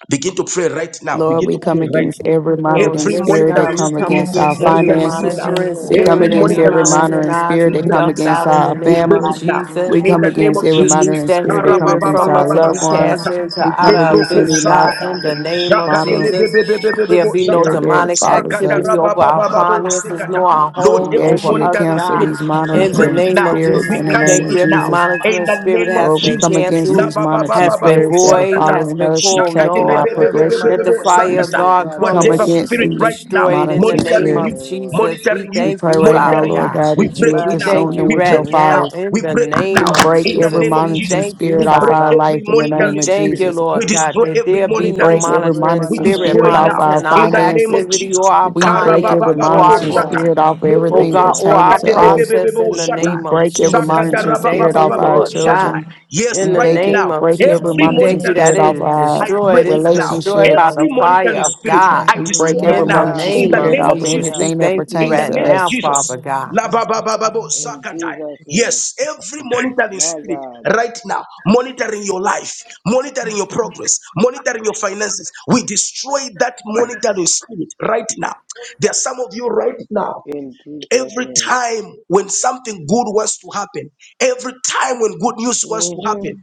Speaker 1: Begin to pray right now.
Speaker 9: Lord,
Speaker 1: Begin
Speaker 9: we
Speaker 1: to
Speaker 9: come
Speaker 1: pray right
Speaker 9: against
Speaker 1: now.
Speaker 9: every
Speaker 6: Oh,
Speaker 9: monitoring
Speaker 1: Every
Speaker 6: yes,
Speaker 9: spirit that
Speaker 6: God,
Speaker 1: monitoring
Speaker 6: we
Speaker 9: come
Speaker 6: come
Speaker 5: Father,
Speaker 1: spirit
Speaker 5: in the
Speaker 9: against our
Speaker 6: against
Speaker 5: name
Speaker 6: every
Speaker 5: of
Speaker 1: monitoring
Speaker 5: Jesus,
Speaker 1: you
Speaker 9: finances.
Speaker 10: Holy
Speaker 1: now.
Speaker 6: monitoring
Speaker 9: We
Speaker 10: spirit,
Speaker 9: come
Speaker 10: that
Speaker 1: Every
Speaker 6: spirit,
Speaker 10: is
Speaker 9: against
Speaker 6: every
Speaker 5: every
Speaker 10: our
Speaker 9: every
Speaker 1: monitoring spirit,
Speaker 6: monitoring
Speaker 10: Father,
Speaker 9: monitoring
Speaker 5: monitoring
Speaker 6: eyes
Speaker 1: we
Speaker 9: spirit that
Speaker 5: spirit
Speaker 1: break
Speaker 9: come
Speaker 1: it
Speaker 5: that's
Speaker 6: ducked
Speaker 1: now.
Speaker 9: against
Speaker 6: out in the
Speaker 9: our
Speaker 10: Spirit,
Speaker 5: monitoring
Speaker 1: We
Speaker 5: my
Speaker 6: name
Speaker 1: break
Speaker 6: of
Speaker 9: family.
Speaker 10: God.
Speaker 1: it
Speaker 5: life,
Speaker 1: now.
Speaker 5: in the
Speaker 9: We
Speaker 6: Jesus.
Speaker 1: In
Speaker 9: come
Speaker 5: name
Speaker 1: the name
Speaker 5: of
Speaker 9: against
Speaker 1: of
Speaker 9: every
Speaker 6: We
Speaker 1: Jesus.
Speaker 5: Jesus,
Speaker 6: loose
Speaker 9: monitoring
Speaker 6: that
Speaker 9: spirit that come
Speaker 6: spirit
Speaker 9: against
Speaker 6: from
Speaker 9: our
Speaker 6: us
Speaker 10: My
Speaker 1: Karabababababa
Speaker 6: and we
Speaker 9: loved
Speaker 5: Father, I
Speaker 10: God,
Speaker 9: ones.
Speaker 6: cast it
Speaker 1: sukata.
Speaker 5: break the
Speaker 6: into
Speaker 9: We come
Speaker 5: power
Speaker 6: outer
Speaker 5: and
Speaker 9: against
Speaker 5: the
Speaker 1: Lebroko
Speaker 9: any
Speaker 6: abyss,
Speaker 5: yoke of
Speaker 9: mo-
Speaker 5: it
Speaker 6: God,
Speaker 1: zakata.
Speaker 6: in
Speaker 5: in
Speaker 6: the
Speaker 5: the
Speaker 6: name
Speaker 5: name
Speaker 6: of
Speaker 1: Zakate
Speaker 5: of
Speaker 9: monitoring
Speaker 6: Jesus.
Speaker 5: Jesus. Thank
Speaker 6: There
Speaker 1: lebebebebebebo
Speaker 6: be no
Speaker 1: zata.
Speaker 9: spirit that
Speaker 6: demonic
Speaker 9: follows
Speaker 1: Sakata
Speaker 5: you, Father. I
Speaker 6: activity
Speaker 9: us.
Speaker 6: over
Speaker 5: thank you,
Speaker 6: our
Speaker 1: rababababo
Speaker 6: finances,
Speaker 1: sekata.
Speaker 6: nor our
Speaker 1: Lord,
Speaker 5: Father.
Speaker 6: home,
Speaker 9: We
Speaker 1: every
Speaker 9: ask
Speaker 6: over
Speaker 9: you to
Speaker 6: us,
Speaker 1: monitoring
Speaker 9: cancel
Speaker 5: Thank you, Father.
Speaker 6: God.
Speaker 9: these
Speaker 1: spirit. We
Speaker 6: In the
Speaker 1: break
Speaker 9: monitoring
Speaker 1: it
Speaker 5: Thank
Speaker 6: name
Speaker 5: you,
Speaker 6: of
Speaker 1: now.
Speaker 5: Father,
Speaker 9: spirits
Speaker 6: Jesus,
Speaker 1: We
Speaker 9: in the
Speaker 6: we
Speaker 9: name
Speaker 1: cancel
Speaker 6: thank
Speaker 9: of
Speaker 6: you.
Speaker 1: it
Speaker 6: Every
Speaker 1: now.
Speaker 9: Jesus.
Speaker 1: In
Speaker 6: monitoring
Speaker 1: the
Speaker 6: spirit
Speaker 1: name of
Speaker 6: has
Speaker 9: Lord, we
Speaker 6: been
Speaker 9: come
Speaker 1: Jesus.
Speaker 9: against
Speaker 1: La
Speaker 6: canceled,
Speaker 9: these
Speaker 1: ba ba ba
Speaker 9: monitoring
Speaker 1: ba
Speaker 6: has
Speaker 1: ba
Speaker 6: been
Speaker 1: bo
Speaker 9: spirits that are
Speaker 6: void,
Speaker 1: zakata.
Speaker 6: has
Speaker 9: following
Speaker 6: been
Speaker 9: us and
Speaker 6: called
Speaker 1: Zakate
Speaker 9: tracking
Speaker 1: re
Speaker 6: null.
Speaker 9: our
Speaker 1: be be be
Speaker 10: every
Speaker 1: be be
Speaker 9: progression.
Speaker 6: Let
Speaker 1: be
Speaker 6: the
Speaker 1: bo
Speaker 10: monitoring
Speaker 9: We
Speaker 6: fire of
Speaker 9: s-
Speaker 1: zakata.
Speaker 10: spirit,
Speaker 6: God
Speaker 9: we
Speaker 10: Father
Speaker 6: come
Speaker 9: come
Speaker 6: and,
Speaker 1: Whatever
Speaker 10: God,
Speaker 6: sh-
Speaker 9: against
Speaker 1: spirit
Speaker 6: and
Speaker 1: right
Speaker 9: these
Speaker 1: now
Speaker 6: destroy it in the
Speaker 9: monitoring
Speaker 10: Jesus,
Speaker 6: name
Speaker 1: monitoring you,
Speaker 6: of
Speaker 9: spirits.
Speaker 10: hallelujah.
Speaker 6: Jesus. We
Speaker 1: monitoring you,
Speaker 9: We
Speaker 6: thank
Speaker 9: pray
Speaker 6: you,
Speaker 5: in the
Speaker 9: right now,
Speaker 6: Father
Speaker 5: name of Jesus. Father, in the name
Speaker 1: monitoring
Speaker 5: of
Speaker 1: you,
Speaker 9: Lord
Speaker 6: God.
Speaker 9: God,
Speaker 1: we
Speaker 9: that you
Speaker 1: break
Speaker 9: will
Speaker 5: Jesus,
Speaker 1: it
Speaker 6: We
Speaker 10: My
Speaker 1: now.
Speaker 5: thank you,
Speaker 9: consume
Speaker 6: thank you
Speaker 9: them
Speaker 10: God,
Speaker 1: We
Speaker 9: with
Speaker 6: right
Speaker 9: your
Speaker 1: break
Speaker 5: Father.
Speaker 1: it now.
Speaker 6: now
Speaker 9: fire.
Speaker 6: in
Speaker 1: We
Speaker 6: the
Speaker 1: break it
Speaker 6: name
Speaker 9: We
Speaker 1: now.
Speaker 6: of
Speaker 9: break
Speaker 1: In
Speaker 5: In
Speaker 1: the
Speaker 9: every
Speaker 5: the
Speaker 6: Jesus.
Speaker 1: name of
Speaker 6: We
Speaker 5: name
Speaker 9: monitoring
Speaker 5: of
Speaker 1: Jesus,
Speaker 6: thank you,
Speaker 1: we
Speaker 9: spirit off
Speaker 5: Jesus.
Speaker 1: break
Speaker 8: Jesus,
Speaker 9: our
Speaker 6: Father.
Speaker 1: every
Speaker 9: life in the
Speaker 6: We
Speaker 9: name
Speaker 1: monitoring
Speaker 9: of
Speaker 6: thank
Speaker 1: spirit.
Speaker 6: you,
Speaker 9: Jesus.
Speaker 1: We
Speaker 6: Lord
Speaker 5: In
Speaker 6: God,
Speaker 1: destroy
Speaker 6: that
Speaker 1: every
Speaker 6: there
Speaker 9: We
Speaker 6: be no
Speaker 1: monitoring
Speaker 9: break every
Speaker 1: spirit.
Speaker 10: every
Speaker 6: monitoring
Speaker 8: in
Speaker 1: We
Speaker 5: the
Speaker 9: monitoring
Speaker 10: money
Speaker 8: power of
Speaker 6: spirit
Speaker 1: destroy
Speaker 9: spirit off
Speaker 10: transferring.
Speaker 1: now
Speaker 9: our
Speaker 6: monitoring
Speaker 5: name of
Speaker 8: Jesus
Speaker 6: our
Speaker 1: in the
Speaker 8: Christ.
Speaker 1: name of
Speaker 9: finances.
Speaker 5: Jesus.
Speaker 6: activity or
Speaker 1: Jesus.
Speaker 6: our
Speaker 9: We break every
Speaker 6: finances
Speaker 5: In
Speaker 6: or
Speaker 5: the
Speaker 1: Karababababo
Speaker 6: our
Speaker 10: My
Speaker 9: monitoring
Speaker 5: name
Speaker 6: growth,
Speaker 1: shata.
Speaker 10: God,
Speaker 9: spirit
Speaker 10: thank
Speaker 9: off of
Speaker 10: you,
Speaker 6: oh
Speaker 9: everything
Speaker 1: Lebroko
Speaker 6: God,
Speaker 10: Jesus.
Speaker 6: or
Speaker 9: pertaining
Speaker 6: our
Speaker 9: to
Speaker 1: sakate
Speaker 9: us
Speaker 6: process
Speaker 1: lebebebebo
Speaker 6: in the
Speaker 1: shata.
Speaker 9: We
Speaker 6: name of
Speaker 9: break every
Speaker 6: Jesus.
Speaker 1: Sakata
Speaker 6: We
Speaker 9: monitoring
Speaker 6: thank
Speaker 9: spirit
Speaker 6: you,
Speaker 9: off our
Speaker 1: rabababababo
Speaker 6: Lord God.
Speaker 1: shata.
Speaker 9: children.
Speaker 1: Yes,
Speaker 9: We
Speaker 6: In
Speaker 10: My
Speaker 6: the
Speaker 1: right
Speaker 9: bake it,
Speaker 10: God.
Speaker 6: name
Speaker 1: now.
Speaker 6: of
Speaker 9: break
Speaker 6: Jesus,
Speaker 9: every
Speaker 1: Every
Speaker 6: we
Speaker 9: monitoring
Speaker 6: thank you
Speaker 1: monitoring
Speaker 10: Mm-mm.
Speaker 6: that
Speaker 9: spirit
Speaker 6: it
Speaker 9: off
Speaker 1: spirit,
Speaker 6: is
Speaker 1: I
Speaker 9: our
Speaker 8: The
Speaker 6: destroyed.
Speaker 1: break
Speaker 8: spirit
Speaker 1: it
Speaker 8: that
Speaker 6: It's been
Speaker 8: is
Speaker 1: now.
Speaker 8: not of
Speaker 6: destroyed
Speaker 8: you,
Speaker 6: by
Speaker 9: relationships.
Speaker 6: the
Speaker 1: Every
Speaker 8: Lord God, we
Speaker 6: fire
Speaker 1: monitoring
Speaker 8: pull
Speaker 6: of
Speaker 8: it
Speaker 1: spirit,
Speaker 8: down.
Speaker 6: God.
Speaker 1: I
Speaker 9: We
Speaker 1: destroy
Speaker 9: break
Speaker 1: it
Speaker 10: My
Speaker 9: every
Speaker 6: In the
Speaker 1: now.
Speaker 5: of
Speaker 8: We
Speaker 9: monitoring
Speaker 10: God,
Speaker 1: In
Speaker 8: beat
Speaker 6: name
Speaker 1: the
Speaker 8: it
Speaker 6: of
Speaker 9: spirit
Speaker 8: with
Speaker 1: name of
Speaker 9: off of
Speaker 5: Jesus
Speaker 8: the love,
Speaker 6: Jesus,
Speaker 5: Christ.
Speaker 10: hallelujah.
Speaker 6: we
Speaker 1: Jesus
Speaker 9: anything that
Speaker 6: thank
Speaker 8: with
Speaker 6: you
Speaker 1: in
Speaker 8: the
Speaker 1: the
Speaker 9: pertains
Speaker 8: test,
Speaker 6: right
Speaker 9: to
Speaker 1: name of
Speaker 8: God.
Speaker 6: now,
Speaker 9: us.
Speaker 8: In
Speaker 6: Father
Speaker 1: Jesus.
Speaker 8: the name
Speaker 6: God.
Speaker 8: of
Speaker 1: La ba
Speaker 8: Jesus, by
Speaker 1: ba ba
Speaker 8: the
Speaker 1: ba
Speaker 8: power
Speaker 1: bo
Speaker 8: the blood of
Speaker 10: In
Speaker 8: Jesus.
Speaker 1: sakatai.
Speaker 10: Jesus' name.
Speaker 1: Yes, every monitoring
Speaker 10: My
Speaker 1: spirit
Speaker 10: God,
Speaker 1: right now, monitoring your life, monitoring your progress, monitoring your finances, we destroy that monitoring spirit right now. There are some of you right now.
Speaker 10: in Jesus'
Speaker 1: Every
Speaker 10: name.
Speaker 1: time when something good wants to happen, every time when good news wants to
Speaker 10: hmm
Speaker 1: happen,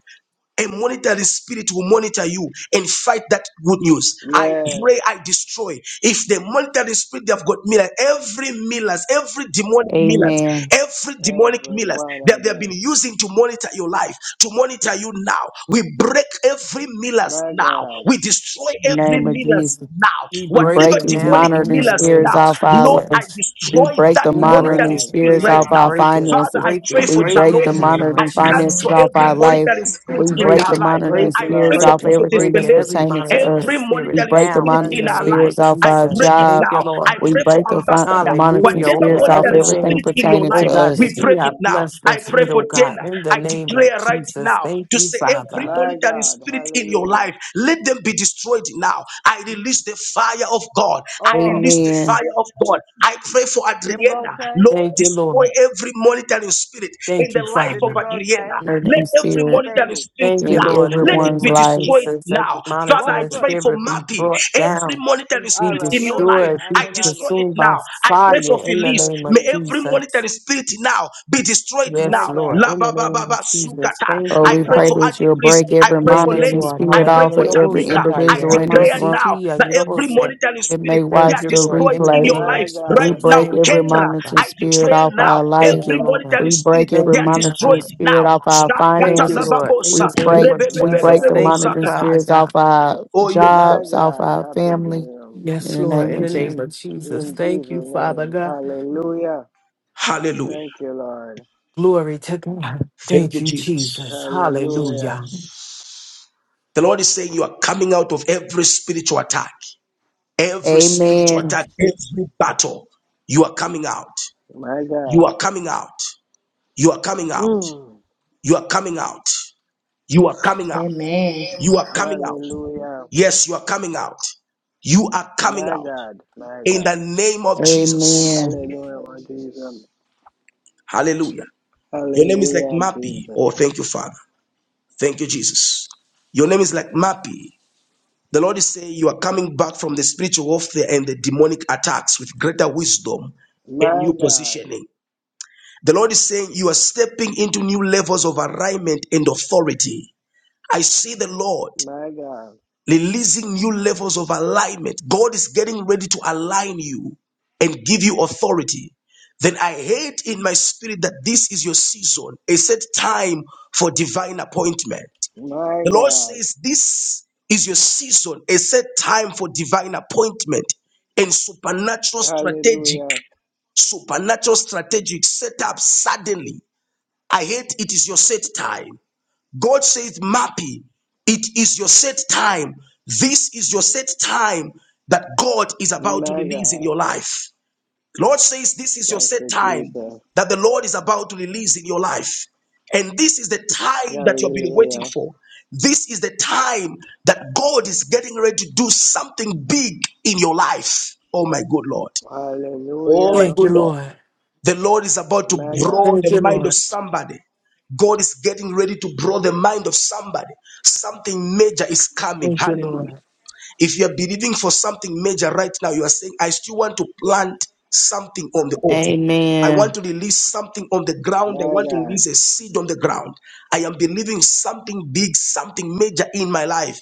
Speaker 1: a monetary spirit will monitor you and fight that good news. I
Speaker 10: Yes,
Speaker 1: pray I destroy. If the monetary spirit they have got millers, every millers, every demonic millers,
Speaker 9: Amen.
Speaker 1: every demonic
Speaker 10: every
Speaker 1: millers
Speaker 10: one of
Speaker 1: that they have been
Speaker 10: them.
Speaker 1: using to monitor your life, to monitor you now, we break every millers
Speaker 10: My
Speaker 1: now.
Speaker 10: God,
Speaker 1: We destroy
Speaker 9: In the
Speaker 1: every
Speaker 9: name of Jesus.
Speaker 1: millers now.
Speaker 6: We
Speaker 9: We
Speaker 6: break
Speaker 9: break
Speaker 1: Whatever
Speaker 6: it
Speaker 9: these
Speaker 6: now
Speaker 1: demonic
Speaker 6: in
Speaker 9: monitoring
Speaker 6: the
Speaker 1: millers
Speaker 6: name
Speaker 9: spirits
Speaker 1: now,
Speaker 6: of
Speaker 9: off our
Speaker 1: Lord,
Speaker 9: life.
Speaker 1: I
Speaker 6: Jesus.
Speaker 9: We
Speaker 1: destroy
Speaker 9: break
Speaker 1: that
Speaker 9: the
Speaker 6: We
Speaker 10: my
Speaker 6: break
Speaker 9: monitoring
Speaker 1: monetary
Speaker 6: it,
Speaker 10: God.
Speaker 1: spirit
Speaker 6: break
Speaker 9: spirits
Speaker 1: right
Speaker 6: it,
Speaker 9: off
Speaker 1: now.
Speaker 9: our
Speaker 6: break it,
Speaker 1: Father,
Speaker 9: finances.
Speaker 1: I
Speaker 6: break it,
Speaker 1: pray
Speaker 9: We
Speaker 1: for
Speaker 6: break
Speaker 9: break
Speaker 6: it
Speaker 9: the
Speaker 6: in the
Speaker 1: Charlotte.
Speaker 6: name
Speaker 1: I
Speaker 6: of
Speaker 9: monitoring finances
Speaker 1: cancel
Speaker 6: Jesus.
Speaker 9: off
Speaker 1: every
Speaker 9: our life.
Speaker 1: monetary spirit
Speaker 9: We
Speaker 1: in
Speaker 6: Break
Speaker 9: break
Speaker 1: her
Speaker 9: the
Speaker 6: it,
Speaker 1: life.
Speaker 9: monitoring
Speaker 10: Yes,
Speaker 6: break
Speaker 1: I
Speaker 6: it,
Speaker 1: pray
Speaker 9: spirits
Speaker 1: for
Speaker 10: Lord.
Speaker 6: break
Speaker 9: off
Speaker 6: it,
Speaker 1: prophetess
Speaker 9: everything
Speaker 6: break
Speaker 9: that's
Speaker 6: it. Every
Speaker 1: Pelezi.
Speaker 9: pertaining to
Speaker 6: monitoring
Speaker 9: us.
Speaker 1: Every
Speaker 9: We
Speaker 6: spirit
Speaker 1: monetary
Speaker 9: break the
Speaker 6: now
Speaker 1: spirit
Speaker 10: My
Speaker 6: in
Speaker 1: in
Speaker 9: monitoring
Speaker 6: the
Speaker 1: her
Speaker 10: God,
Speaker 6: name
Speaker 1: life,
Speaker 6: of
Speaker 9: spirits off
Speaker 1: I
Speaker 9: our
Speaker 6: Jesus.
Speaker 1: break it
Speaker 6: Thank
Speaker 9: job.
Speaker 6: you,
Speaker 1: now. I
Speaker 6: Lord.
Speaker 9: We
Speaker 1: pray for
Speaker 9: break the fi-
Speaker 1: ambassador.
Speaker 9: monitoring
Speaker 6: Hallelujah.
Speaker 1: Whatever
Speaker 6: Over
Speaker 9: spirits
Speaker 10: my
Speaker 9: off
Speaker 1: monetary
Speaker 10: God,
Speaker 6: everything,
Speaker 9: everything
Speaker 1: spirit in your
Speaker 9: pertaining
Speaker 6: oh
Speaker 9: to
Speaker 1: life,
Speaker 6: God,
Speaker 1: we
Speaker 9: us.
Speaker 6: that you
Speaker 1: break it
Speaker 6: have
Speaker 1: now.
Speaker 6: blessed
Speaker 1: I
Speaker 6: us
Speaker 1: pray
Speaker 6: with, oh
Speaker 1: for
Speaker 6: God.
Speaker 1: Dana.
Speaker 6: In the
Speaker 1: I
Speaker 6: name of
Speaker 1: declare right
Speaker 6: Jesus.
Speaker 1: now
Speaker 6: Thank
Speaker 1: to
Speaker 6: you,
Speaker 1: say every
Speaker 6: Father.
Speaker 10: my
Speaker 1: monetary
Speaker 10: God.
Speaker 1: spirit in your
Speaker 10: Hallelujah.
Speaker 1: life, let them be destroyed now. I I release the fire of God. I
Speaker 10: Oh,
Speaker 1: release the
Speaker 9: Amen.
Speaker 1: fire of God. I pray for
Speaker 10: you go
Speaker 1: Adriana.
Speaker 10: outside?
Speaker 1: Lord,
Speaker 6: Thank you,
Speaker 1: destroy
Speaker 6: Lord.
Speaker 1: every monitoring spirit in
Speaker 6: Thank
Speaker 1: the
Speaker 6: you,
Speaker 1: life
Speaker 10: Did
Speaker 1: of
Speaker 10: he
Speaker 6: Father.
Speaker 10: go outside?
Speaker 1: Adriana. Let
Speaker 9: Monitoring
Speaker 1: every
Speaker 9: spirit
Speaker 1: monitoring
Speaker 10: Sunday.
Speaker 1: spirit
Speaker 6: Thank you,
Speaker 9: in
Speaker 1: now,
Speaker 6: Lord. In the
Speaker 1: let it
Speaker 9: everyone's
Speaker 6: name
Speaker 1: be
Speaker 6: of
Speaker 9: life.
Speaker 1: destroyed
Speaker 6: Jesus, every
Speaker 1: now.
Speaker 10: What
Speaker 1: Father, I
Speaker 6: monitoring
Speaker 1: pray
Speaker 10: happened?
Speaker 1: for
Speaker 6: spirit be
Speaker 1: Mappy.
Speaker 6: brought
Speaker 1: Every
Speaker 6: down,
Speaker 10: In,
Speaker 1: monitoring
Speaker 6: be
Speaker 10: all
Speaker 1: spirit
Speaker 10: right,
Speaker 1: in
Speaker 10: let
Speaker 1: your
Speaker 10: me
Speaker 1: life,
Speaker 10: pray
Speaker 6: destroyed,
Speaker 10: and
Speaker 6: be
Speaker 1: I
Speaker 10: then I
Speaker 1: destroy
Speaker 10: go.
Speaker 1: it
Speaker 6: consumed by
Speaker 1: now. I pray for
Speaker 6: fire
Speaker 10: In
Speaker 6: in the
Speaker 1: Felice.
Speaker 10: Jesus'
Speaker 6: name of
Speaker 1: May
Speaker 10: name.
Speaker 1: every
Speaker 6: Jesus.
Speaker 1: monitoring spirit now. Be destroyed
Speaker 10: My
Speaker 6: Yes,
Speaker 1: now.
Speaker 6: Lord.
Speaker 1: La
Speaker 10: God.
Speaker 6: In
Speaker 1: ba
Speaker 6: the
Speaker 1: ba ba
Speaker 6: name
Speaker 1: ba
Speaker 6: of Jesus.
Speaker 1: sukata.
Speaker 6: Thank
Speaker 9: Oh,
Speaker 1: I
Speaker 6: you,
Speaker 9: we
Speaker 1: pray
Speaker 9: pray
Speaker 1: for
Speaker 6: Father.
Speaker 10: Mm-mm-mm.
Speaker 9: that
Speaker 1: Auntie
Speaker 9: you'll
Speaker 1: Prince.
Speaker 9: break
Speaker 1: I
Speaker 9: every
Speaker 1: pray for
Speaker 6: Thank you,
Speaker 9: monitoring
Speaker 1: Lenny.
Speaker 6: Lord.
Speaker 1: I
Speaker 9: spirit
Speaker 1: pray
Speaker 9: off
Speaker 1: for
Speaker 9: of every
Speaker 6: Hallelujah.
Speaker 1: Tamika. I
Speaker 9: individual in this
Speaker 1: declare
Speaker 9: room
Speaker 1: now that every monitoring
Speaker 9: that
Speaker 1: spirit
Speaker 9: may
Speaker 1: they
Speaker 6: Thank
Speaker 1: are
Speaker 9: watch
Speaker 6: you,
Speaker 9: the
Speaker 6: Lord.
Speaker 1: destroyed
Speaker 6: In the
Speaker 1: in
Speaker 9: replay.
Speaker 1: your
Speaker 6: name of
Speaker 1: life
Speaker 10: My
Speaker 9: We
Speaker 1: right
Speaker 10: God.
Speaker 6: Jesus,
Speaker 1: now.
Speaker 9: break
Speaker 6: thank
Speaker 9: every
Speaker 6: you,
Speaker 1: Kendra,
Speaker 9: monitoring
Speaker 6: Father.
Speaker 1: I
Speaker 9: spirit
Speaker 1: declare
Speaker 9: off
Speaker 1: now
Speaker 9: our
Speaker 6: Thank
Speaker 9: life.
Speaker 6: you,
Speaker 1: every
Speaker 6: Lord.
Speaker 9: We
Speaker 1: monitoring spirit
Speaker 9: break
Speaker 6: Thank
Speaker 9: every
Speaker 1: they are
Speaker 6: you,
Speaker 9: monitoring
Speaker 1: destroyed
Speaker 6: God.
Speaker 9: spirit
Speaker 1: now.
Speaker 9: off our
Speaker 6: Thank
Speaker 1: Shakata
Speaker 6: you,
Speaker 1: la
Speaker 9: finances.
Speaker 1: ba
Speaker 6: Lord.
Speaker 1: bo
Speaker 6: In
Speaker 9: We
Speaker 6: the
Speaker 1: sa.
Speaker 6: name
Speaker 9: break
Speaker 6: of
Speaker 9: we
Speaker 10: My
Speaker 9: break
Speaker 6: Jesus,
Speaker 9: the
Speaker 1: Rebebebebebebo
Speaker 10: God.
Speaker 6: thank you,
Speaker 9: monitoring
Speaker 1: sakata.
Speaker 6: Father
Speaker 9: spirits
Speaker 6: God.
Speaker 9: off our
Speaker 1: Oh yes, Lord.
Speaker 10: My
Speaker 9: jobs, off
Speaker 10: God.
Speaker 9: our
Speaker 10: Happy
Speaker 9: family.
Speaker 10: to
Speaker 9: In
Speaker 6: Yes,
Speaker 9: the
Speaker 6: Lord.
Speaker 9: name
Speaker 6: In
Speaker 9: of
Speaker 6: the
Speaker 9: Jesus.
Speaker 6: name of
Speaker 10: him.
Speaker 6: Jesus,
Speaker 10: In
Speaker 6: thank
Speaker 10: Jesus'
Speaker 6: you, Father
Speaker 10: name.
Speaker 6: God.
Speaker 10: Hallelujah.
Speaker 1: Hallelujah.
Speaker 10: Thank you, Lord.
Speaker 6: Glory to God.
Speaker 1: Thank
Speaker 6: Thank
Speaker 1: you,
Speaker 6: you,
Speaker 1: Jesus.
Speaker 6: Jesus.
Speaker 10: Hallelujah.
Speaker 6: Hallelujah.
Speaker 1: The Lord is saying you are coming out of every spiritual attack. Every spiritual
Speaker 9: Amen.
Speaker 1: attack, every battle, you are coming out.
Speaker 10: My
Speaker 1: You
Speaker 10: God.
Speaker 1: are coming out. You are coming out.
Speaker 10: Mm.
Speaker 1: You are coming out. You are coming out.
Speaker 5: Amen.
Speaker 1: You are coming out.
Speaker 10: Hallelujah.
Speaker 1: Yes, you are coming out. You are coming
Speaker 10: My
Speaker 1: out
Speaker 10: God. My
Speaker 1: in the
Speaker 10: God.
Speaker 1: name of Jesus.
Speaker 9: Amen.
Speaker 10: Hallelujah, Lord Jesus.
Speaker 1: Hallelujah. Your name is like
Speaker 10: Hallelujah,
Speaker 1: Mappy. Oh,
Speaker 10: Jesus.
Speaker 1: thank you, Father. Thank you, Jesus. Your name is like Mappy. The Lord is saying you are coming back from the spiritual warfare and the demonic attacks with greater wisdom and
Speaker 10: My
Speaker 1: new
Speaker 10: God.
Speaker 1: positioning. The Lord is saying you are stepping into new levels of alignment and authority. I see the Lord
Speaker 10: My God.
Speaker 1: releasing new levels of alignment. God is getting ready to align you and give you authority. Then I hate in my spirit that this is your season, a set time for divine appointment.
Speaker 10: My
Speaker 1: The Lord
Speaker 10: God.
Speaker 1: says this is your season, a set time for divine appointment and supernatural strategic,
Speaker 10: Hallelujah.
Speaker 1: supernatural strategic setup suddenly I hate it is your set time. God says, Mappy, it is your set time. This is your set time that God is about to
Speaker 10: My
Speaker 1: release in
Speaker 10: God.
Speaker 1: your life. Lord says, This is your
Speaker 10: Thank
Speaker 1: set
Speaker 10: you,
Speaker 1: time
Speaker 10: Jesus.
Speaker 1: that the Lord is about to release in your life. And this is the time that you've been waiting
Speaker 10: Hallelujah.
Speaker 1: for. This is the time that God is getting ready to do something big in your life. Oh, my good Lord. Oh, my
Speaker 10: Hallelujah.
Speaker 6: Thank you,
Speaker 1: good Lord.
Speaker 6: Lord.
Speaker 1: The Lord is about to
Speaker 10: My God.
Speaker 1: blow
Speaker 6: Thank
Speaker 1: the
Speaker 6: you,
Speaker 1: mind of
Speaker 6: Lord.
Speaker 1: somebody. God is getting ready to blow the mind of somebody. Something major is coming.
Speaker 6: Thank you, Lord.
Speaker 1: Hallelujah. If you are believing for something major right now, you are saying, I still want to plant something on the altar. I
Speaker 9: Amen.
Speaker 1: want to release something on the ground. I
Speaker 10: My
Speaker 1: want to
Speaker 10: God.
Speaker 1: release a seed on the ground. I am believing something big, something major in my life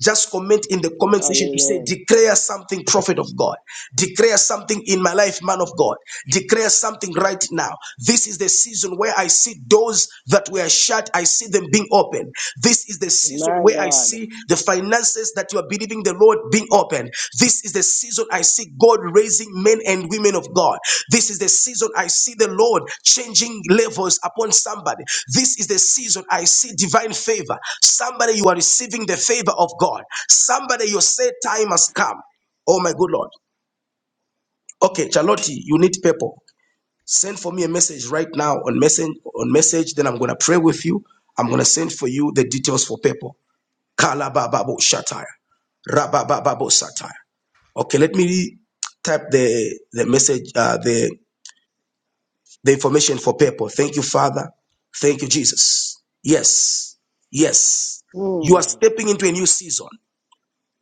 Speaker 1: just comment in the comment section to say
Speaker 10: Hallelujah.
Speaker 1: declare something prophet of god declare something in my life man of god declare something right now this is the season where i see doors that were shut i see them being open this is the season
Speaker 10: My
Speaker 1: where i
Speaker 10: God.
Speaker 1: see the finances that you are believing the Lord being open. This is the season I see God raising men and women of God. This is the season I see the Lord changing levels upon somebody. This is the season I see divine favor. Somebody, you are receiving the favor of God. Somebody, your set time has come. Oh, my good Lord. Okay, Charlotte, you need people. Send for me a message right now on message, on message. Then I'm going to pray with you. I'm going to send for you the details for people. Kalababo Shatire. Rabababo Satire. Okay, let me type the the message, uh, the the information for people. Thank you, Father. Thank you, Jesus. Yes, yes. You are
Speaker 10: Mm.
Speaker 1: stepping into a new season.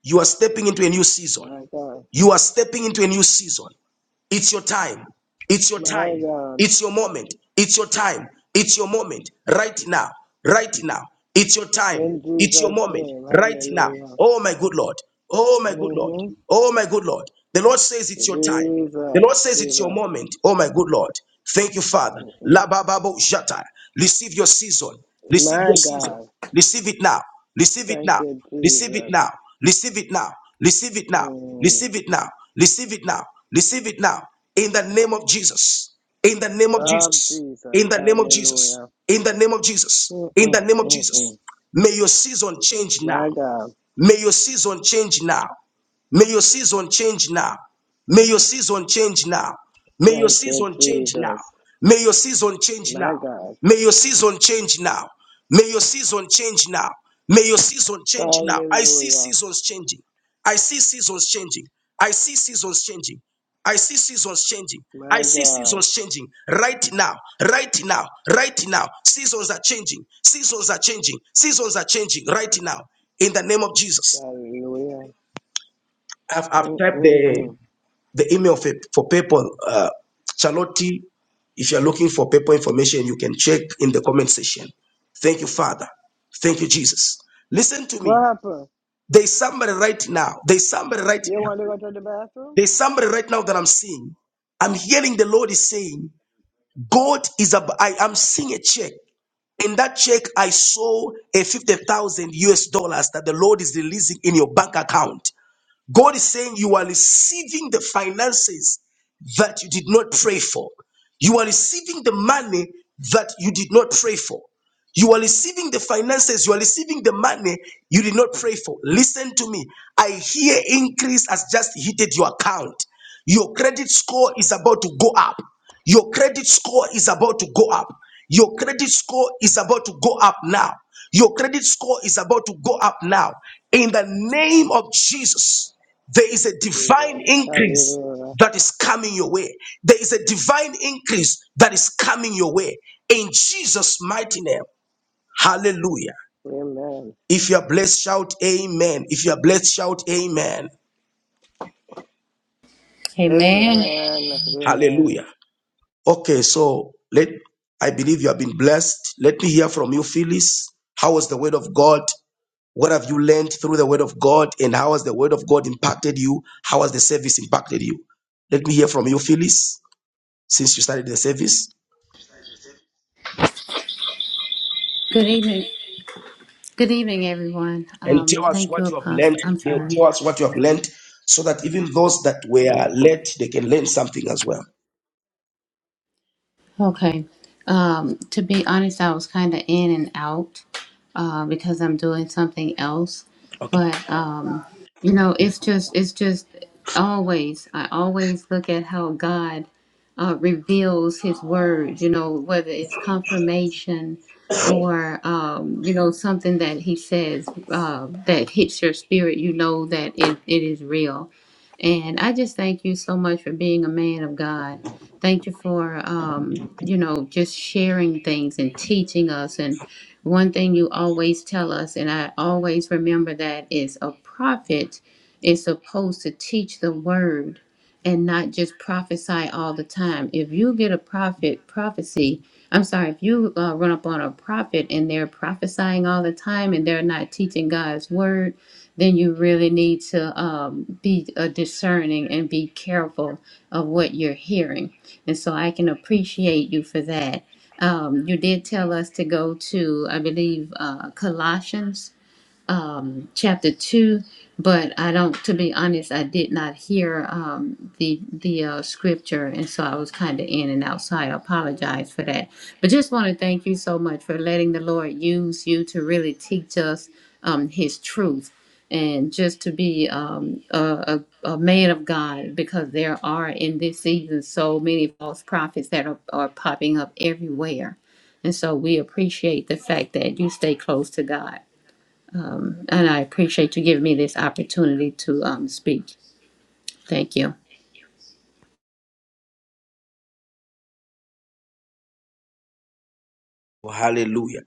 Speaker 1: You are stepping into a new season.
Speaker 10: My God.
Speaker 1: You are stepping into a new season. It's your time. It's your
Speaker 10: My
Speaker 1: time.
Speaker 10: God.
Speaker 1: It's your moment. It's your time. It's your moment right now. Right now. It's your time.
Speaker 10: In
Speaker 1: It's your
Speaker 10: Jesus'
Speaker 1: moment
Speaker 10: name.
Speaker 1: right now.
Speaker 10: Hallelujah.
Speaker 1: Oh, my good Lord. Oh, my good Lord.
Speaker 10: Mm-hmm.
Speaker 1: Oh, my good Lord. The Lord says it's your time. The
Speaker 10: Jesus.
Speaker 1: Lord says it's your
Speaker 10: Jesus.
Speaker 1: moment. Oh, my good Lord. Thank you, Father.
Speaker 10: Mm-mm.
Speaker 1: La ba jata. Receive your season. Receive
Speaker 10: My
Speaker 1: your season.
Speaker 10: God.
Speaker 1: Receive it now. Receive it
Speaker 10: Thank
Speaker 1: now.
Speaker 10: you,
Speaker 1: Receive it
Speaker 10: Jesus.
Speaker 1: now. Receive it now. Receive it now.
Speaker 10: Mm.
Speaker 1: Receive it now. Receive it now. Receive it now. In the name of Jesus. In the name of
Speaker 10: Of
Speaker 1: Jesus.
Speaker 10: Jesus.
Speaker 1: In the name of Jesus.
Speaker 10: Hallelujah.
Speaker 1: In the name of Jesus. In
Speaker 10: Mm-mm,
Speaker 1: the name of Jesus.
Speaker 10: mm-mm.
Speaker 1: May your season change now.
Speaker 10: My God.
Speaker 1: May your season change now. May your season change now. May your season change now. May your
Speaker 10: Thank you,
Speaker 1: season change now.
Speaker 10: Jesus.
Speaker 1: May your season change now.
Speaker 10: My God.
Speaker 1: May your season change now. May your season change now. May your season change now. I see
Speaker 10: Hallelujah.
Speaker 1: seasons changing. I see seasons changing. I see seasons changing. I see seasons changing. I
Speaker 10: My
Speaker 1: see
Speaker 10: God.
Speaker 1: seasons changing right now, right now, right now. Seasons are changing. Seasons are changing. Seasons are changing right now. In the name of Jesus.
Speaker 10: Hallelujah.
Speaker 1: I've, I've typed the
Speaker 10: Mm-mm-mm.
Speaker 1: the email for, for PayPal, uh, Charlotte, if you're looking for PayPal information, you can check in the comment section. Thank you, Father. Thank you, Jesus. Listen to
Speaker 10: What
Speaker 1: me.
Speaker 10: happened?
Speaker 1: There's somebody right now. There's somebody right
Speaker 10: You
Speaker 1: now.
Speaker 10: want to go to the bathroom?
Speaker 1: There's somebody right now that I'm seeing. I'm hearing the Lord is saying, God is ab- I am seeing a check. In that check, I saw a 50,000 US dollars that the Lord is releasing in your bank account. God is saying you are receiving the finances that you did not pray for. You are receiving the money that you did not pray for. You are receiving the finances, you are receiving the money you did not pray for. Listen to me. I hear increase has just hit your account. Your credit score is about to go up. Your credit score is about to go up. Your credit score is about to go up now. Your credit score is about to go up now. In the name of Jesus, there is a
Speaker 10: Jesus.
Speaker 1: divine increase
Speaker 10: Hallelujah.
Speaker 1: that is coming your way. There is a divine increase that is coming your way. In Jesus' mighty name. Hallelujah.
Speaker 10: Amen.
Speaker 1: If you are blessed, shout amen. If you are blessed, shout amen.
Speaker 5: Amen.
Speaker 10: Amen. Amen.
Speaker 1: Hallelujah. Okay, so let I believe you have been blessed. Let me hear from you, Phyllis. How was the word of God? What have you learned through the word of God? And how has the word of God impacted you? How has the service impacted you? Let me hear from you, Phyllis, since you started the service.
Speaker 5: Good evening. Good evening, everyone.
Speaker 1: And tell
Speaker 5: Um,
Speaker 1: us
Speaker 5: thank you,
Speaker 1: what you have learned
Speaker 5: Apostle. I'm
Speaker 1: today.
Speaker 5: sorry.
Speaker 1: Tell us what you have learned so that even those that were led, they can learn something as well.
Speaker 5: Okay. Um, to be honest, I was kind of in and out uh, because I'm doing something else.
Speaker 1: Okay.
Speaker 5: But um, you know, it's just it's just always I always look at how God uh, reveals His word. You know, whether it's confirmation or um, you know something that He says uh, that hits your spirit, you know that it, it is real and I just thank you so much for being a man of God. Thank you for, um, you know, just sharing things and teaching us. And one thing you always tell us, and I always remember that, is a prophet is supposed to teach the word and not just prophesy all the time. If you get a prophet prophecy, I'm sorry, if you uh, run up on a prophet and they're prophesying all the time and they're not teaching God's word, then you really need to um, be uh, discerning and be careful of what you're hearing. And so I can appreciate you for that. Um, you did tell us to go to, I believe, uh, Colossians um, chapter two, but I don't. To be honest, I did not hear um, the the uh, scripture, and so I was kind of in and out. So I apologize for that. But just want to thank you so much for letting the Lord use you to really teach us um, His truth, and just to be um, a, a, a man of God, because there are in this season so many false prophets that are, are popping up everywhere. And so we appreciate the fact that you stay close to God. And I appreciate you giving me this opportunity to um, speak. Thank you.
Speaker 1: Oh, Hallelujah.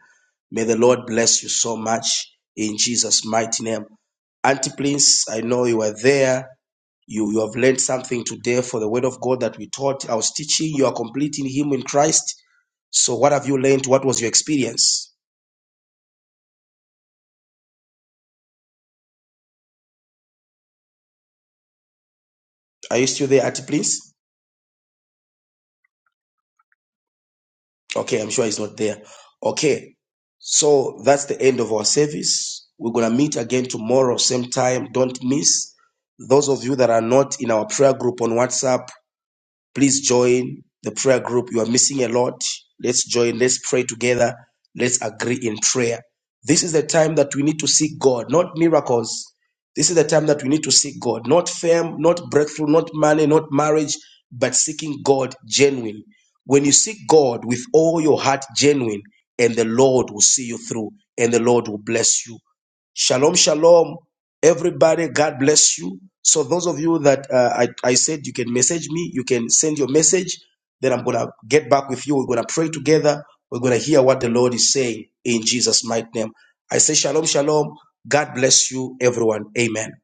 Speaker 1: May the Lord bless you so much in Jesus' mighty name. Auntie, please, I know you are there. You, you have learned something today for the word of God that we taught. I was teaching. You are completing Him in Christ. So, what have you learned? What was your experience? Are you still there, Auntie, please? Okay, I'm sure he's not there. Okay, so that's the end of our service. We're going to meet again tomorrow, same time. Don't miss. Those of you that are not in our prayer group on WhatsApp, Please join the prayer group. You are missing a lot. Let's join. Let's pray together. Let's agree in prayer. This is the time that we need to seek God, not miracles. This is the time that we need to seek God, not fame, not breakthrough, not money, not marriage, but seeking God genuine. When you seek God with all your heart genuine, and the Lord will see you through, and the Lord will bless you. Shalom, shalom. Everybody, God bless you. So those of you that uh, I, I said you can message me, you can send your message. Then I'm gonna get back with you. We're gonna pray together. We're gonna hear what the Lord is saying in Jesus' mighty name. I say shalom, shalom. God bless you, everyone. Amen.